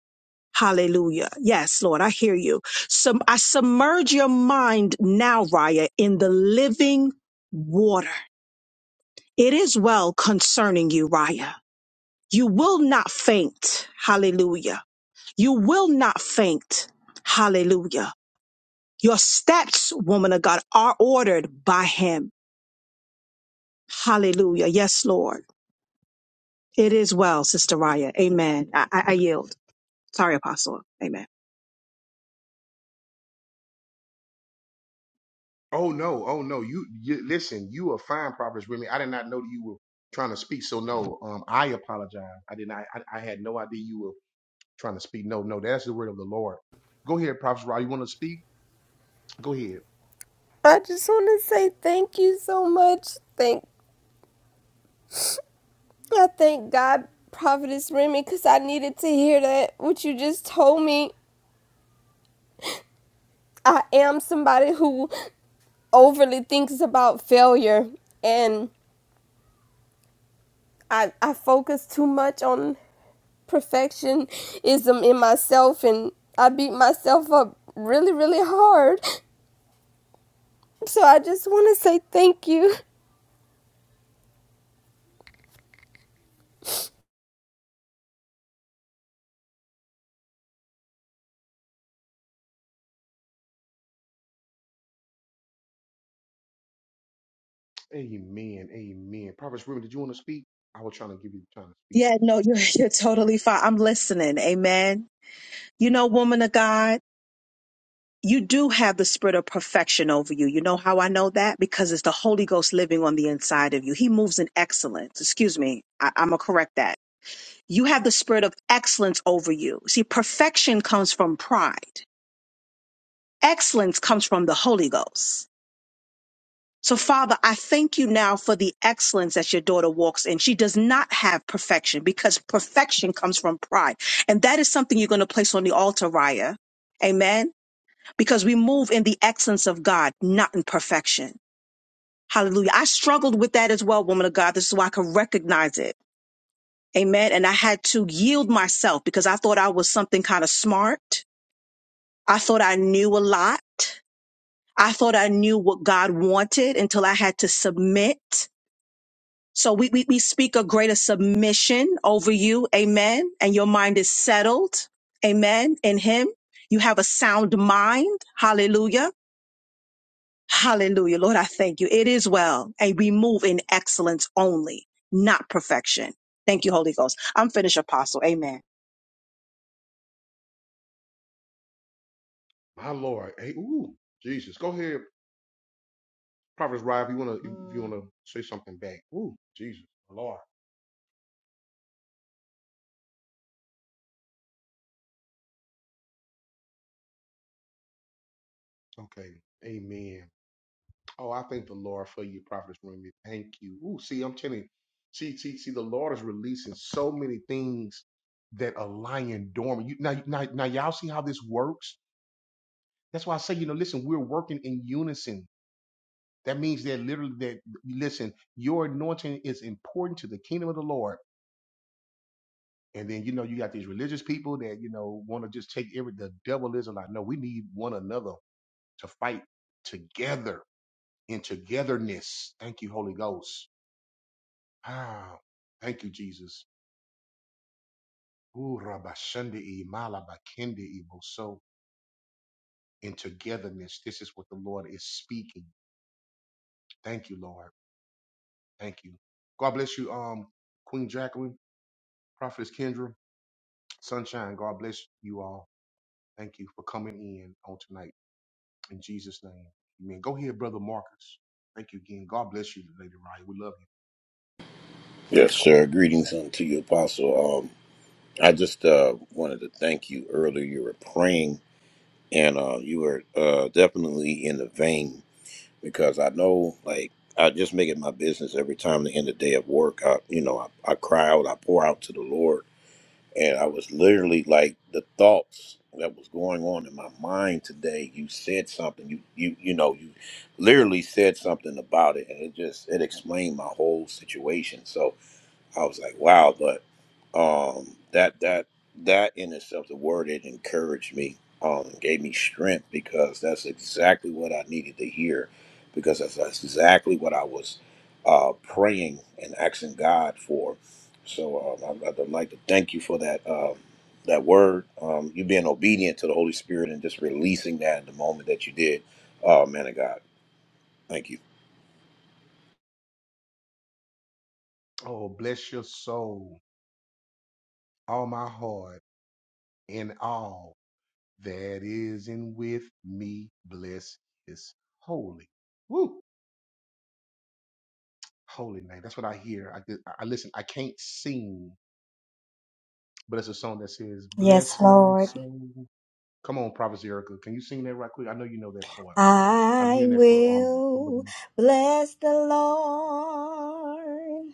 hallelujah yes lord i hear you so i submerge your mind now raya in the living water it is well concerning you raya you will not faint hallelujah you will not faint hallelujah your steps woman of god are ordered by him hallelujah yes lord It is well, Sister Raya. Amen. I, I I yield. Sorry, Apostle. Amen. Oh no, oh no. You, you listen, you are fine, Prophets Remy. I did not know that you were trying to speak. So no, um, I apologize. I did not I, I had no idea you were trying to speak. No, no, that's the word of the Lord. Go ahead, Prophets Rod. You want to speak? Go ahead. I just want to say thank you so much. Thank I thank God, Prophetess Remy, because I needed to hear that what you just told me. I am somebody who overly thinks about failure and I, I focus too much on perfectionism in myself and I beat myself up really, really hard. So I just want to say thank you. Amen. Amen. Prophet Remy, did you want to speak? I was trying to give you the time to speak. Yeah, no, you're you're totally fine. I'm listening. Amen. You know, woman of God, you do have the spirit of perfection over you. You know how I know that? Because it's the Holy Ghost living on the inside of you. He moves in excellence. Excuse me. I, I'm gonna correct that. You have the spirit of excellence over you. See, perfection comes from pride. Excellence comes from the Holy Ghost. So Father, I thank you now for the excellence that your daughter walks in. She does not have perfection because perfection comes from pride. And that is something you're going to place on the altar, Raya. Amen. Because we move in the excellence of God, not in perfection. Hallelujah. I struggled with that as well, woman of God. This is why I could recognize it. Amen. And I had to yield myself because I thought I was something kind of smart I thought I knew a lot. I thought I knew what God wanted until I had to submit. So we, we, we speak a greater submission over you. Amen. And your mind is settled. Amen. In him, you have a sound mind. Hallelujah. Hallelujah. Lord, I thank you. It is well. And we move in excellence only, not perfection. Thank you, Holy Ghost. I'm finished, Apostle. Amen. My Lord. Hey, ooh, Jesus. Go ahead. Prophet Rob, you wanna if you wanna say something back. Ooh, Jesus. My Lord. Okay. Amen. Oh, I thank the Lord for you, Prophet Remy. Thank you. Ooh, see, I'm telling you. See, see, see, the Lord is releasing so many things that are lying dormant. You now, now, now y'all see how this works? That's why I say, you know, listen, we're working in unison That means that literally that listen, your anointing is important to the kingdom of the Lord. And then you know you got these religious people that you know want to just take every the devil is like, no, we need one another to fight together in togetherness. Thank you, Holy Ghost. Ah, thank you, Jesus. Ooh, Kende e mala kende e bo so in togetherness. This is what the Lord is speaking. Thank you, Lord. Thank you. God bless you, um, Queen Jacqueline, Prophetess Kendra, Sunshine. God bless you all. Thank you for coming in on tonight. In Jesus' name. Amen. Go ahead, Brother Marcus. Thank you again. God bless you, Lady Ryan. We love you. Yes, sir. Greetings unto you, Apostle. Um, I just uh, wanted to thank you earlier. You were praying, and uh, you were uh, definitely in the vein because I know, like, I just make it my business every time the end of the day of work. I, you know, I, I cry out, I pour out to the Lord, and I was literally like the thoughts that was going on in my mind today. You said something. You you you know you literally said something about it, and it just it explained my whole situation. So. I was like, wow, but um, that that that in itself, the word it encouraged me, um, gave me strength because that's exactly what I needed to hear, because that's, that's exactly what I was uh, praying and asking God for. So um, I'd, I'd like to thank you for that um, that word. Um, you being obedient to the Holy Spirit and just releasing that in the moment that you did, uh, man of God. Thank you. Oh, bless your soul, all my heart, and all that is in with me. Bless his holy. Woo! Holy name. That's what I hear. I, get- I listen. I can't sing, but it's a song that says, Yes, Bless my Lord. soul. Come on, Prophet Erica. Can you sing that right quick? I know you know that part. I'm I hearing that for um. will bless the Lord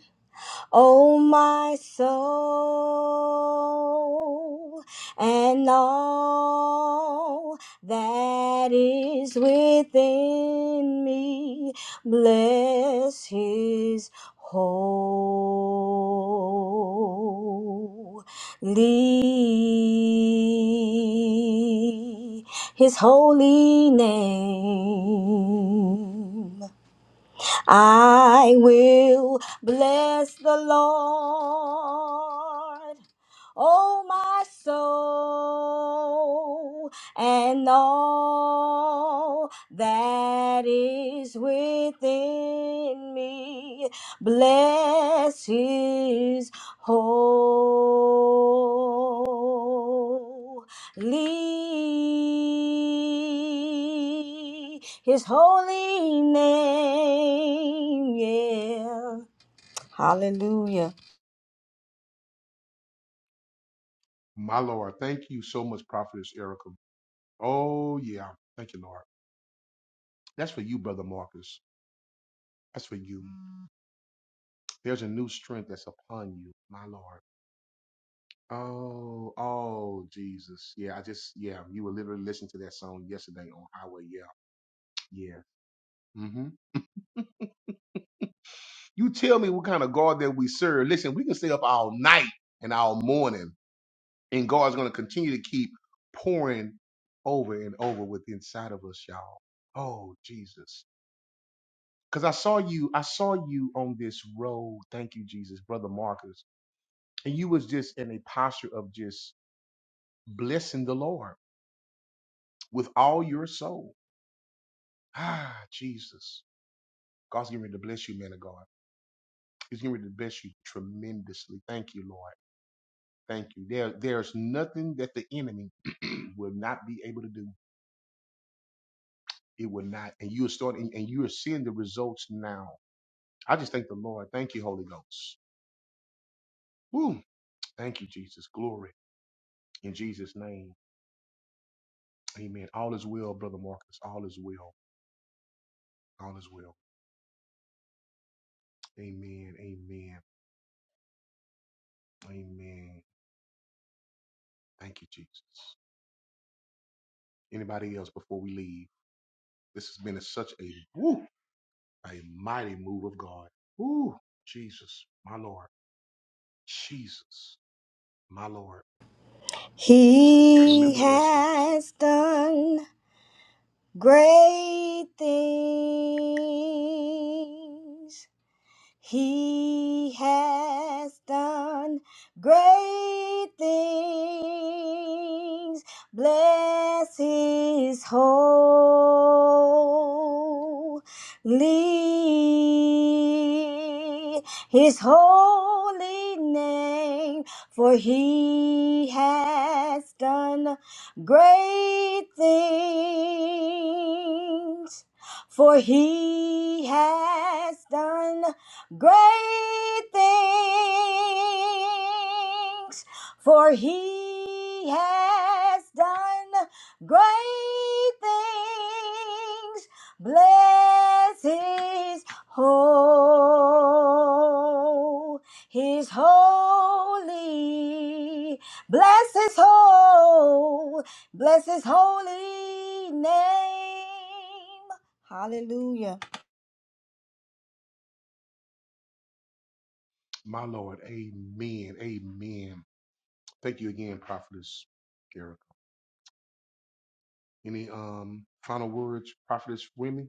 O my soul, and all that is within me, bless his holy, his holy name. I will bless the Lord O my soul, and all that is within me, bless his holy, his holy name. Yeah. Hallelujah. My Lord, thank you so much, Prophetess Erica. Oh, yeah. Thank you, Lord. That's for you, Brother Marcus. That's for you. There's a new strength that's upon you, my Lord. Oh, oh, Jesus. Yeah, I just, yeah, you were literally listening to that song yesterday on Highway. Yeah, yeah. hmm You tell me what kind of God that we serve. Listen, we can stay up all night and all morning, and God's going to continue to keep pouring over and over with inside of us, y'all. Oh, Jesus. Cause I saw you, I saw you on this road. Thank you, Jesus, brother Marcus. And you was just in a posture of just blessing the Lord with all your soul. Ah, Jesus. God's getting ready to bless you, man of God. He's getting ready to bless you tremendously. Thank you, Lord. Thank you. There, there's nothing that the enemy will not be able to do. It will not. And you are starting and you are seeing the results now. I just thank the Lord. Thank you, Holy Ghost. Woo. Thank you, Jesus. Glory in Jesus' name. Amen. All is well, Brother Marcus. All is well. All is well. Amen. Amen. Amen. Thank you, Jesus. Anybody else before we leave? This has been a, such a woo, a mighty move of God. Woo, Jesus, my Lord. Jesus, my Lord. He has done great things. He has done great things. Bless his holy, his holy name, for he has done great things. For he has done Great things, for he has done great things. Bless his whole, his holy. Bless his whole, bless his holy name. Hallelujah. My Lord. Amen. Amen. Thank you again, Prophetess Erica. Any um final words, Prophetess Remy?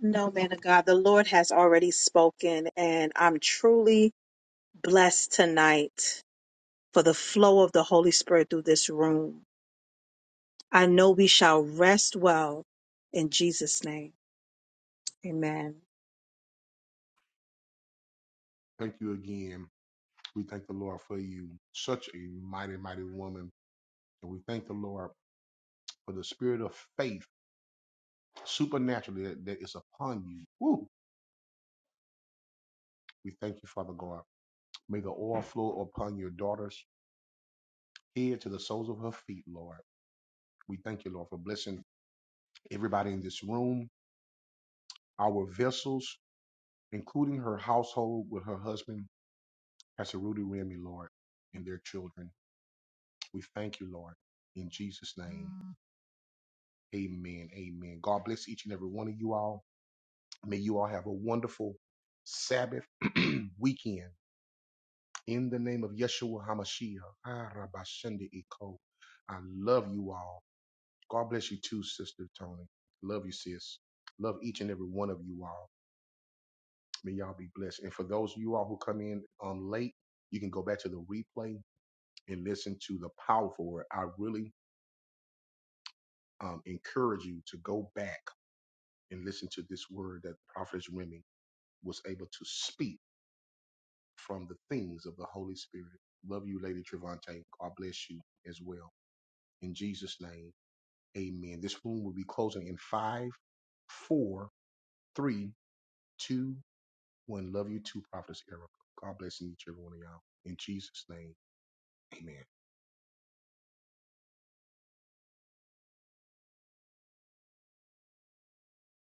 No, man of God, the Lord has already spoken, and I'm truly blessed tonight for the flow of the Holy Spirit through this room. I know we shall rest well in Jesus' name. Amen. Thank you again. We thank the Lord for you. Such a mighty, mighty woman. And we thank the Lord for the spirit of faith supernaturally that, that is upon you. Woo! We thank you, Father God. May the oil flow upon your daughter's head to the soles of her feet, Lord. We thank you, Lord, for blessing everybody in this room, our vessels, including her household with her husband, Pastor Rudy Remy, Lord, and their children. We thank you, Lord, in Jesus' name. Amen. Amen. God bless each and every one of you all. May you all have a wonderful Sabbath weekend in the name of Yeshua HaMashiach. Ah, Rabbi Iko. I love you all. God bless you too, Sister Tony. Love you, sis. Love each and every one of you all. May y'all be blessed. And for those of you all who come in um, late, you can go back to the replay and listen to the powerful word. I really um, encourage you to go back and listen to this word that Prophetess Remy was able to speak from the things of the Holy Spirit. Love you, Lady Trevante. God bless you as well. In Jesus' name. Amen. This room will be closing in five, four, three, two, one. Love you too, Prophetess Erica. God bless and each and every one of y'all. In Jesus' name, amen.